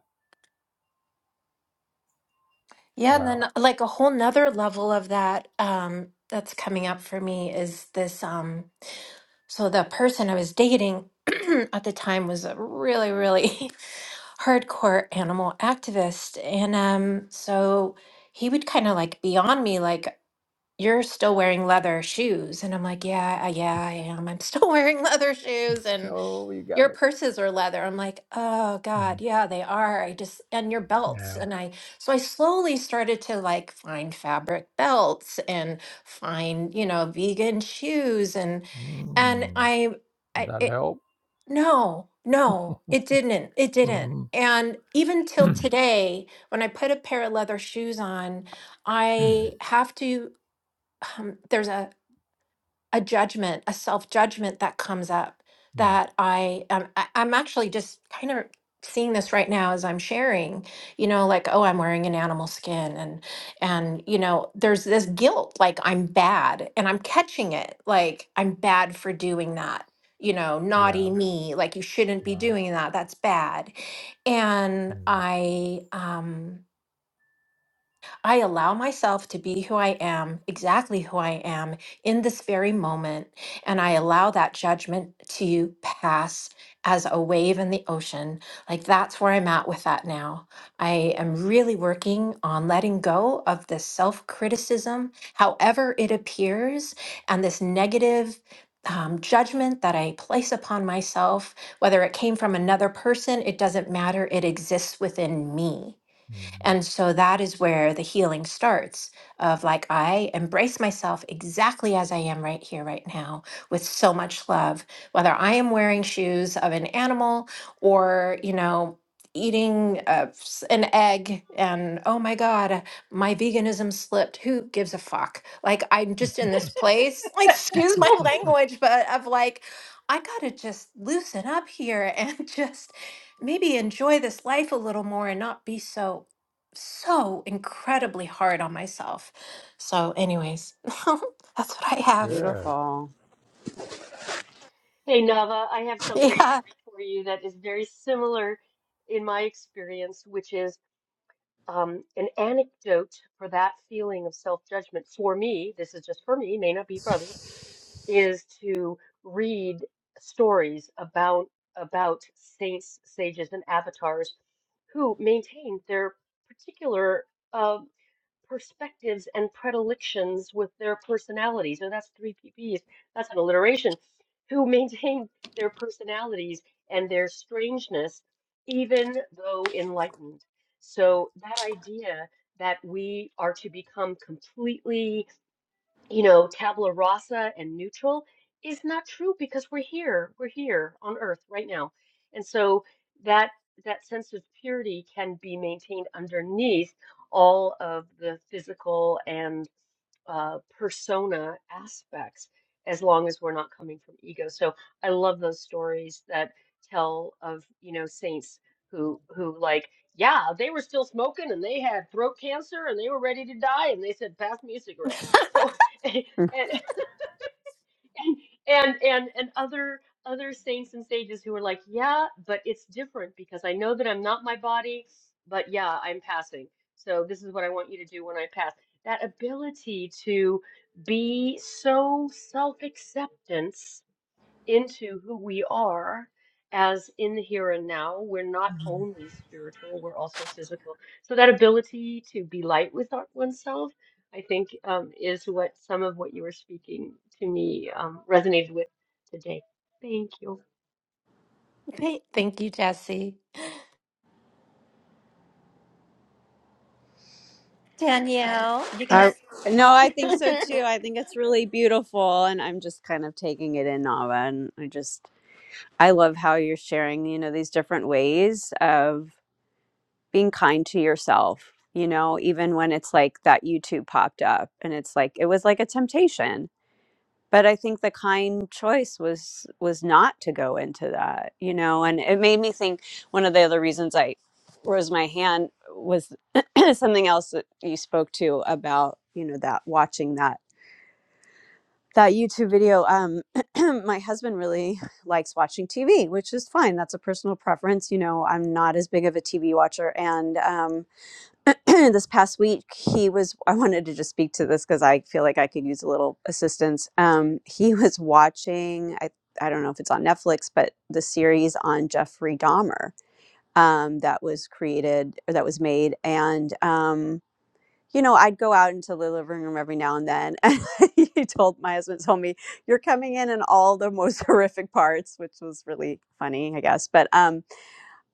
Speaker 6: yeah and
Speaker 1: Wow.
Speaker 6: then like a whole nother level of that um that's coming up for me is this um so the person i was dating at the time was a really really hardcore animal activist and um so he would kind of like be on me like you're still wearing leather shoes and i'm like yeah I- yeah i am i'm still wearing leather shoes and
Speaker 1: Oh, you got
Speaker 6: your
Speaker 1: me.
Speaker 6: purses are leather i'm like oh
Speaker 1: Hmm.
Speaker 6: god yeah they are i just and your belts
Speaker 1: Yeah.
Speaker 6: and i so i slowly started to like find fabric belts and find you know vegan shoes and and
Speaker 1: Mm.
Speaker 6: i
Speaker 1: Did
Speaker 6: I
Speaker 1: that
Speaker 6: it.
Speaker 1: help?
Speaker 6: No, no, it didn't. It didn't.
Speaker 1: Mhm.
Speaker 6: And even till today, when I put a pair of leather shoes on, I have to. Um, there's a a judgment, a self judgment that comes up
Speaker 1: Mm.
Speaker 6: that I um, I- I'm actually just kind of seeing this right now as I'm sharing, you know, like, oh, I'm wearing an animal skin and and you know, there's this guilt, like I'm bad and I'm catching it, like I'm bad for doing that. You know,
Speaker 1: yeah.
Speaker 6: naughty me, like you shouldn't be
Speaker 1: Right.
Speaker 6: doing that. That's bad. And I um I allow myself to be who I am, exactly who I am in this very moment, and I allow that judgment to pass as a wave in the ocean. Like that's where I'm at with that now. I am really working on letting go of this self criticism, however it appears, and this negative. Um, judgment that I place upon myself, whether it came from another person, it doesn't matter. It exists within me.
Speaker 1: Mm.
Speaker 6: And
Speaker 1: Mhm.
Speaker 6: so that is where the healing starts of like, I embrace myself exactly as I am right here, right now, with so much love, whether I am wearing shoes of an animal or, you know, eating uh, s- an egg and oh my god my veganism slipped who gives a fuck like i'm just in this place like excuse my language but of like i gotta just loosen up here and just maybe enjoy this life a little more and not be so so incredibly hard on myself. So, anyways, that's what I have.
Speaker 1: Good.
Speaker 4: Beautiful.
Speaker 5: Hey Nava, I have something
Speaker 6: Yeah.
Speaker 5: for you that is very similar in my experience, which is Um, an anecdote for that feeling of self-judgment for me, this is just for me, may not be for others, is to read stories about about saints, sages, and avatars who maintained their particular uh, perspectives and predilections with their personalities. So that's three P P's. That's an alliteration. Who maintain their personalities and their strangeness, even though enlightened. So that idea that we are to become completely you know, tabula rasa and neutral is not true because we're here, we're here on earth right now. And so that that sense of purity can be maintained underneath all of the physical and uh, persona aspects as long as we're not coming from ego. So I love those stories that tell of, you know, saints who who like, yeah, they were still smoking and they had throat cancer and they were ready to die and they said, pass me a cigarette. So
Speaker 4: Mm.
Speaker 5: and and and and other other saints and sages who are like yeah but it's different because i know that i'm not my body but yeah i'm passing so this is what i want you to do when i pass that ability to be so self-acceptance into who we are as in the here and now. We're not only spiritual, we're also physical. So that ability to be light with our, oneself, I think, um, is what some of what you were speaking to me um, resonated with today. Thank you.
Speaker 6: Th- Thank you, Jesse. Danielle, you can.
Speaker 4: I no, I think so too. I think it's really beautiful, and I'm just kind of taking it in, Nava. And I just I love how you're sharing, you know, these different ways of being kind to yourself. You know, even when it's like that YouTube popped up, and it's like it was like a temptation, but i think the kind choice was was not to go into that you know and it made me think one of the other reasons i rose my hand was something else that you spoke to about you know that watching that that youtube video um my husband really likes watching tv which is fine that's a personal preference you know i'm not as big of a tv watcher and um this past week he was i wanted to just speak to this because i feel like i could use a little assistance um, he was watching I, I don't know if it's on netflix but the series on jeffrey dahmer um, that was created or that was made and um, you know i'd go out into the living room every now and then and he told my husband told me you're coming in in all the most horrific parts which was really funny i guess but um,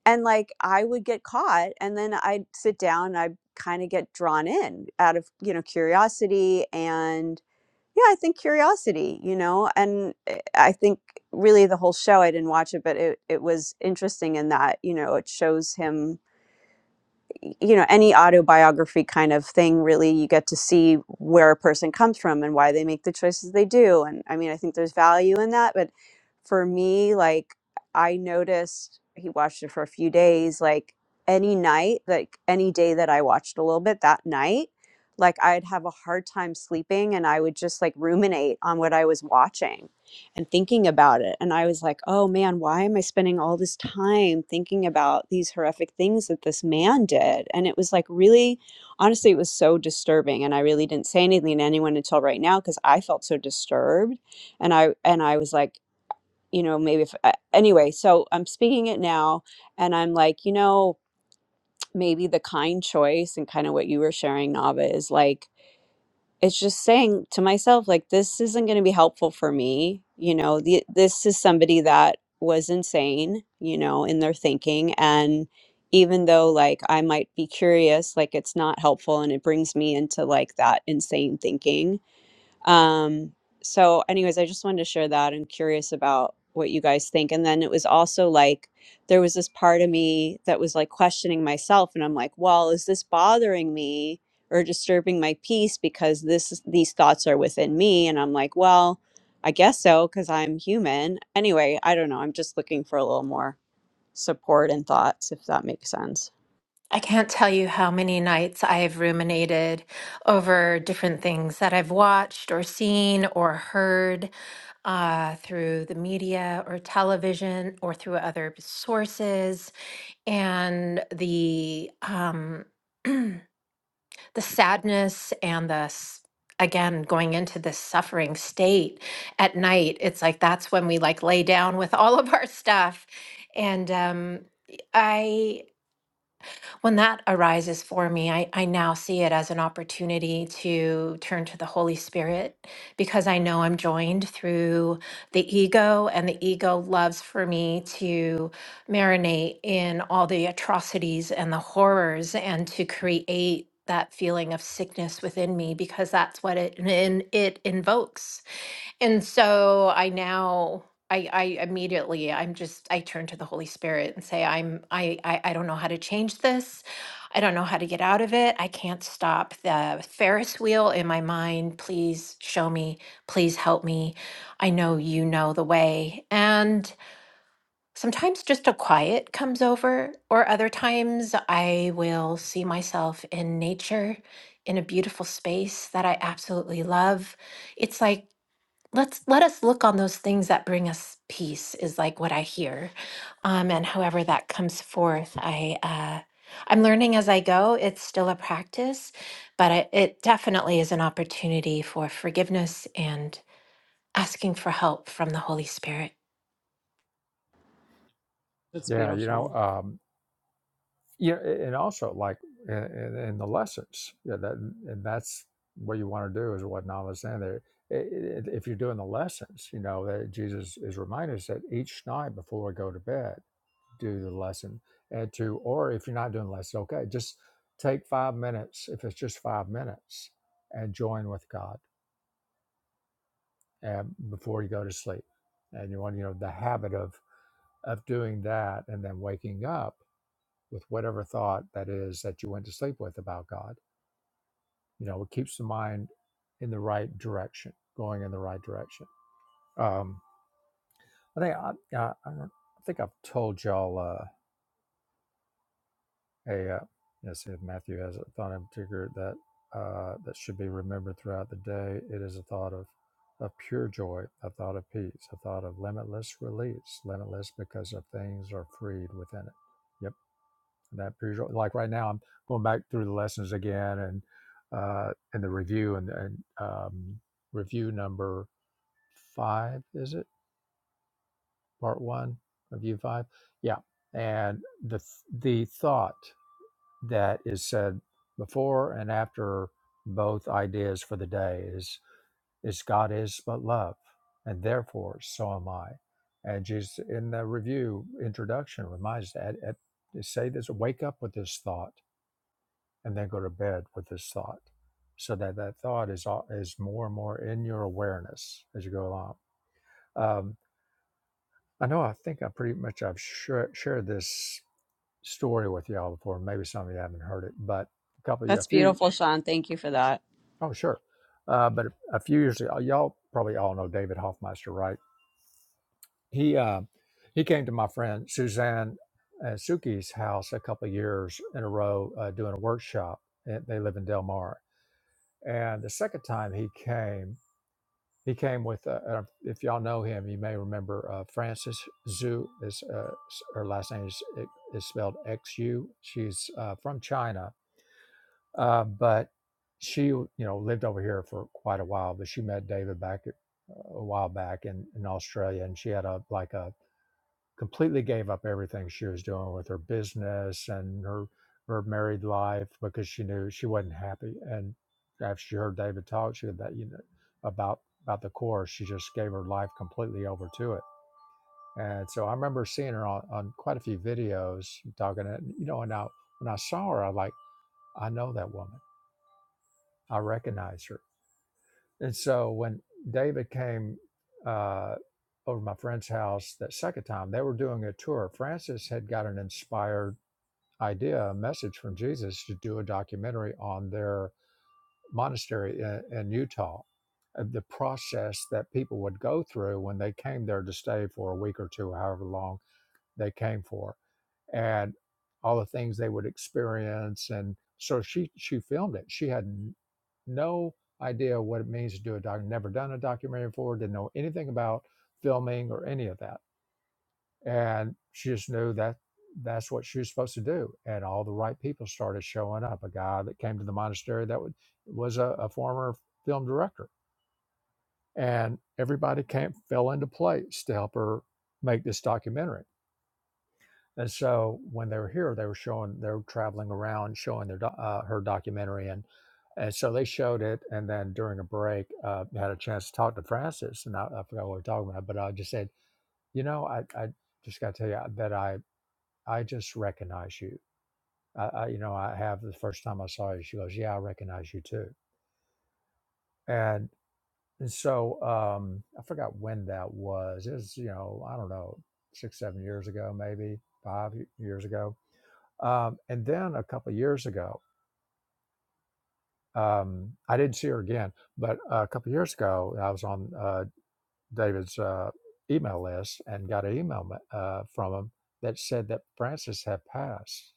Speaker 4: and like i would get caught and then i'd sit down and i'd kind of get drawn in out of you know curiosity and yeah i think curiosity you know and eh, i think really the whole show i didn't watch it but it, it was interesting in that you know it shows him you know any autobiography kind of thing really you get to see where a person comes from and why they make the choices they do and i mean i think there's value in that but for me like i noticed he watched it for a few days like any night like any day that i watched a little bit that night like i'd have a hard time sleeping and i would just like ruminate on what i was watching and thinking about it. And I was like, oh man, why am I spending all this time thinking about these horrific things that this man did? And it was like really, honestly, it was so disturbing. And I really didn't say anything to anyone until right now because I felt so disturbed. And I and I was like, you know, maybe if I, anyway, so I'm speaking it now and I'm like, you know, maybe the kind choice and kind of what you were sharing, Nava, is like it's just saying to myself like this isn't going to be helpful for me you know the, this is somebody that was insane you know in their thinking and even though like i might be curious like it's not helpful and it brings me into like that insane thinking um, so, anyways, I just wanted to share that. I'm curious about what you guys think. And then it was also like there was this part of me that was like questioning myself, and I'm like, well, is this bothering me or disturbing my peace because this is- these thoughts are within me? And I'm like, well, I guess so because I'm human. Anyway, I don't know. I'm just looking for a little more support and thoughts, if that makes sense.
Speaker 6: I can't tell you how many nights I've ruminated over different things that I've watched or seen or heard uh, through the media or television or through other sources. And the um, the sadness and the s- again going into this suffering state at night it's like that's when we like lay down with all of our stuff and um i when that arises for me, I, I now see it as an opportunity to turn to the Holy Spirit because I know I'm joined through the ego, and the ego loves for me to marinate in all the atrocities and the horrors and to create that feeling of sickness within me because that's what it, in, it invokes and so I now I I immediately I'm just I turn to the Holy Spirit and say I'm I I, I don't know how to change this. I don't know how to get out of it. I can't stop the Ferris wheel in my mind. Please show me. Please help me. I know you know the way. And sometimes just a quiet comes over, or other times I will see myself in nature in a beautiful space that I absolutely love. It's like let's let us look on those things that bring us peace is like what i hear um and however that comes forth i uh i'm learning as i go it's still a practice but it, it definitely is an opportunity for forgiveness and asking for help from the holy spirit
Speaker 4: That's
Speaker 1: Yeah. You know.
Speaker 4: beautiful.
Speaker 1: um, you know, and also like in, in in the lessons, you know, that and that's what you want to do is what Nama's saying there. I- i- If you're doing the lessons, you know that Jesus is reminding us that each night before we go to bed, do the lesson, and to or if you're not doing lessons, okay, just take five minutes if it's just five minutes, and join with God and before you go to sleep, and you want you know the habit of of doing that, and then waking up with whatever thought that is that you went to sleep with about God You know, it keeps the mind in the right direction, going in the right direction. Um, I think I, I, I don't- I think I've told y'all uh, a uh, yes, if Matthew has a thought in particular that uh, that should be remembered throughout the day. It is a thought of of pure joy, a thought of peace, a thought of limitless release, limitless because of things are freed within it. Yep, that pure joy. Like right now, I'm going back through the lessons again and uh, and the review and, and um, review number five, is it? Part one, review five. Yeah. And the the thought that is said before and after both ideas for the day is is God is but love, and therefore so am I. And Jesus in the review introduction reminds that at, say this, wake up with this thought, and then go to bed with this thought, so that that thought is al- is more and more in your awareness as you go along Um. I know I think I pretty much I've shar- shared this story with y'all before. Maybe some of you haven't heard it, but a couple of you, a
Speaker 4: That's
Speaker 1: few,
Speaker 4: beautiful, Sean. Thank you for that.
Speaker 1: oh sure, uh, but a few years ago, y'all probably all know David Hoffmeister, right? He uh, he came to my friend Suzanne uh, Suki's house a couple of years in a row uh, doing a workshop. And They live in Del Mar, and the second time he came, He came with, uh, uh, if y'all know him, you may remember uh, Frances Zhu. Is uh, her last name is is spelled X U. She's uh, from China, uh, but she you know lived over here for quite a while. But she met David back at, a while back in, in Australia, and she had a like a completely gave up everything she was doing with her business and her her married life because she knew she wasn't happy. And after she heard David talk, she had that you know about about the course, she just gave her life completely over to it. And so I remember seeing her on, on quite a few videos talking. And you know, and I when I saw her, I like I know that woman. I recognize her and so when David came uh, over to my friend's house that second time, they were doing a tour. Francis had got an inspired idea, a message from Jesus to do a documentary on their monastery in, in Utah, of the process that people would go through when they came there to stay for a week or two, however long they came for and all the things they would experience. And so she she filmed it. She had no idea what it means to do a doc. Never done a documentary before. Didn't know anything about filming or any of that. And she just knew that that's what she was supposed to do. And all the right people started showing up. A guy that came to the monastery that would, was a, a former film director, and everybody came fell into place to help her make this documentary and so when they were here, they were showing, they were traveling around showing their, doc- uh, her documentary. And, and so they showed it. And then during a break, uh, I had a chance to talk to Francis and I, I forgot what we were talking about, but I just said, you know, I, I just got to tell you that I, I just recognize you. I, I, you know, I have the first time I saw you, she goes, yeah, I recognize you too. And, and so, um, I forgot when that was. It was, you know, I don't know, six, seven years ago, maybe five y- years ago Um, and then a couple of years ago, um, I didn't see her again, but a couple of years ago, I was on uh, David's uh, email list and got an email uh, from him that said that Frances had passed.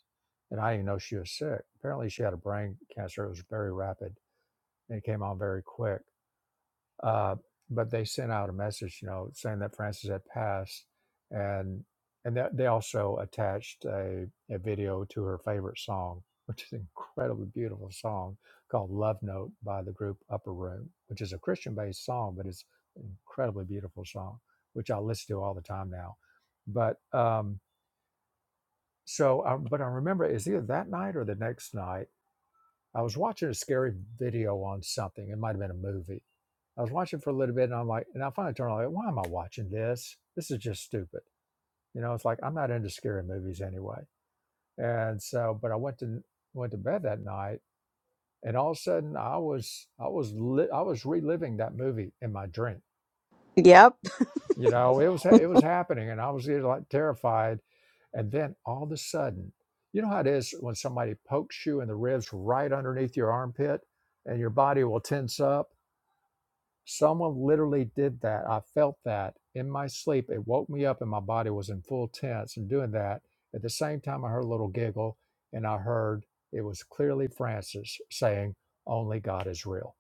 Speaker 1: And I didn't know she was sick. Apparently, she had a brain cancer. It was very rapid and it came on very quick. Uh, but they sent out a message, you know, saying that Francis had passed, and and that they also attached a, a video to her favorite song, which is an incredibly beautiful song called "Love Note" by the group Upper Room, which is a Christian-based song, but it's an incredibly beautiful song, which I listen to all the time now. But um, so, I, but I remember it's either that night or the next night I was watching a scary video on something. It might have been a movie. I was watching for a little bit and I'm like, and I finally turned on, like, why am I watching this? This is just stupid. You know, it's like, I'm not into scary movies anyway. And so, but I went to, went to bed that night and all of a sudden I was, I was, li- I was reliving that movie in my dream
Speaker 4: Yep.
Speaker 1: You know, it was it was happening, and I was either like terrified, and then all of a sudden, you know how it is when somebody pokes you in the ribs right underneath your armpit, and your body will tense up. Someone literally did that. I felt that in my sleep. It woke me up, and my body was in full tense and doing that. At the same time, I heard a little giggle, and I heard it was clearly Frances saying, "Only God is real."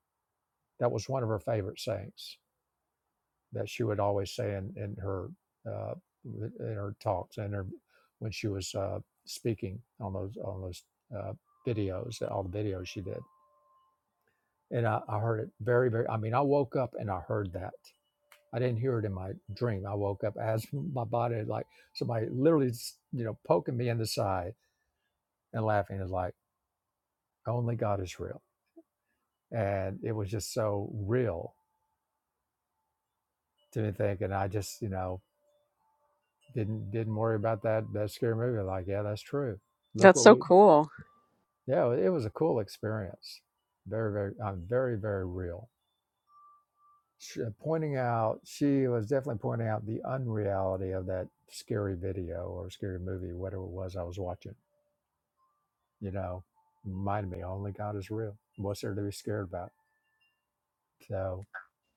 Speaker 1: That was one of her favorite sayings that she would always say in, in her uh, in her talks and her when she was uh, speaking on those on those uh, videos, all the videos she did. And I, I heard it very, very. I mean, I woke up and I heard that. I didn't hear it in my dream. I woke up as my body like somebody literally, you know, poking me in the side and laughing is like only God is real, and it was just so real to me thinking. I just, you know, Didn't didn't worry about that that scary movie. Like, yeah, that's true. Look
Speaker 4: That's
Speaker 1: what
Speaker 4: so
Speaker 1: we.
Speaker 4: cool.
Speaker 1: Yeah, it was a cool experience. Very very um, very very real. Sh uh, pointing out, she was definitely pointing out the unreality of that scary video or scary movie, whatever it was I was watching. You know, reminded me only God is real. What's there to be scared about? So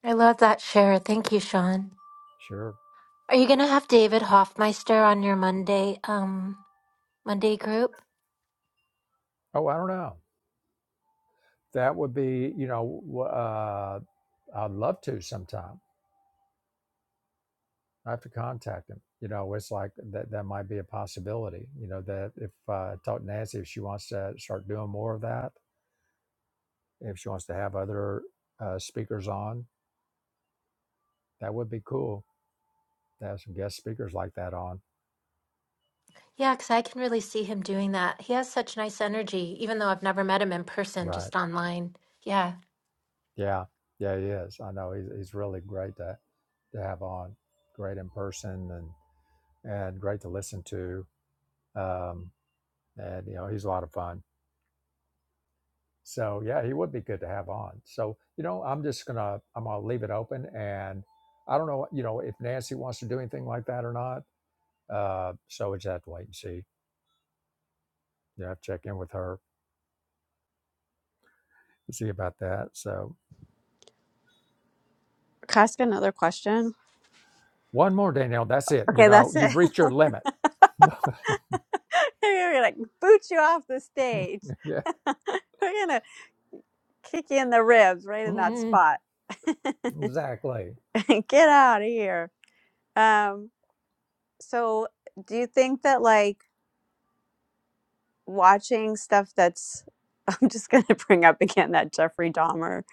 Speaker 6: i love that share thank you sean
Speaker 1: sure.
Speaker 6: are you gonna have david hoffmeister on your monday um monday group
Speaker 1: Oh, I don't know. That would be you know. w- Uh, I'd love to sometime I have to contact him. You know, it's like that that might be a possibility. You know, that if uh, I talk to Nancy, if she wants to start doing more of that, if she wants to have other uh, speakers on, that would be cool to have some guest speakers like that on.
Speaker 6: Yeah, because I can really see him doing that. He has such nice energy, even though I've never met him in person,
Speaker 1: Right.
Speaker 6: just online. Yeah.
Speaker 1: Yeah. Yeah, he is. I know he's, he's really great to, to have on. Great in person and, and great to listen to. Um, and, you know, he's a lot of fun. So yeah, he would be good to have on. So you know, I'm just gonna I'm gonna leave it open, and I don't know you know if Nancy wants to do anything like that or not. Uh, so we just have to wait and see. You have to check in with her to see about that. So
Speaker 4: Can I ask another question?
Speaker 1: one more, Danielle. That's it. You
Speaker 4: Okay,
Speaker 1: know,
Speaker 4: that's it.
Speaker 1: you've reached your limit.
Speaker 4: We're gonna boot you off the stage.
Speaker 1: yeah,
Speaker 4: We're gonna kick you in the ribs right in that
Speaker 1: Mhm.
Speaker 4: spot.
Speaker 1: exactly.
Speaker 4: Get out of here. Um, so do you think that like watching stuff that's I'm just gonna bring up again that Jeffrey Dahmer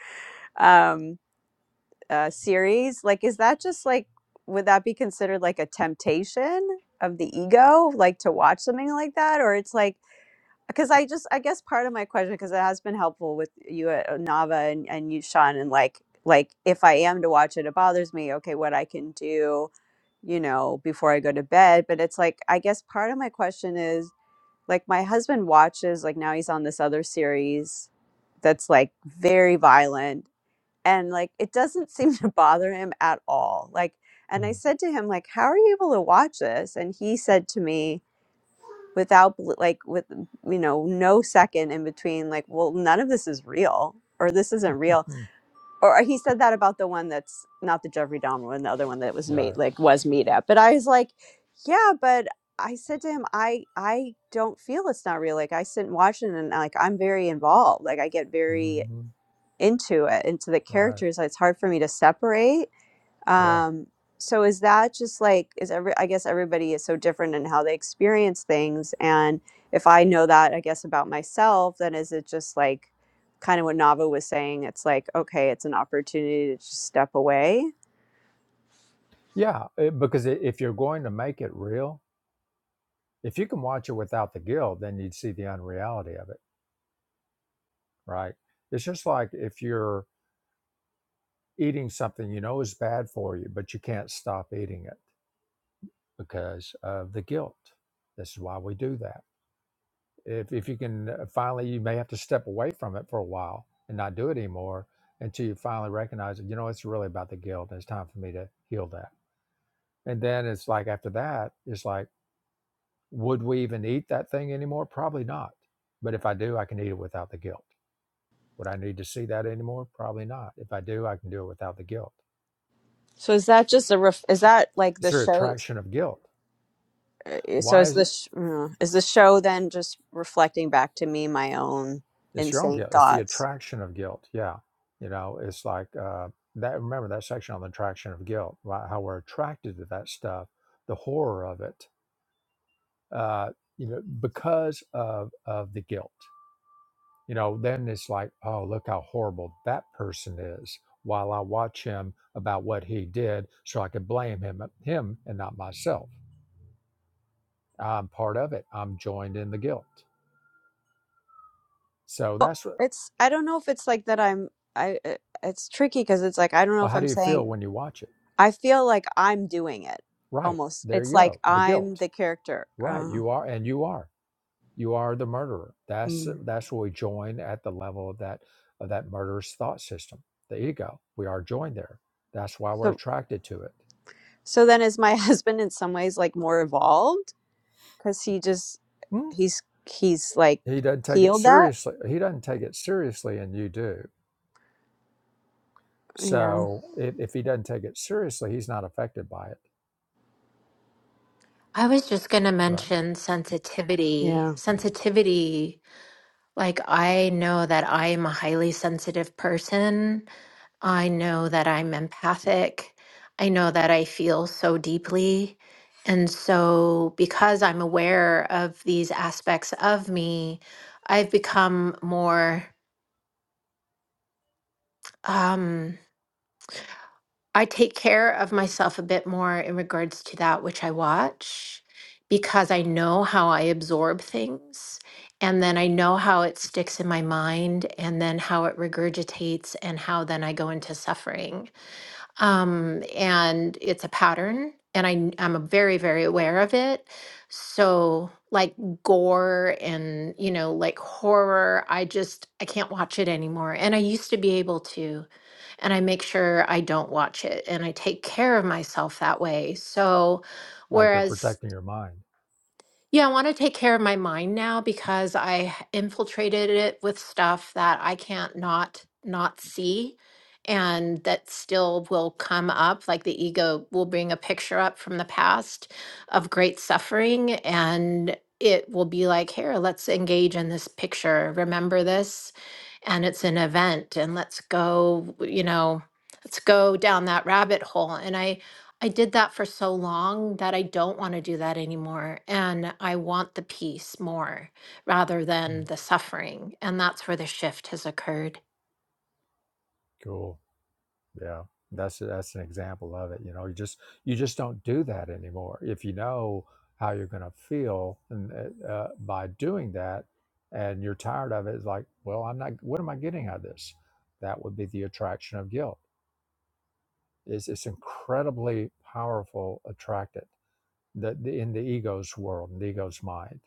Speaker 4: um uh series, like is that just like would that be considered like a temptation of the ego, like to watch something like that? Or it's like because I just I guess part of my question because it has been helpful with you uh, uh, Nava and, and you Sean and like like if I am to watch it it bothers me okay what I can do you know before I go to bed but it's like I guess part of my question is like my husband watches like now he's on this other series that's like very violent and like it doesn't seem to bother him at all like and I
Speaker 1: Mhm.
Speaker 4: said to him like how are you able to watch this and he said to me without bl- like with you know no second in between like well none of this is real or this isn't real or uh, he said that about the one that's not the jeffrey dahmer one the other one that was made
Speaker 1: right.
Speaker 4: like was made up but i was like yeah but i said to him i i don't feel it's not real like i sit and watch it and like i'm very involved like i get very
Speaker 1: hmm
Speaker 4: into it into the
Speaker 1: Right.
Speaker 4: characters like, it's hard for me to separate
Speaker 1: Yeah.
Speaker 4: um, so is that just like is every I guess everybody is so different in how they experience things and if I know that I guess about myself, then is it just like kind of what Nava was saying, it's like okay, it's an opportunity to just step away.
Speaker 1: Yeah. it- because i if you're going to make it real, if you can watch it without the guilt, then you'd see the unreality of it right? It's just like if you're eating something you know is bad for you, but you can't stop eating it because of the guilt. This is why we do that. If, if you can uh, finally, you may have to step away from it for a while and not do it anymore until you finally recognize that, you know, it's really about the guilt. And it's time for me to heal that. And then it's like after that, it's like, would we even eat that thing anymore? Probably not. But if I do, I can eat it without the guilt. Would I need to see that anymore? Probably not. If I do, I can do it without the guilt
Speaker 4: So is that just a ref- is that like the
Speaker 1: It's your
Speaker 4: show?
Speaker 1: attraction of guilt.
Speaker 4: uh, So
Speaker 1: Why
Speaker 4: is
Speaker 1: is it?
Speaker 4: this uh, is the show then just reflecting back to me my own
Speaker 1: It's your own
Speaker 4: insane
Speaker 1: guilt. It's the
Speaker 4: thoughts?
Speaker 1: attraction of guilt. Yeah. You know, it's like uh, that. Remember that section on the attraction of guilt, why- how we're attracted to that stuff, the horror of it, uh, you know, because of, of the guilt. You know, then it's like, oh, look how horrible that person is while I watch him about what he did so I could blame him, uh, him and not myself. I'm part of it. I'm joined in the guilt. So
Speaker 4: Oh,
Speaker 1: that's what,
Speaker 4: it's I don't know if it's like that. I'm I. uh, It's tricky because it's like I don't know
Speaker 1: well,
Speaker 4: if
Speaker 1: how
Speaker 4: I'm
Speaker 1: do you
Speaker 4: saying.
Speaker 1: feel when you watch it?
Speaker 4: I feel like I'm doing it
Speaker 1: Right.
Speaker 4: almost.
Speaker 1: There
Speaker 4: It's
Speaker 1: you
Speaker 4: like
Speaker 1: go. The
Speaker 4: I'm
Speaker 1: guilt.
Speaker 4: the character.
Speaker 1: Right.
Speaker 4: Uh,
Speaker 1: You are, and you are. You are the murderer. That's
Speaker 4: mm.
Speaker 1: that's where we join at the level of that of that murderous thought system, the ego. We are joined there. That's why we're
Speaker 4: So
Speaker 1: attracted to it.
Speaker 4: so then is my husband in some ways like more evolved because he just
Speaker 1: Hmm?
Speaker 4: he's he's like
Speaker 1: He doesn't take it
Speaker 4: healed that.
Speaker 1: seriously. He doesn't take it seriously, and you do.
Speaker 4: Yeah,
Speaker 1: So if, if he doesn't take it seriously, he's not affected by it.
Speaker 6: I was just going to
Speaker 1: Right.
Speaker 6: mention sensitivity.
Speaker 4: yeah,
Speaker 6: Sensitivity, like, I know that I am a highly sensitive person. I know that I'm empathic. I know that I feel so deeply. And so, because I'm aware of these aspects of me, I've become more. Um, I take care of myself a bit more in regards to that which I watch because I know how I absorb things and then I know how it sticks in my mind and then how it regurgitates and how then I go into suffering. Um, and it's a pattern and I, I'm very, very aware of it. So like gore and, you know, like horror, I just, I can't watch it anymore. And I used to be able to and I make sure I don't watch it and I take care of myself that way. So,
Speaker 1: Like you're
Speaker 6: whereas
Speaker 1: protecting your mind.
Speaker 6: yeah, I want to take care of my mind now because I infiltrated it with stuff that I can't not not see and that still will come up like the ego will bring a picture up from the past of great suffering and it will be like, "Here, let's engage in this picture. Remember this and it's an event and let's go, you know, let's go down that rabbit hole." And I I did that for so long that I don't want to do that anymore. And I want the peace more rather
Speaker 1: Hmm.
Speaker 6: than the suffering. And that's where the shift has occurred.
Speaker 1: Cool. Yeah, that's that's an example of it. You know, you just you just don't do that anymore. If you know how you're going to feel and, uh, uh, by doing that, and you're tired of it, it's like, well, I'm not. What am I getting out of this? That would be the attraction of guilt. It's, it's incredibly powerful. Attracted the, the in the ego's world, in the ego's mind,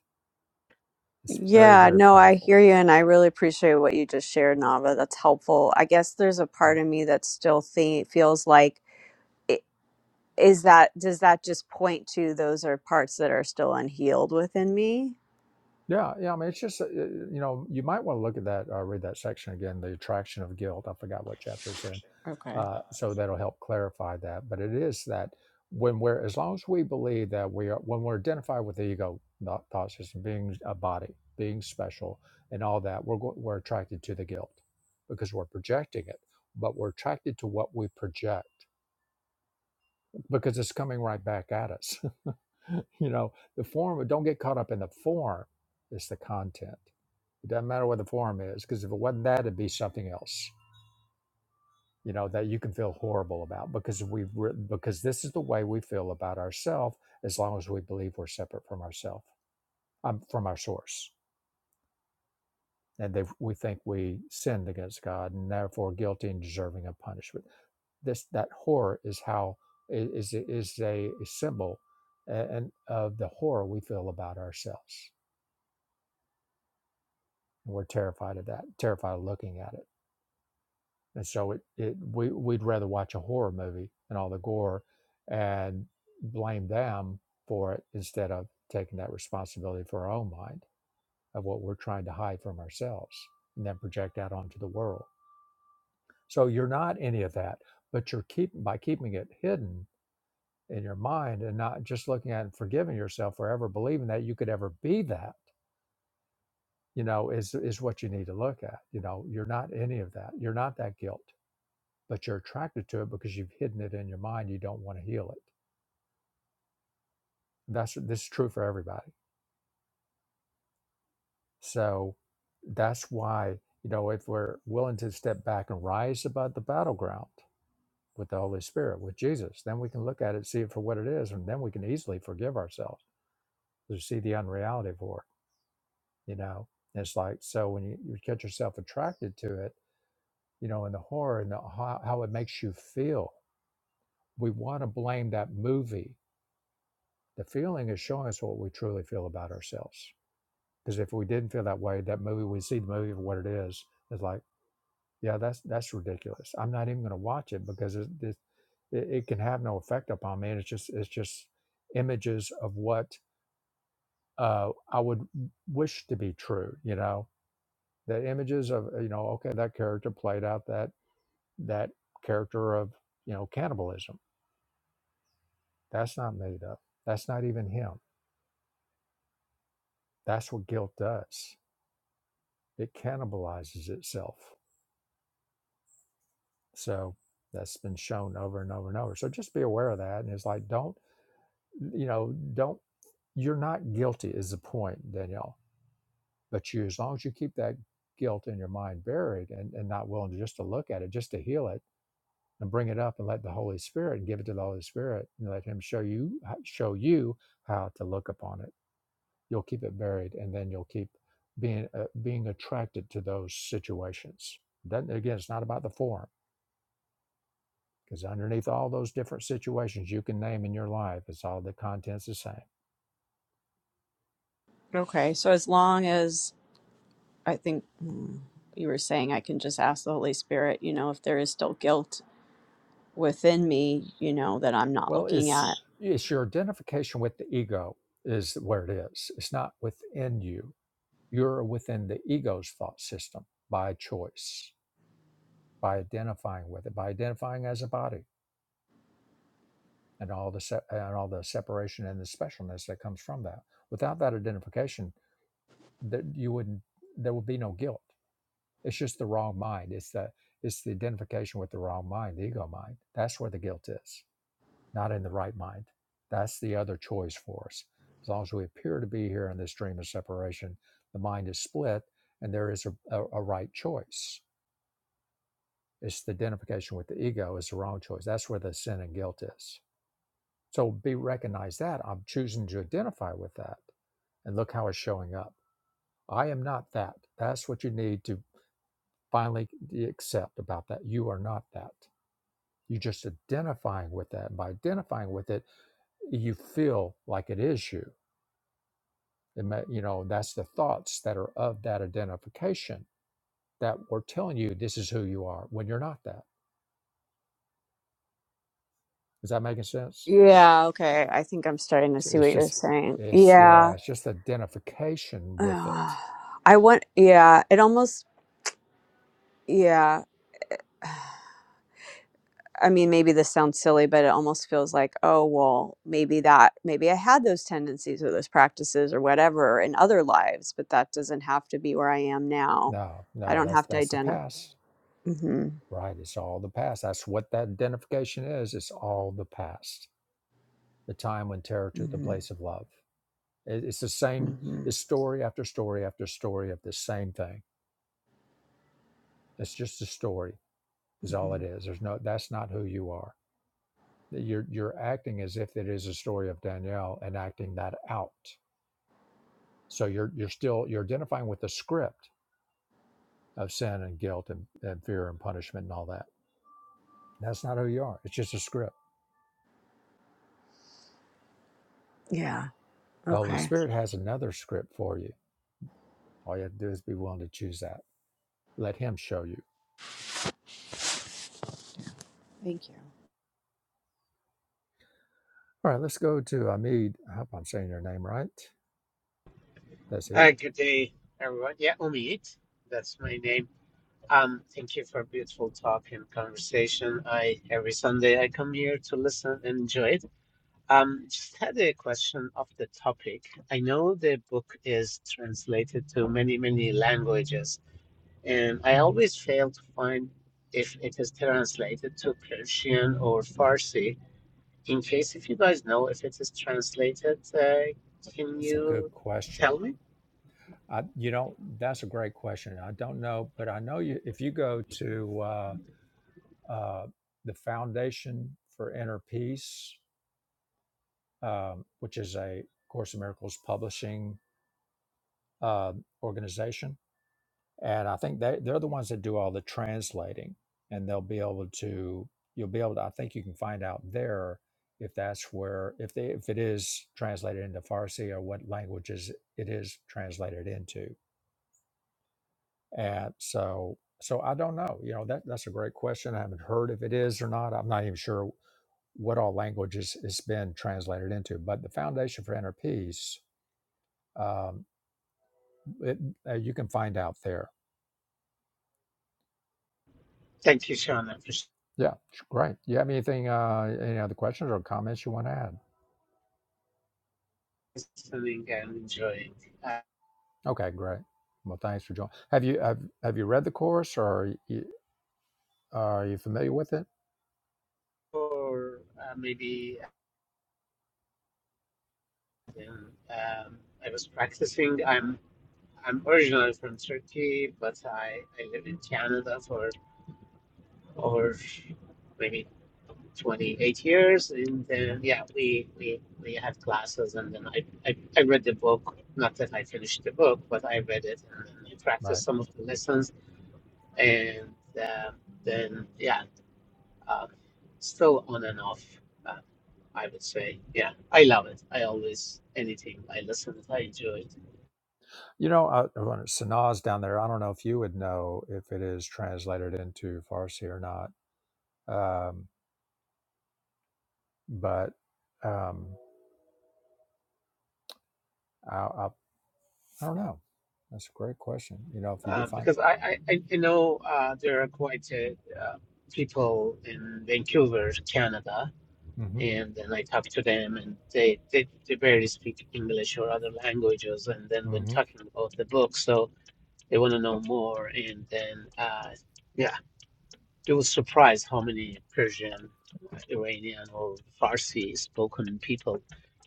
Speaker 1: it's very
Speaker 4: yeah.
Speaker 1: very
Speaker 4: No, I
Speaker 1: powerful.
Speaker 4: hear you, and I really appreciate what you just shared, Nava. That's helpful. I guess there's a
Speaker 1: yeah.
Speaker 4: part of me that still think feels like. i- Is that does that just point to those are parts that are still unhealed within me?
Speaker 1: Yeah, yeah. I mean, it's just uh, you know, you might want to look at that, uh, read that section again, the attraction of guilt. I forgot what chapter it's in,
Speaker 4: Okay.
Speaker 1: uh, so that'll help clarify that. But it is that when we're, as long as we believe that we are, when we're identified with the ego thought thought system, being a body, being special, and all that, we're go- we're attracted to the guilt because we're projecting it, but we're attracted to what we project because it's coming right back at us. you know, the form. Don't get caught up in the form; it's the content it doesn't matter what the form is, because if it wasn't that, it'd be something else. You know that you can feel horrible about because we re- because this is the way we feel about ourselves as long as we believe we're separate from ourselves, um, from our source, and they, we think we sinned against God and therefore guilty and deserving of punishment. This that horror is how is is is a symbol, a- and of the horror we feel about ourselves, and we're terrified of that, terrified of looking at it and so it, it we, we'd rather watch a horror movie and all the gore and blame them for it instead of taking that responsibility for our own mind of what we're trying to hide from ourselves and then project out onto the world so you're not any of that but you're keep by keeping it hidden in your mind and not just looking at it and forgiving yourself for ever believing that you could ever be that you know is is what you need to look at you know you're not any of that you're not that guilt but you're attracted to it because you've hidden it in your mind. You don't want to heal it. That's this is true for everybody. So that's why you know if we're willing to step back and rise above the battleground with the Holy Spirit, with Jesus, then we can look at it, see it for what it is, and then we can easily forgive ourselves. We see the unreality of horror. You know, And it's like so when you, you get yourself attracted to it, you know, and the horror and the, how, how it makes you feel. We want to blame that movie The feeling is showing us what we truly feel about ourselves. Because if we didn't feel that way, that movie, we see the movie for what it is, it's like, yeah, that's that's ridiculous. I'm not even going to watch it because it, it, it can have no effect upon me. And it's just it's just images of what uh, I would wish to be true. You know, the images of you know, okay, that character played out that that character of you know cannibalism. That's not made up. That's not even him. That's what guilt does it cannibalizes itself. So that's been shown over and over and over. So just be aware of that. And it's like, don't, you know, don't, you're not guilty is the point, Danielle. But you, as long as you keep that guilt in your mind buried and, and not willing to just to look at it, just to heal it and bring it up and let the Holy Spirit and give it to the Holy Spirit and let him show you, show you how to look upon it. You'll keep it buried and then you'll keep being, uh, being attracted to those situations. Then again, it's not about the form Because underneath all those different situations you can name in your life, it's all the content's the same.
Speaker 4: Okay, so as long as I think mm, you were saying I can just ask the Holy Spirit, you know, if there is still guilt within me, you know, that I'm not
Speaker 1: Well,
Speaker 4: looking
Speaker 1: it's
Speaker 4: at.
Speaker 1: it's your identification with the ego is where it is. It's not within you. You're within the ego's thought system by choice, by identifying with it, by identifying as a body, and all the se- and all the separation and the specialness that comes from that. Without that identification, that you wouldn't there would be no guilt It's just the wrong mind. It's the it's the identification with the wrong mind, the ego mind. That's where the guilt is, not in the right mind. That's the other choice for us. As long as we appear to be here in this dream of separation, the mind is split, and there is a, a, a right choice. It's the identification with the ego is the wrong choice. That's where the sin and guilt is. So be recognize that I'm choosing to identify with that, and look how it's showing up. I am not that. That's what you need to finally accept about that. You are not that. You're just identifying with that. By identifying with it, you feel like it is you. It ma- you know, that's the thoughts that are of that identification that were telling you this is who you are when you're not that. Is that making sense?
Speaker 4: Yeah, okay. I think I'm starting to
Speaker 1: So
Speaker 4: see
Speaker 1: It's
Speaker 4: what you're
Speaker 1: just,
Speaker 4: saying.
Speaker 1: it's yeah,
Speaker 4: Yeah.
Speaker 1: it's just identification with
Speaker 4: Ugh.
Speaker 1: it.
Speaker 4: I want, yeah, it almost, yeah. I mean, maybe this sounds silly, but it almost feels like, oh, well, maybe that, maybe I had those tendencies or those practices or whatever in other lives, but that doesn't have to be where I am now.
Speaker 1: No,
Speaker 4: I
Speaker 1: no,
Speaker 4: don't
Speaker 1: that's
Speaker 4: have to
Speaker 1: that's the
Speaker 4: identify.
Speaker 1: past,
Speaker 4: Mm-hmm.
Speaker 1: right? It's all the past. That's what that identification is. It's all the past. The time when terror took the
Speaker 4: Mm-hmm.
Speaker 1: place of love. It- It's the same
Speaker 4: Mm-hmm.
Speaker 1: it's story after story after story of the same thing. It's just a story, is all
Speaker 4: hmm
Speaker 1: it is. There's no that's not who you are. You're you're acting as if it is a story of Danielle and acting that out. So you're you're still you're identifying with the script of sin and guilt and, and fear and punishment and all that. That's not who you are. It's just a script.
Speaker 4: Yeah.
Speaker 1: The Holy
Speaker 4: Okay.
Speaker 1: Spirit has another script for you. All you have to do is be willing to choose that. Let Him show you.
Speaker 4: Thank you.
Speaker 1: All right, let's go to Amid. I hope I'm saying your name right. That's it.
Speaker 7: Uh, good day, everyone. Yeah, Omid, that's my name. Um, thank you for a beautiful talk and conversation. I every Sunday I come here to listen and enjoy it. Um, just had a question of the topic. I know the book is translated to many, many languages, and I always fail to find if it is translated to Persian or Farsi. In case if you guys know if it is translated, uh, can
Speaker 1: That's a good
Speaker 7: you tell
Speaker 1: question.
Speaker 7: me?
Speaker 1: I, you know, that's a great question. I don't know, but I know you. If you go to uh, uh, the Foundation for Inner Peace, um, which is a Course in Miracles publishing uh, organization, and I think they they're the ones that do all the translating, and they'll be able to you'll be able to I think you can find out there if that's where if they if it is translated into Farsi or what languages it is translated into, and so so I don't know you know that that's a great question I haven't heard if it is or not I'm not even sure what all languages it's been translated into, but the Foundation for Inner Peace um, it, uh, you can find out there
Speaker 7: Thank you, Sean. I appreciate
Speaker 1: Yeah, sh- great. You have anything, uh, any other questions or comments you want to add?
Speaker 7: listening and enjoying. Uh,
Speaker 1: Okay, great. Well, thanks for joining. Have you have, have you read the course or are you, are you familiar with it?
Speaker 7: or uh, maybe um, um, I was practicing. I'm I'm originally from Turkey, but I, I live in Canada for over maybe 28 years. And then,
Speaker 1: Mhm.
Speaker 7: yeah, we, we, we had classes, and then I, I, I read the book. Not that I finished the book, but I read it and then I practiced
Speaker 1: Right.
Speaker 7: some of the lessons. And um then, yeah. Uh, still on and off, uh, I would say. Yeah, I love it. I always, anything I listen to, I enjoy it.
Speaker 1: You know, uh, Sanaz down there. I don't know if you would know if it is translated into Farsi or not, um, but um, I, I, I don't know. That's a great question. You know, if you do
Speaker 7: Uh,
Speaker 1: find,
Speaker 7: because I, I, I I know uh, there are quite a, uh, people in Vancouver, Canada,
Speaker 1: hmm
Speaker 7: and then I talk to them, and they, they, they barely speak English or other languages. And then when
Speaker 1: hmm
Speaker 7: talking about the book, so they want to know more. And then, uh, yeah. It was surprised how many Persian, Iranian, or Farsi spoken people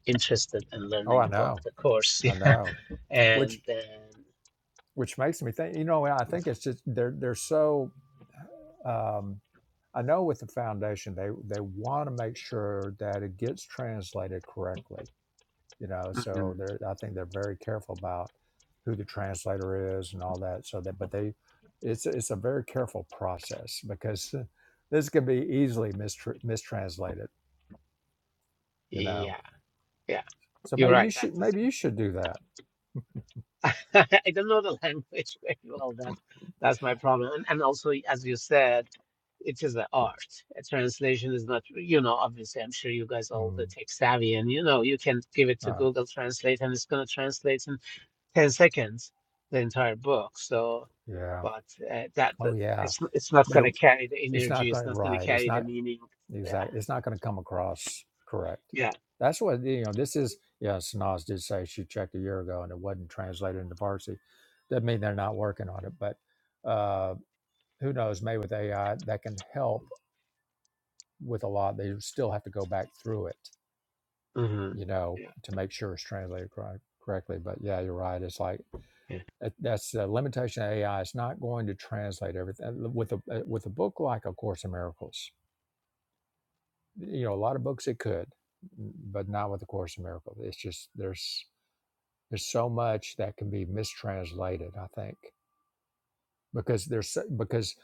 Speaker 7: interested in
Speaker 1: oh,
Speaker 7: learning
Speaker 1: I
Speaker 7: about
Speaker 1: know,
Speaker 7: the course.
Speaker 1: I
Speaker 7: Yeah.
Speaker 1: know.
Speaker 7: And
Speaker 1: Which
Speaker 7: then,
Speaker 1: which makes me think. You know, I think it's just they're they're so Um, I know with the foundation, they they want to make sure that it gets translated correctly. You know, so
Speaker 7: Mhm.
Speaker 1: they're I think they're very careful about who the translator is and all that. So that, but they, it's it's a very careful process because this can be easily mistr mistranslated. You know,
Speaker 7: yeah, yeah,
Speaker 1: so
Speaker 7: you're
Speaker 1: maybe
Speaker 7: right.
Speaker 1: you should
Speaker 7: That's just,
Speaker 1: maybe you should do that.
Speaker 7: I don't know the language very well.
Speaker 1: Mm.
Speaker 7: That's that's my problem. And, and also, as you said, it is an art. A translation is not, you know, obviously, I'm sure you guys are all the
Speaker 1: mm,
Speaker 7: tech savvy and you know, you can give it to
Speaker 1: Uh,
Speaker 7: Google Translate and it's going to translate in 10 seconds the entire book so
Speaker 1: yeah.
Speaker 7: but uh, that,
Speaker 1: Oh
Speaker 7: that
Speaker 1: yeah.
Speaker 7: it's it's not
Speaker 1: But
Speaker 7: going
Speaker 1: it,
Speaker 7: to carry the
Speaker 1: it's
Speaker 7: energy
Speaker 1: not
Speaker 7: it's
Speaker 1: going to
Speaker 7: not going to
Speaker 1: right. It's
Speaker 7: carry
Speaker 1: not.
Speaker 7: the meaning yeah
Speaker 1: Exactly. It's not going to come across correct.
Speaker 7: yeah
Speaker 1: That's what, you know, this is, yes, Nas did say she checked a year ago and it wasn't translated into Farsi. Doesn't mean they're not working on it, but uh, who knows? Maybe with AI, that can help with a lot. They still have to go back through it,
Speaker 7: hmm
Speaker 1: you know,
Speaker 7: yeah
Speaker 1: to make sure it's translated correct, correctly. But yeah, you're right. It's like,
Speaker 7: yeah
Speaker 1: that- that's the limitation of AI. It's not going to translate everything. With a, uh, with a book like A Course in Miracles, you know a lot of books it could mm, but not with the course in miracles it's just there's there's so much that can be mistranslated i think because there's so- because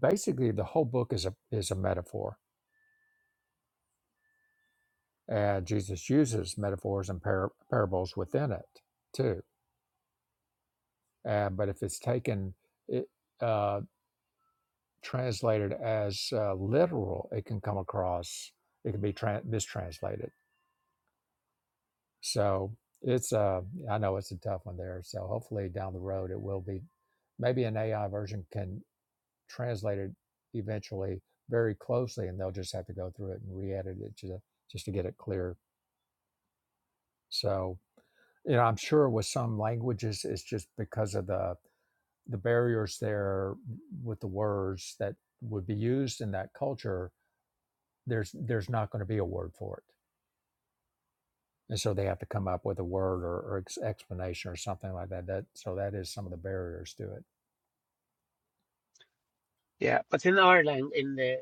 Speaker 1: basically the whole book is a is a metaphor and jesus uses metaphors and par- parables within it too uh, but if it's taken it uh, translated as uh, literal it can come across it can be tran mistranslated So it's uh I know it's a tough one there. So hopefully down the road it will be maybe an AI version can translate it eventually very closely and they'll just have to go through it and re-edit it just, just to get it clear. So you know I'm sure with some languages it's just because of the the barriers there with the words that would be used in that culture there's there's not going to be a word for it and so they have to come up with a word or, or ex- explanation or something like that. That so that is some of the barriers to it.
Speaker 7: yeah but in our language in the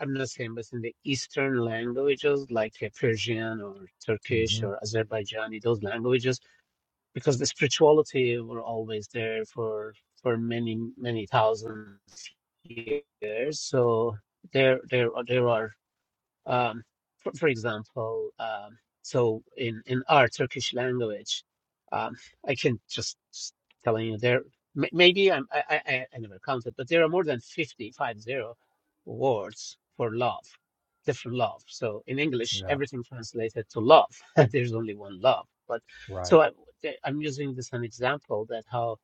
Speaker 7: i'm not saying but in the eastern languages like uh, persian or turkish
Speaker 1: hmm
Speaker 7: or azerbaijani those languages because the spirituality were always there for for many many thousand years so there there are- there are Um, for, for example, um, so in, in our Turkish language, um, I can just just telling you there. may- Maybe I'm, I, I I I never counted, but there are more than fifty five zero words for love, different love. So in English,
Speaker 1: Yeah,
Speaker 7: everything translated to love. There's only one love. But
Speaker 1: right.
Speaker 7: so I, I'm using this as an example that how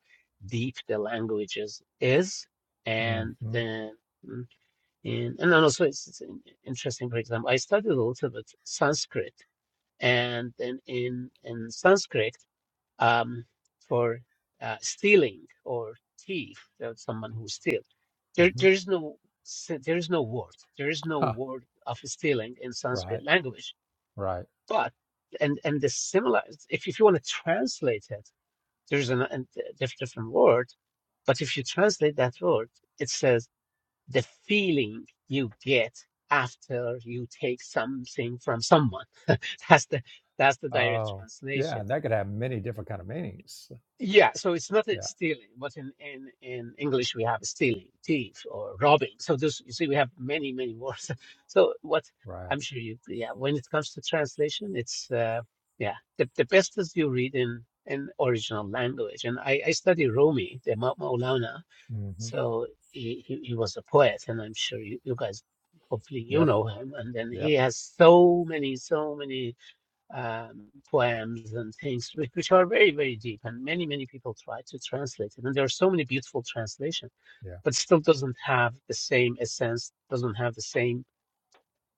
Speaker 7: deep the language is, is
Speaker 1: hmm
Speaker 7: and then. And, and then also it's, it's interesting, for example, I studied a little bit Sanskrit and then in, in Sanskrit, um, for uh, stealing or thief, that's someone who steals, there,
Speaker 1: hmm
Speaker 7: there is no, s- there is no word, there is no
Speaker 1: Huh.
Speaker 7: word of stealing in Sanskrit
Speaker 1: Right.
Speaker 7: language,
Speaker 1: Right.
Speaker 7: but, and, and the similar, if, if you want to translate it, there's an, a diff- different word, but if you translate that word, it says the feeling you get after you take something from someone. that's the that's the direct
Speaker 1: Oh, yeah.
Speaker 7: translation.
Speaker 1: That could have many different kind of meanings.
Speaker 7: Yeah, so it's not a
Speaker 1: Yeah.
Speaker 7: stealing, but in, in, in English we have stealing, thief, or robbing. So this you see we have many many words. So what
Speaker 1: Right.
Speaker 7: I'm sure you yeah when it comes to translation it's uh, yeah the, the best is you read in in original language. And I, I study Rumi, the Ma- Maulana,
Speaker 1: hmm
Speaker 7: so he, he, he was a poet, and I'm sure you, you guys, hopefully you
Speaker 1: Yep.
Speaker 7: know him. And then he
Speaker 1: Yep.
Speaker 7: has so many, so many um, poems and things which, which are very, very deep, and many, many people try to translate it. And there are so many beautiful translations,
Speaker 1: Yeah.
Speaker 7: but still doesn't have the same essence, doesn't have the same,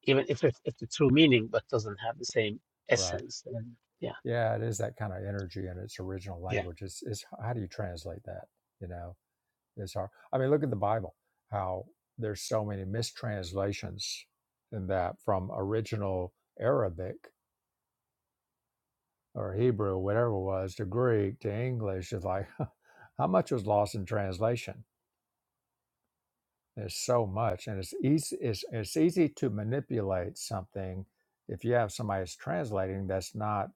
Speaker 7: even if it, if the true meaning, but doesn't have the same
Speaker 1: Right.
Speaker 7: essence. And yeah,
Speaker 1: Yeah. It is that kind of energy in its original
Speaker 7: yeah,
Speaker 1: language. It's, it's how do you translate that? You know. It's hard. I mean, look at the Bible, how there's so many mistranslations in that from original Arabic or Hebrew, whatever it was, to Greek to English. It's like how much was lost in translation? There's so much, and it's easy. It's, it's easy to manipulate something if you have somebody that's translating that's not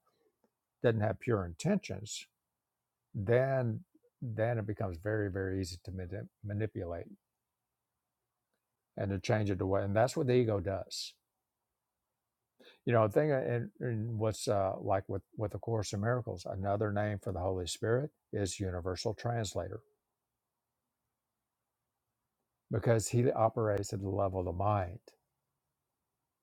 Speaker 1: doesn't have pure intentions. Then then it becomes very very easy to manip- manipulate and to change it away, and that's what the ego does You know, the thing uh, and, and what's uh, like with with the Course in Miracles, another name for the Holy Spirit is Universal Translator because he operates at the level of the mind.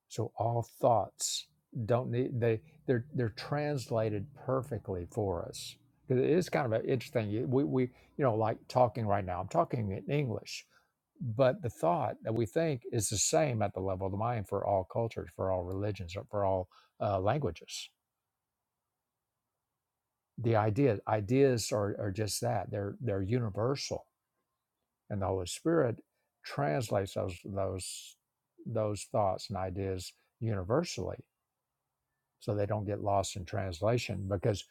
Speaker 1: So all thoughts don't need they they're they're translated perfectly for us. 'Cause It is kind of an interesting. you- We we you know like talking right now. I'm talking in English, but the thought that we think is the same at the level of the mind for all cultures, for all religions, or for all uh, languages the idea ideas are, are just that they're they're universal and the holy spirit translates those those those thoughts and ideas universally so they don't get lost in translation because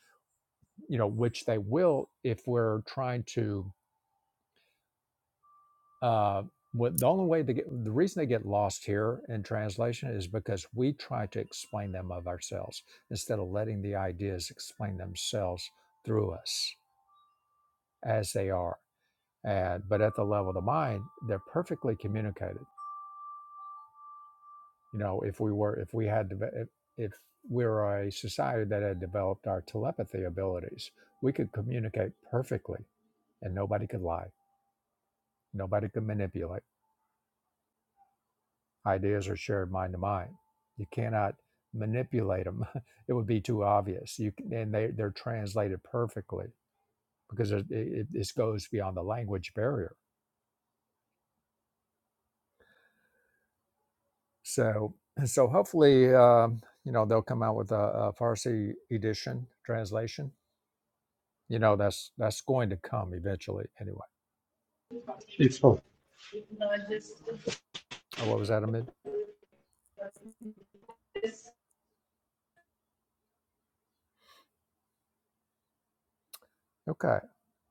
Speaker 1: you know which they will if we're trying to uh what the only way they get the reason they get lost here in translation is because we try to explain them of ourselves instead of letting the ideas explain themselves through us as they are and but at the level of the mind they're perfectly communicated you know if we were if we had if, if we were a society that had developed our telepathy abilities we could communicate perfectly and nobody could lie nobody could manipulate ideas are shared mind to mind you cannot manipulate them it would be too obvious you c- and they they're translated perfectly because it, it, it goes beyond the language barrier So, so hopefully, um, you know, they'll come out with a, a Farsi edition translation. You know, that's that's going to come eventually, anyway.
Speaker 7: it's all
Speaker 1: Oh, what was that, Amid? Okay.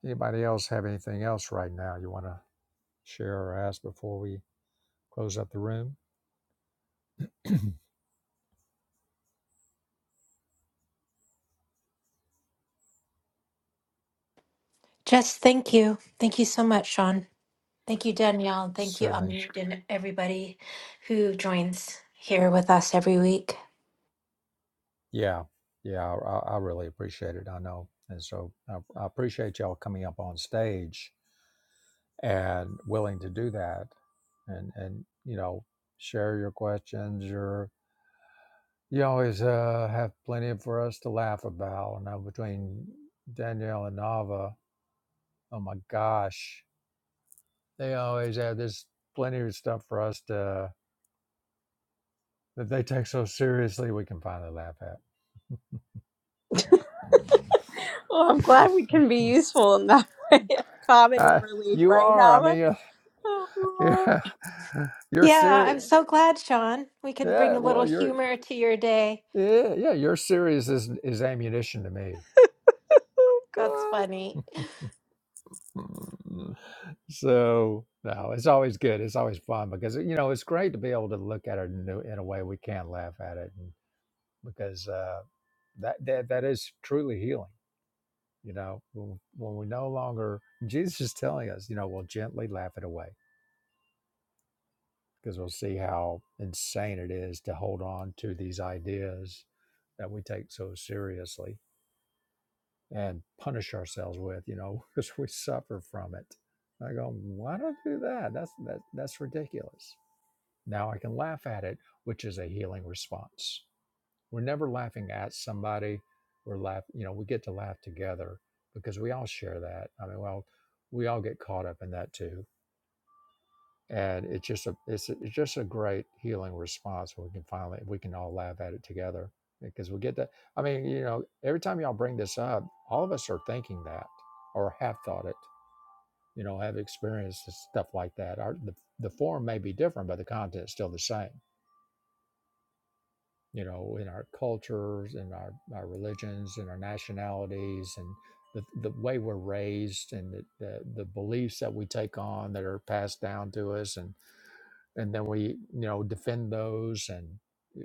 Speaker 1: Anybody else have anything else right now you want to share or ask before we close up the room?
Speaker 6: Jess, thank you. Thank you so much, Sean. Thank you, Danielle. and Thank you,
Speaker 1: Certainly.
Speaker 6: Amit, and everybody who joins here with us every week.
Speaker 1: Yeah. Yeah. I, I I really appreciate it. I know. And so I, I appreciate y'all coming up on stage and willing to do that and, and, you know, share your questions, your You always uh, have plenty for us to laugh about. Now between Danielle and Nava, oh my gosh, they always have this plenty of stuff for us to that they take so seriously. We can finally laugh at.
Speaker 4: Well, I'm
Speaker 1: Mm.
Speaker 4: glad we can be useful in that way. Comedy
Speaker 1: Uh,
Speaker 4: relief,
Speaker 1: you
Speaker 4: right,
Speaker 1: are. I mean,
Speaker 4: Nava?
Speaker 1: you're you're,
Speaker 4: Oh,
Speaker 1: you're
Speaker 6: Yeah,
Speaker 1: serious.
Speaker 6: I'm so glad, Sean. We can bring
Speaker 1: Yeah.
Speaker 6: a
Speaker 1: Well,
Speaker 6: little
Speaker 1: you're
Speaker 6: humor to your day.
Speaker 1: yeah yeah. Your series is is ammunition to
Speaker 6: That's
Speaker 4: God.
Speaker 6: funny.
Speaker 1: me. so no, it's always good. It's always fun because you know it's great to be able to look at it in a, in a way we can laugh at it, and because uh, that that that is truly healing. You know, when, when we no longer Jesus is telling us, you know, we'll gently laugh it away because we'll see how insane it is to hold on to these ideas that we take so seriously and punish ourselves with, you know, because we suffer from it. I go, why do I do that? That's that, that's ridiculous. Now I can laugh at it, which is a healing response. We're never laughing at somebody. We're laugh, you know, we get to laugh together because we all share that. I mean, well, we all get caught up in that too and it's just a it's, it's just a great healing response when we can finally we can all laugh at it together because we get that i mean you know every time y'all bring this up all of us are thinking that or have thought it you know have experienced stuff like that our the, the form may be different but the content's still the same you know in our cultures in our, our religions in our nationalities and the, the way we're raised and the, the, the beliefs that we take on that are passed down to us and and then we you know defend those and i-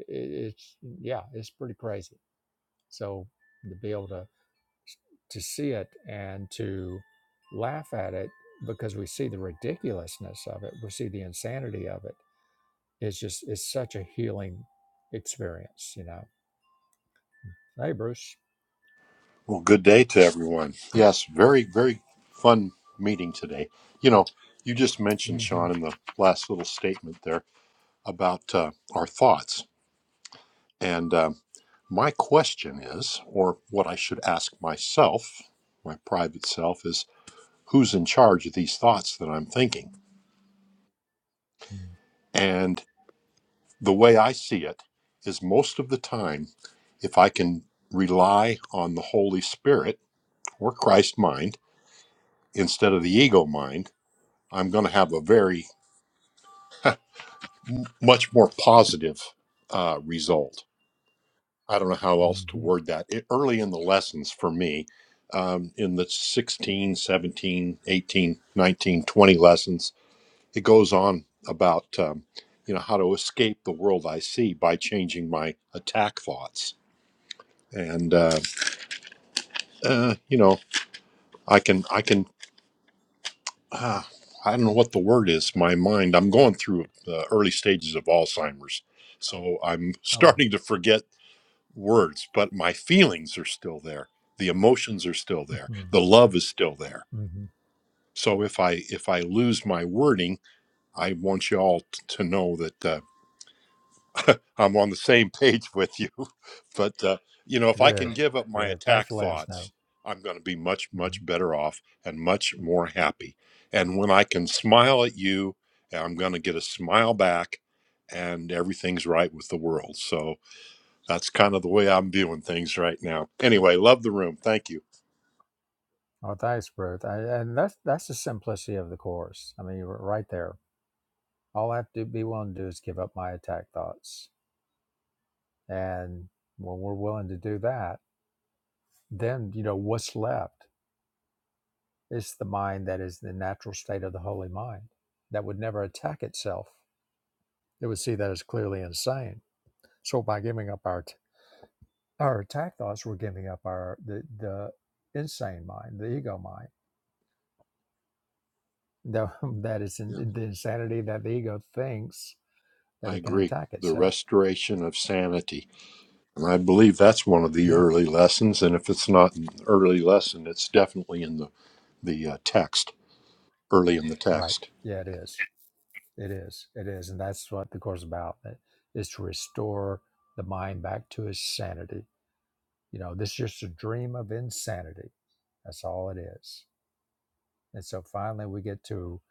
Speaker 1: it's yeah it's pretty crazy so to be able to to see it and to laugh at it because we see the ridiculousness of it we see the insanity of it it's just it's such a healing experience you know hey bruce
Speaker 8: Well, good day to everyone. Yes, very, very fun meeting today. You know, you just mentioned,
Speaker 1: mm-hmm.
Speaker 8: Sean, in the last little statement there about uh, our thoughts. And uh, my question is, or what I should ask myself, my private self, is who's in charge of these thoughts that I'm thinking? And the way I see it is most of the time, if I can rely on the Holy Spirit or Christ mind instead of the ego mind, I'm going to have a very much more positive uh, result. I don't know how else to
Speaker 1: Mm-hmm.
Speaker 8: word that. It, early in the lessons for me, um, in the 16, 17, 18, 19, 20 lessons, it goes on about um, you know how to escape the world I see by changing my attack thoughts, and uh, uh, you know I can I can. Uh, I don't know what the word is. My mind. I'm going through the early stages of Alzheimer's, so I'm
Speaker 1: oh
Speaker 8: starting to forget words, but my feelings are still there. The emotions are still there. The love is still there.
Speaker 1: hmm
Speaker 8: So if I if I lose my wording, I want you all t- to know that uh, I'm on the same page with you. But uh, you know, if I
Speaker 1: good
Speaker 8: can give up my
Speaker 1: good thanks
Speaker 8: attack
Speaker 1: for letting us know
Speaker 8: thoughts, I'm going to be much much better off and much more happy. And when I can smile at you, I'm going to get a smile back, and everything's right with the world. So That's kind of the way I'm viewing things right now. Anyway, love the room. Thank you.
Speaker 1: Oh, thanks, Ruth. I, and that's that's the simplicity of the course. I mean, you right there. All I have to be willing to do is give up my attack thoughts, and when we're willing to do that, then you know what's left is the mind that is the natural state of the holy mind that would never attack itself. It would see that as clearly insane. So by giving up our t- our attack thoughts, we're giving up our the the insane mind, the ego mind. The, that is in,
Speaker 8: Yeah,
Speaker 1: the insanity that the ego thinks that
Speaker 8: I
Speaker 1: it can
Speaker 8: agree.
Speaker 1: attack
Speaker 8: The
Speaker 1: itself.
Speaker 8: restoration of sanity. And I believe that's one of the
Speaker 1: Yeah,
Speaker 8: early lessons. And if it's not an early lesson, it's definitely in the, the uh, text, early in the
Speaker 1: right.
Speaker 8: text.
Speaker 1: Yeah, it is. It is. It is. And that's what the course is about eh, is to restore the mind back to its sanity. You know, this is just a dream of insanity. That's all it is. And so finally we get to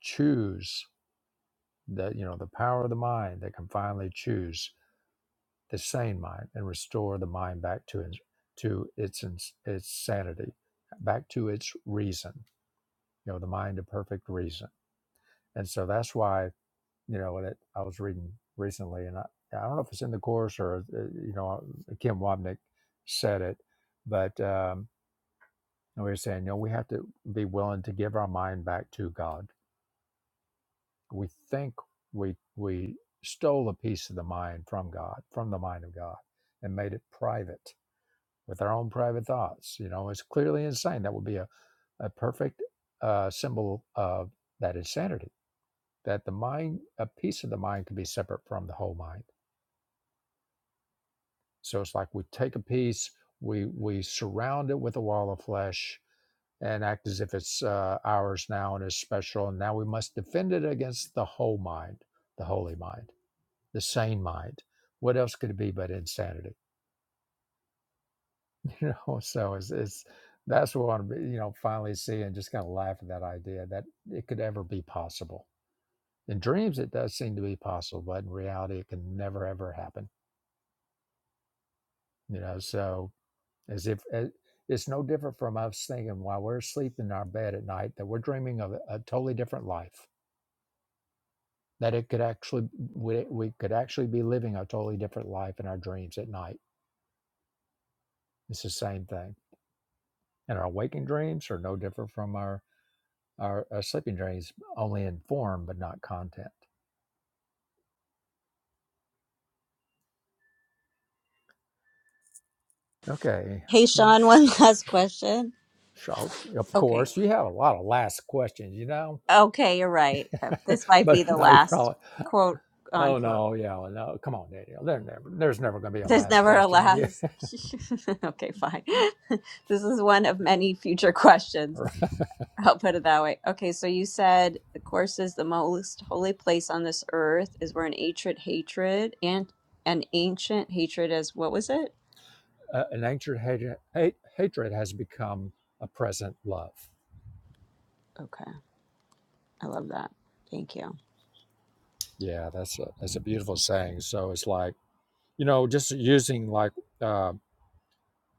Speaker 1: choose the, you know, the power of the mind that can finally choose the sane mind and restore the mind back to its to its ins- its sanity, back to its reason. You know, the mind of perfect reason. And so that's why you know that I was reading recently, and I, I don't know if it's in the course or uh, you know uh, Kim Wobnick said it, but um, we were saying you know we have to be willing to give our mind back to God. We think we we stole a piece of the mind from God, from the mind of God, and made it private with our own private thoughts. You know, it's clearly insane. That would be a a perfect uh, symbol of that insanity. That the mind, a piece of the mind, can be separate from the whole mind So it's like we take a piece, we we surround it with a wall of flesh, and act as if it's uh, ours now and is special. And now we must defend it against the whole mind, the holy mind, the sane mind. What else could it be but insanity? You know. So it's it's that's what I want to be, you know finally see and just kind of laugh at that idea that it could ever be possible. In dreams, it does seem to be possible, but in reality, it can never ever happen. You know. So as if uh, it's no different from us thinking while we're asleep in our bed at night that we're dreaming of a a totally different life that it could actually we, we could actually be living a totally different life in our dreams at night it's the same thing and our waking dreams are no different from our our, our sleeping dreams only in form but not content okay
Speaker 4: Hey,
Speaker 1: Mm,
Speaker 4: Sean, one last question.
Speaker 1: so of
Speaker 4: Okay.
Speaker 1: course you have a lot of last questions you know
Speaker 4: Okay, you're right. Uh, This might
Speaker 1: but
Speaker 4: be the
Speaker 1: no you're
Speaker 4: last
Speaker 1: all
Speaker 4: quote
Speaker 1: oh
Speaker 4: unquote.
Speaker 1: no yeah no come on daniel there never, there's never going to be a
Speaker 4: There's
Speaker 1: last
Speaker 4: never a
Speaker 1: question with you
Speaker 4: last. okay, fine. this is one of many future questions.
Speaker 1: Or
Speaker 4: I'll put it that way. Okay, so you said the course says the most holy place on this earth is where an ancient hatred and an ancient hatred is what was it?
Speaker 1: uh, an ancient hatred, hate, hatred has become a present love.
Speaker 4: Okay, I love that. Thank you.
Speaker 1: Yeah, that's a, that's a beautiful saying. So it's like you know, just using like uh,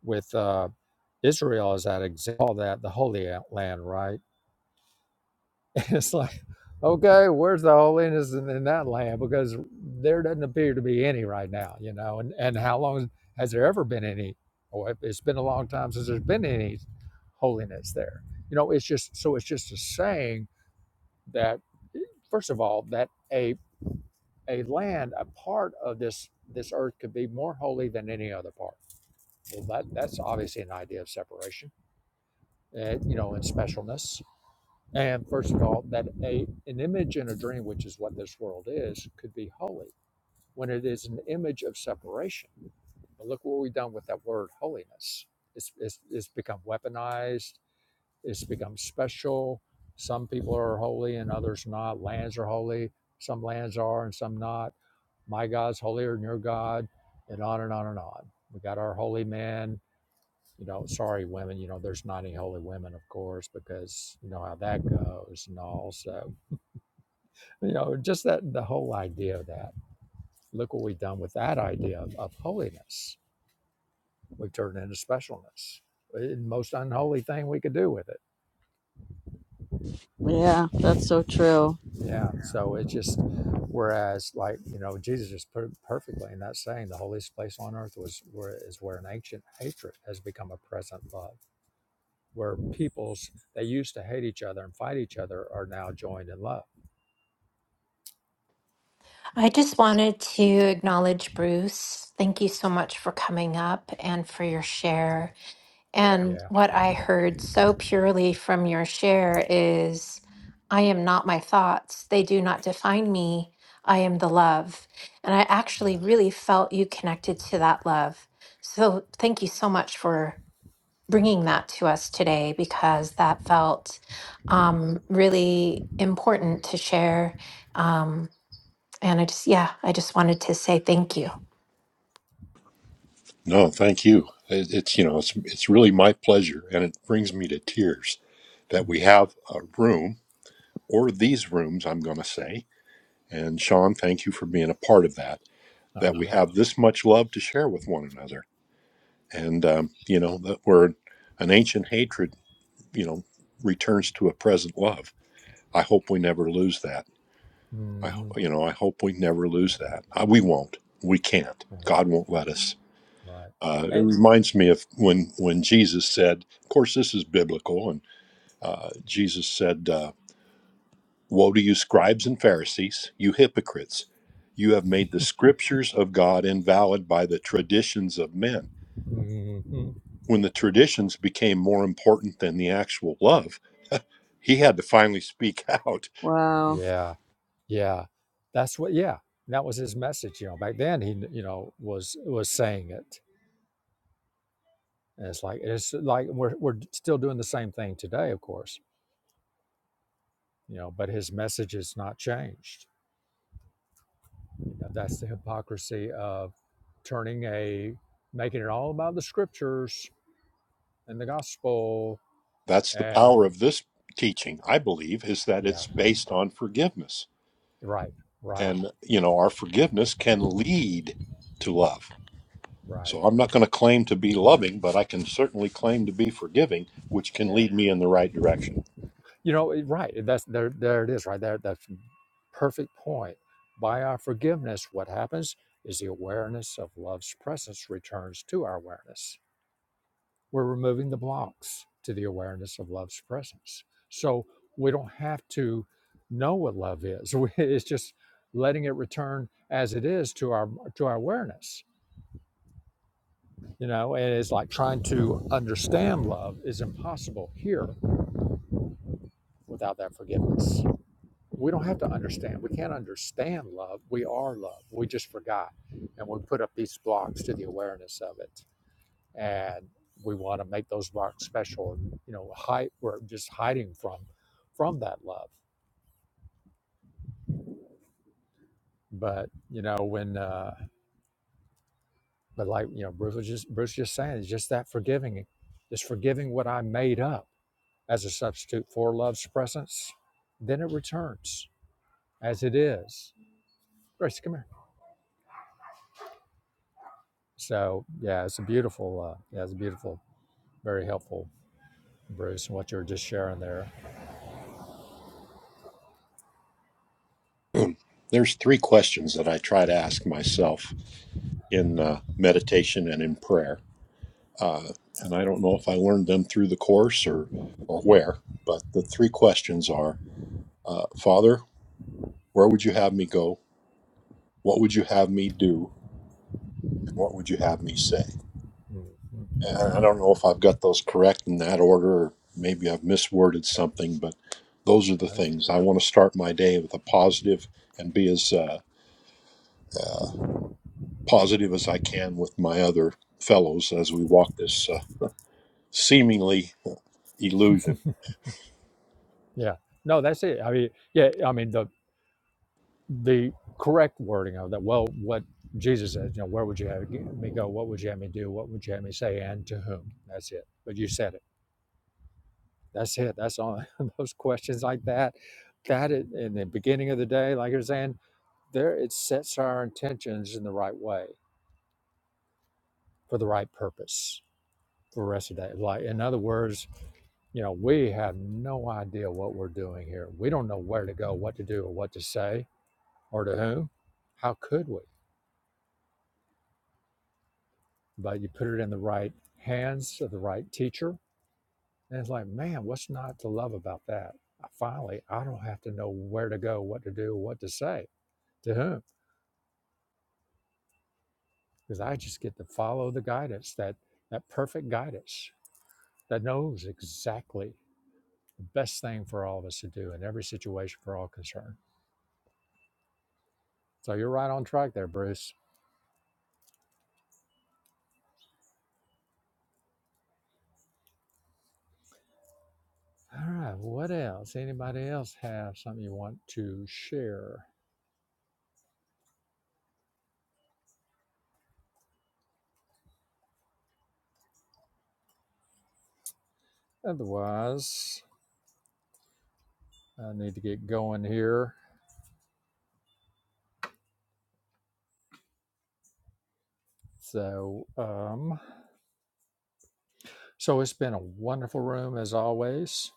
Speaker 1: with uh, Israel as that example, that the Holy Land, right? And it's like, okay, where's the holiness in, in that land? Because there doesn't appear to be any right now, you know. And and how long has there ever been any? Or it- it's been a long time since there's been any holiness there. You know, it's just so it's just a saying that first of all that a a land a part of this this earth could be more holy than any other part. Well, that that's obviously an idea of separation, uh, you know, and specialness and first of all, that a, an image in a dream, which is what this world is, could be holy when it is an image of separation. But look what we've done with that word holiness. It's, it's, it's become weaponized, it's become special. Some people are holy and others not. Lands are holy, some lands are and some not. My God's holier than your God, and on and on and on. We got our holy man you know, sorry, women, you know, there's not any holy women, of course, because you know how that goes and all. So, you know, just that the whole idea of that. Look what we've done with that idea of, of holiness. We've turned it into specialness. Eh, Most unholy thing we could do with it.
Speaker 4: Yeah, that's so true.
Speaker 1: Yeah. So it's just, whereas, like, you know, Jesus just put it perfectly in that saying the holiest place on earth was where is where an ancient hatred has become a present love, where peoples that used to hate each other and fight each other are now joined in love
Speaker 6: I just wanted to acknowledge Bruce. Thank you so much for coming up and for your share. And
Speaker 1: Yeah,
Speaker 6: what I heard so purely from your share is I am not my thoughts. They do not define me. I am the love. And I actually
Speaker 1: yeah.
Speaker 6: really felt you connected to that love. So thank you so much for bringing that to us today because that felt um, really important to share. Um, and I just, yeah, I just wanted to say thank you.
Speaker 8: No, thank you. It, it's, you know, it's, it's really my pleasure. And it brings me to tears that
Speaker 1: Mm.
Speaker 8: we have a room, or these rooms, I'm going to say. And Sean, thank you for being a part of that,
Speaker 1: Oh,
Speaker 8: that
Speaker 1: you
Speaker 8: we
Speaker 1: love
Speaker 8: have this much love to share with one another and um, you know that word an ancient hatred you know returns to a present love i hope we never lose that i ho-
Speaker 1: hmm
Speaker 8: you know i hope we never lose that I, we won't we can't
Speaker 1: Right,
Speaker 8: god won't let us
Speaker 1: right.
Speaker 8: uh, it
Speaker 1: And
Speaker 8: reminds me of when when jesus said of course this is biblical and uh, jesus said uh, woe to you scribes and pharisees you hypocrites you have made the scriptures of god invalid by the traditions of men
Speaker 1: hmm
Speaker 8: when the traditions became more important than the actual love he had to finally speak out.
Speaker 4: Wow.
Speaker 1: yeah, yeah. That's what. Yeah, that was his message. You know, back then he, you know, was was saying it. And it's like it's like we're we're still doing the same thing today, of course. You know, but his message has not changed. You know, that's the hypocrisy of turning a making it all about the scriptures and the gospel.
Speaker 8: That's the
Speaker 1: And
Speaker 8: power of this teaching, I believe, is that
Speaker 1: yeah,
Speaker 8: it's based on forgiveness.
Speaker 1: right, right,
Speaker 8: And, you know, our forgiveness can lead to love.
Speaker 1: right.
Speaker 8: So I'm not going to claim to be loving, but I can certainly claim to be forgiving, which can
Speaker 1: Yeah.
Speaker 8: lead me in the right direction.
Speaker 1: You know, it- right. That's there there it is right there. That's perfect point. By our forgiveness, what happens is the awareness of love's presence returns to our awareness. We're removing the blocks to the awareness of love's presence. So we don't have to know what love is. We- It's just letting it return as it is to our to our awareness. You know, and it's like trying to understand love is impossible here without that forgiveness. We don't have to understand. We can't understand love. We are love. We just forgot. And we put up these blocks to the awareness of it. And we want to make those blocks special and, you know, hide, we're just hiding from, from that love. But, you know, when, uh, but like, you know, Bruce was just, Bruce just saying, it's just that forgiving, just forgiving what I made up as a substitute for love's presence, then it returns as it is. Grace, come here. So yeah, it's a beautiful, uh, yeah, it's a beautiful. Very helpful, Bruce, and what you were just sharing there.
Speaker 8: There's three questions that I try to ask myself in uh, meditation and in prayer. Uh, and I don't know if I learned them through the course or, or where, but the three questions are uh, Father, Where would you have me go? What would you have me do? And what would you have me say?
Speaker 1: Mhm.
Speaker 8: And I don't know if I've got those correct in that order, or maybe I've misworded something, but those are the
Speaker 1: Right.
Speaker 8: things. I want to start my day with a positive and be as uh, uh, positive as I can with my other fellows as we walk this uh, seemingly illusion.
Speaker 1: Yeah. No, that's it. I mean, yeah. I mean, the the correct wording of that. Well, what Jesus says, you know, where would you have me go? What would you have me do? What would you have me say? And to whom? That's it. But you said it. That's it. That's all. Those questions like that. That is, in the beginning of the day, like you're saying, there it sets our intentions in the right way for the right purpose. for the rest of the day. Like, in other words, you know, we have no idea what we're doing here. We don't know where to go, what to do, or what to say, or to whom. How could we? But you put it in the right hands of the right teacher, and it's like, man, what's not to love about that? Finally, I don't have to know where to go, what to do, what to say, to whom, because I just get to follow the guidance that that perfect guidance that knows exactly the best thing for all of us to do in every situation for all concerned. So you're right on track there, Bruce. All right, what else? Anybody else have something you want to share? Otherwise, I need to get going here. So, um, so it's been a wonderful room as always,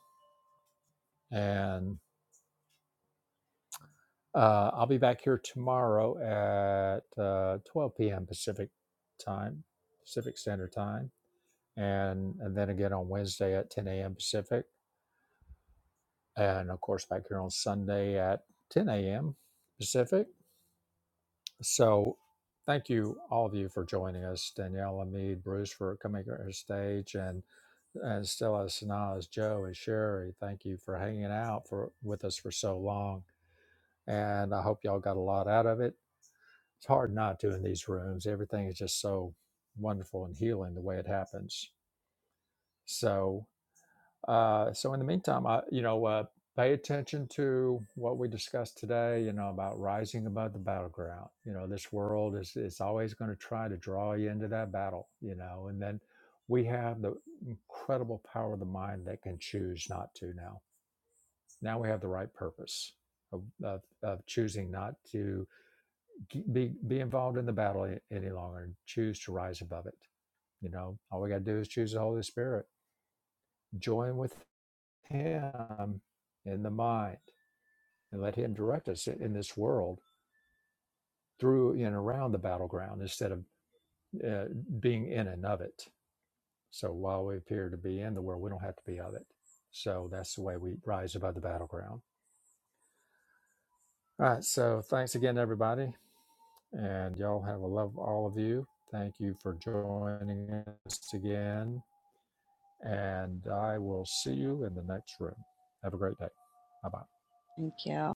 Speaker 1: and uh, I'll be back here tomorrow at uh, 12 p.m. Pacific time, Pacific Standard Time, and and then again on Wednesday at 10 a.m. Pacific, and of course back here on Sunday at 10 a.m. Pacific So, thank you all of you for joining us, Danielle, and Bruce for coming to our stage, and and Stella, Sanaa, as Joe, and Sherry. Thank you for hanging out for with us for so long, and I hope y'all got a lot out of it. It's hard not to in these rooms. Everything is just so wonderful and healing the way it happens. So. Uh, so in the meantime, I, you know, uh, pay attention to what we discussed today. You know about rising above the battleground. You know, this world is is always going to try to draw you into that battle. You know, and then we have the incredible power of the mind that can choose not to. Now, now we have the right purpose of of, of choosing not to g- be be involved in the battle a- any longer and choose to rise above it. You know, all we got to do is choose the Holy Spirit, join with him in the mind and let him direct us in this world through and around the battleground instead of uh, being in and of it. So while we appear to be in the world, we don't have to be of it. So that's the way we rise above the battleground. All right. So thanks again, everybody. And y'all have a love, all of you. Thank you for joining us again. And I will see you in the next room. Have a great day. Bye bye.
Speaker 4: Thank you.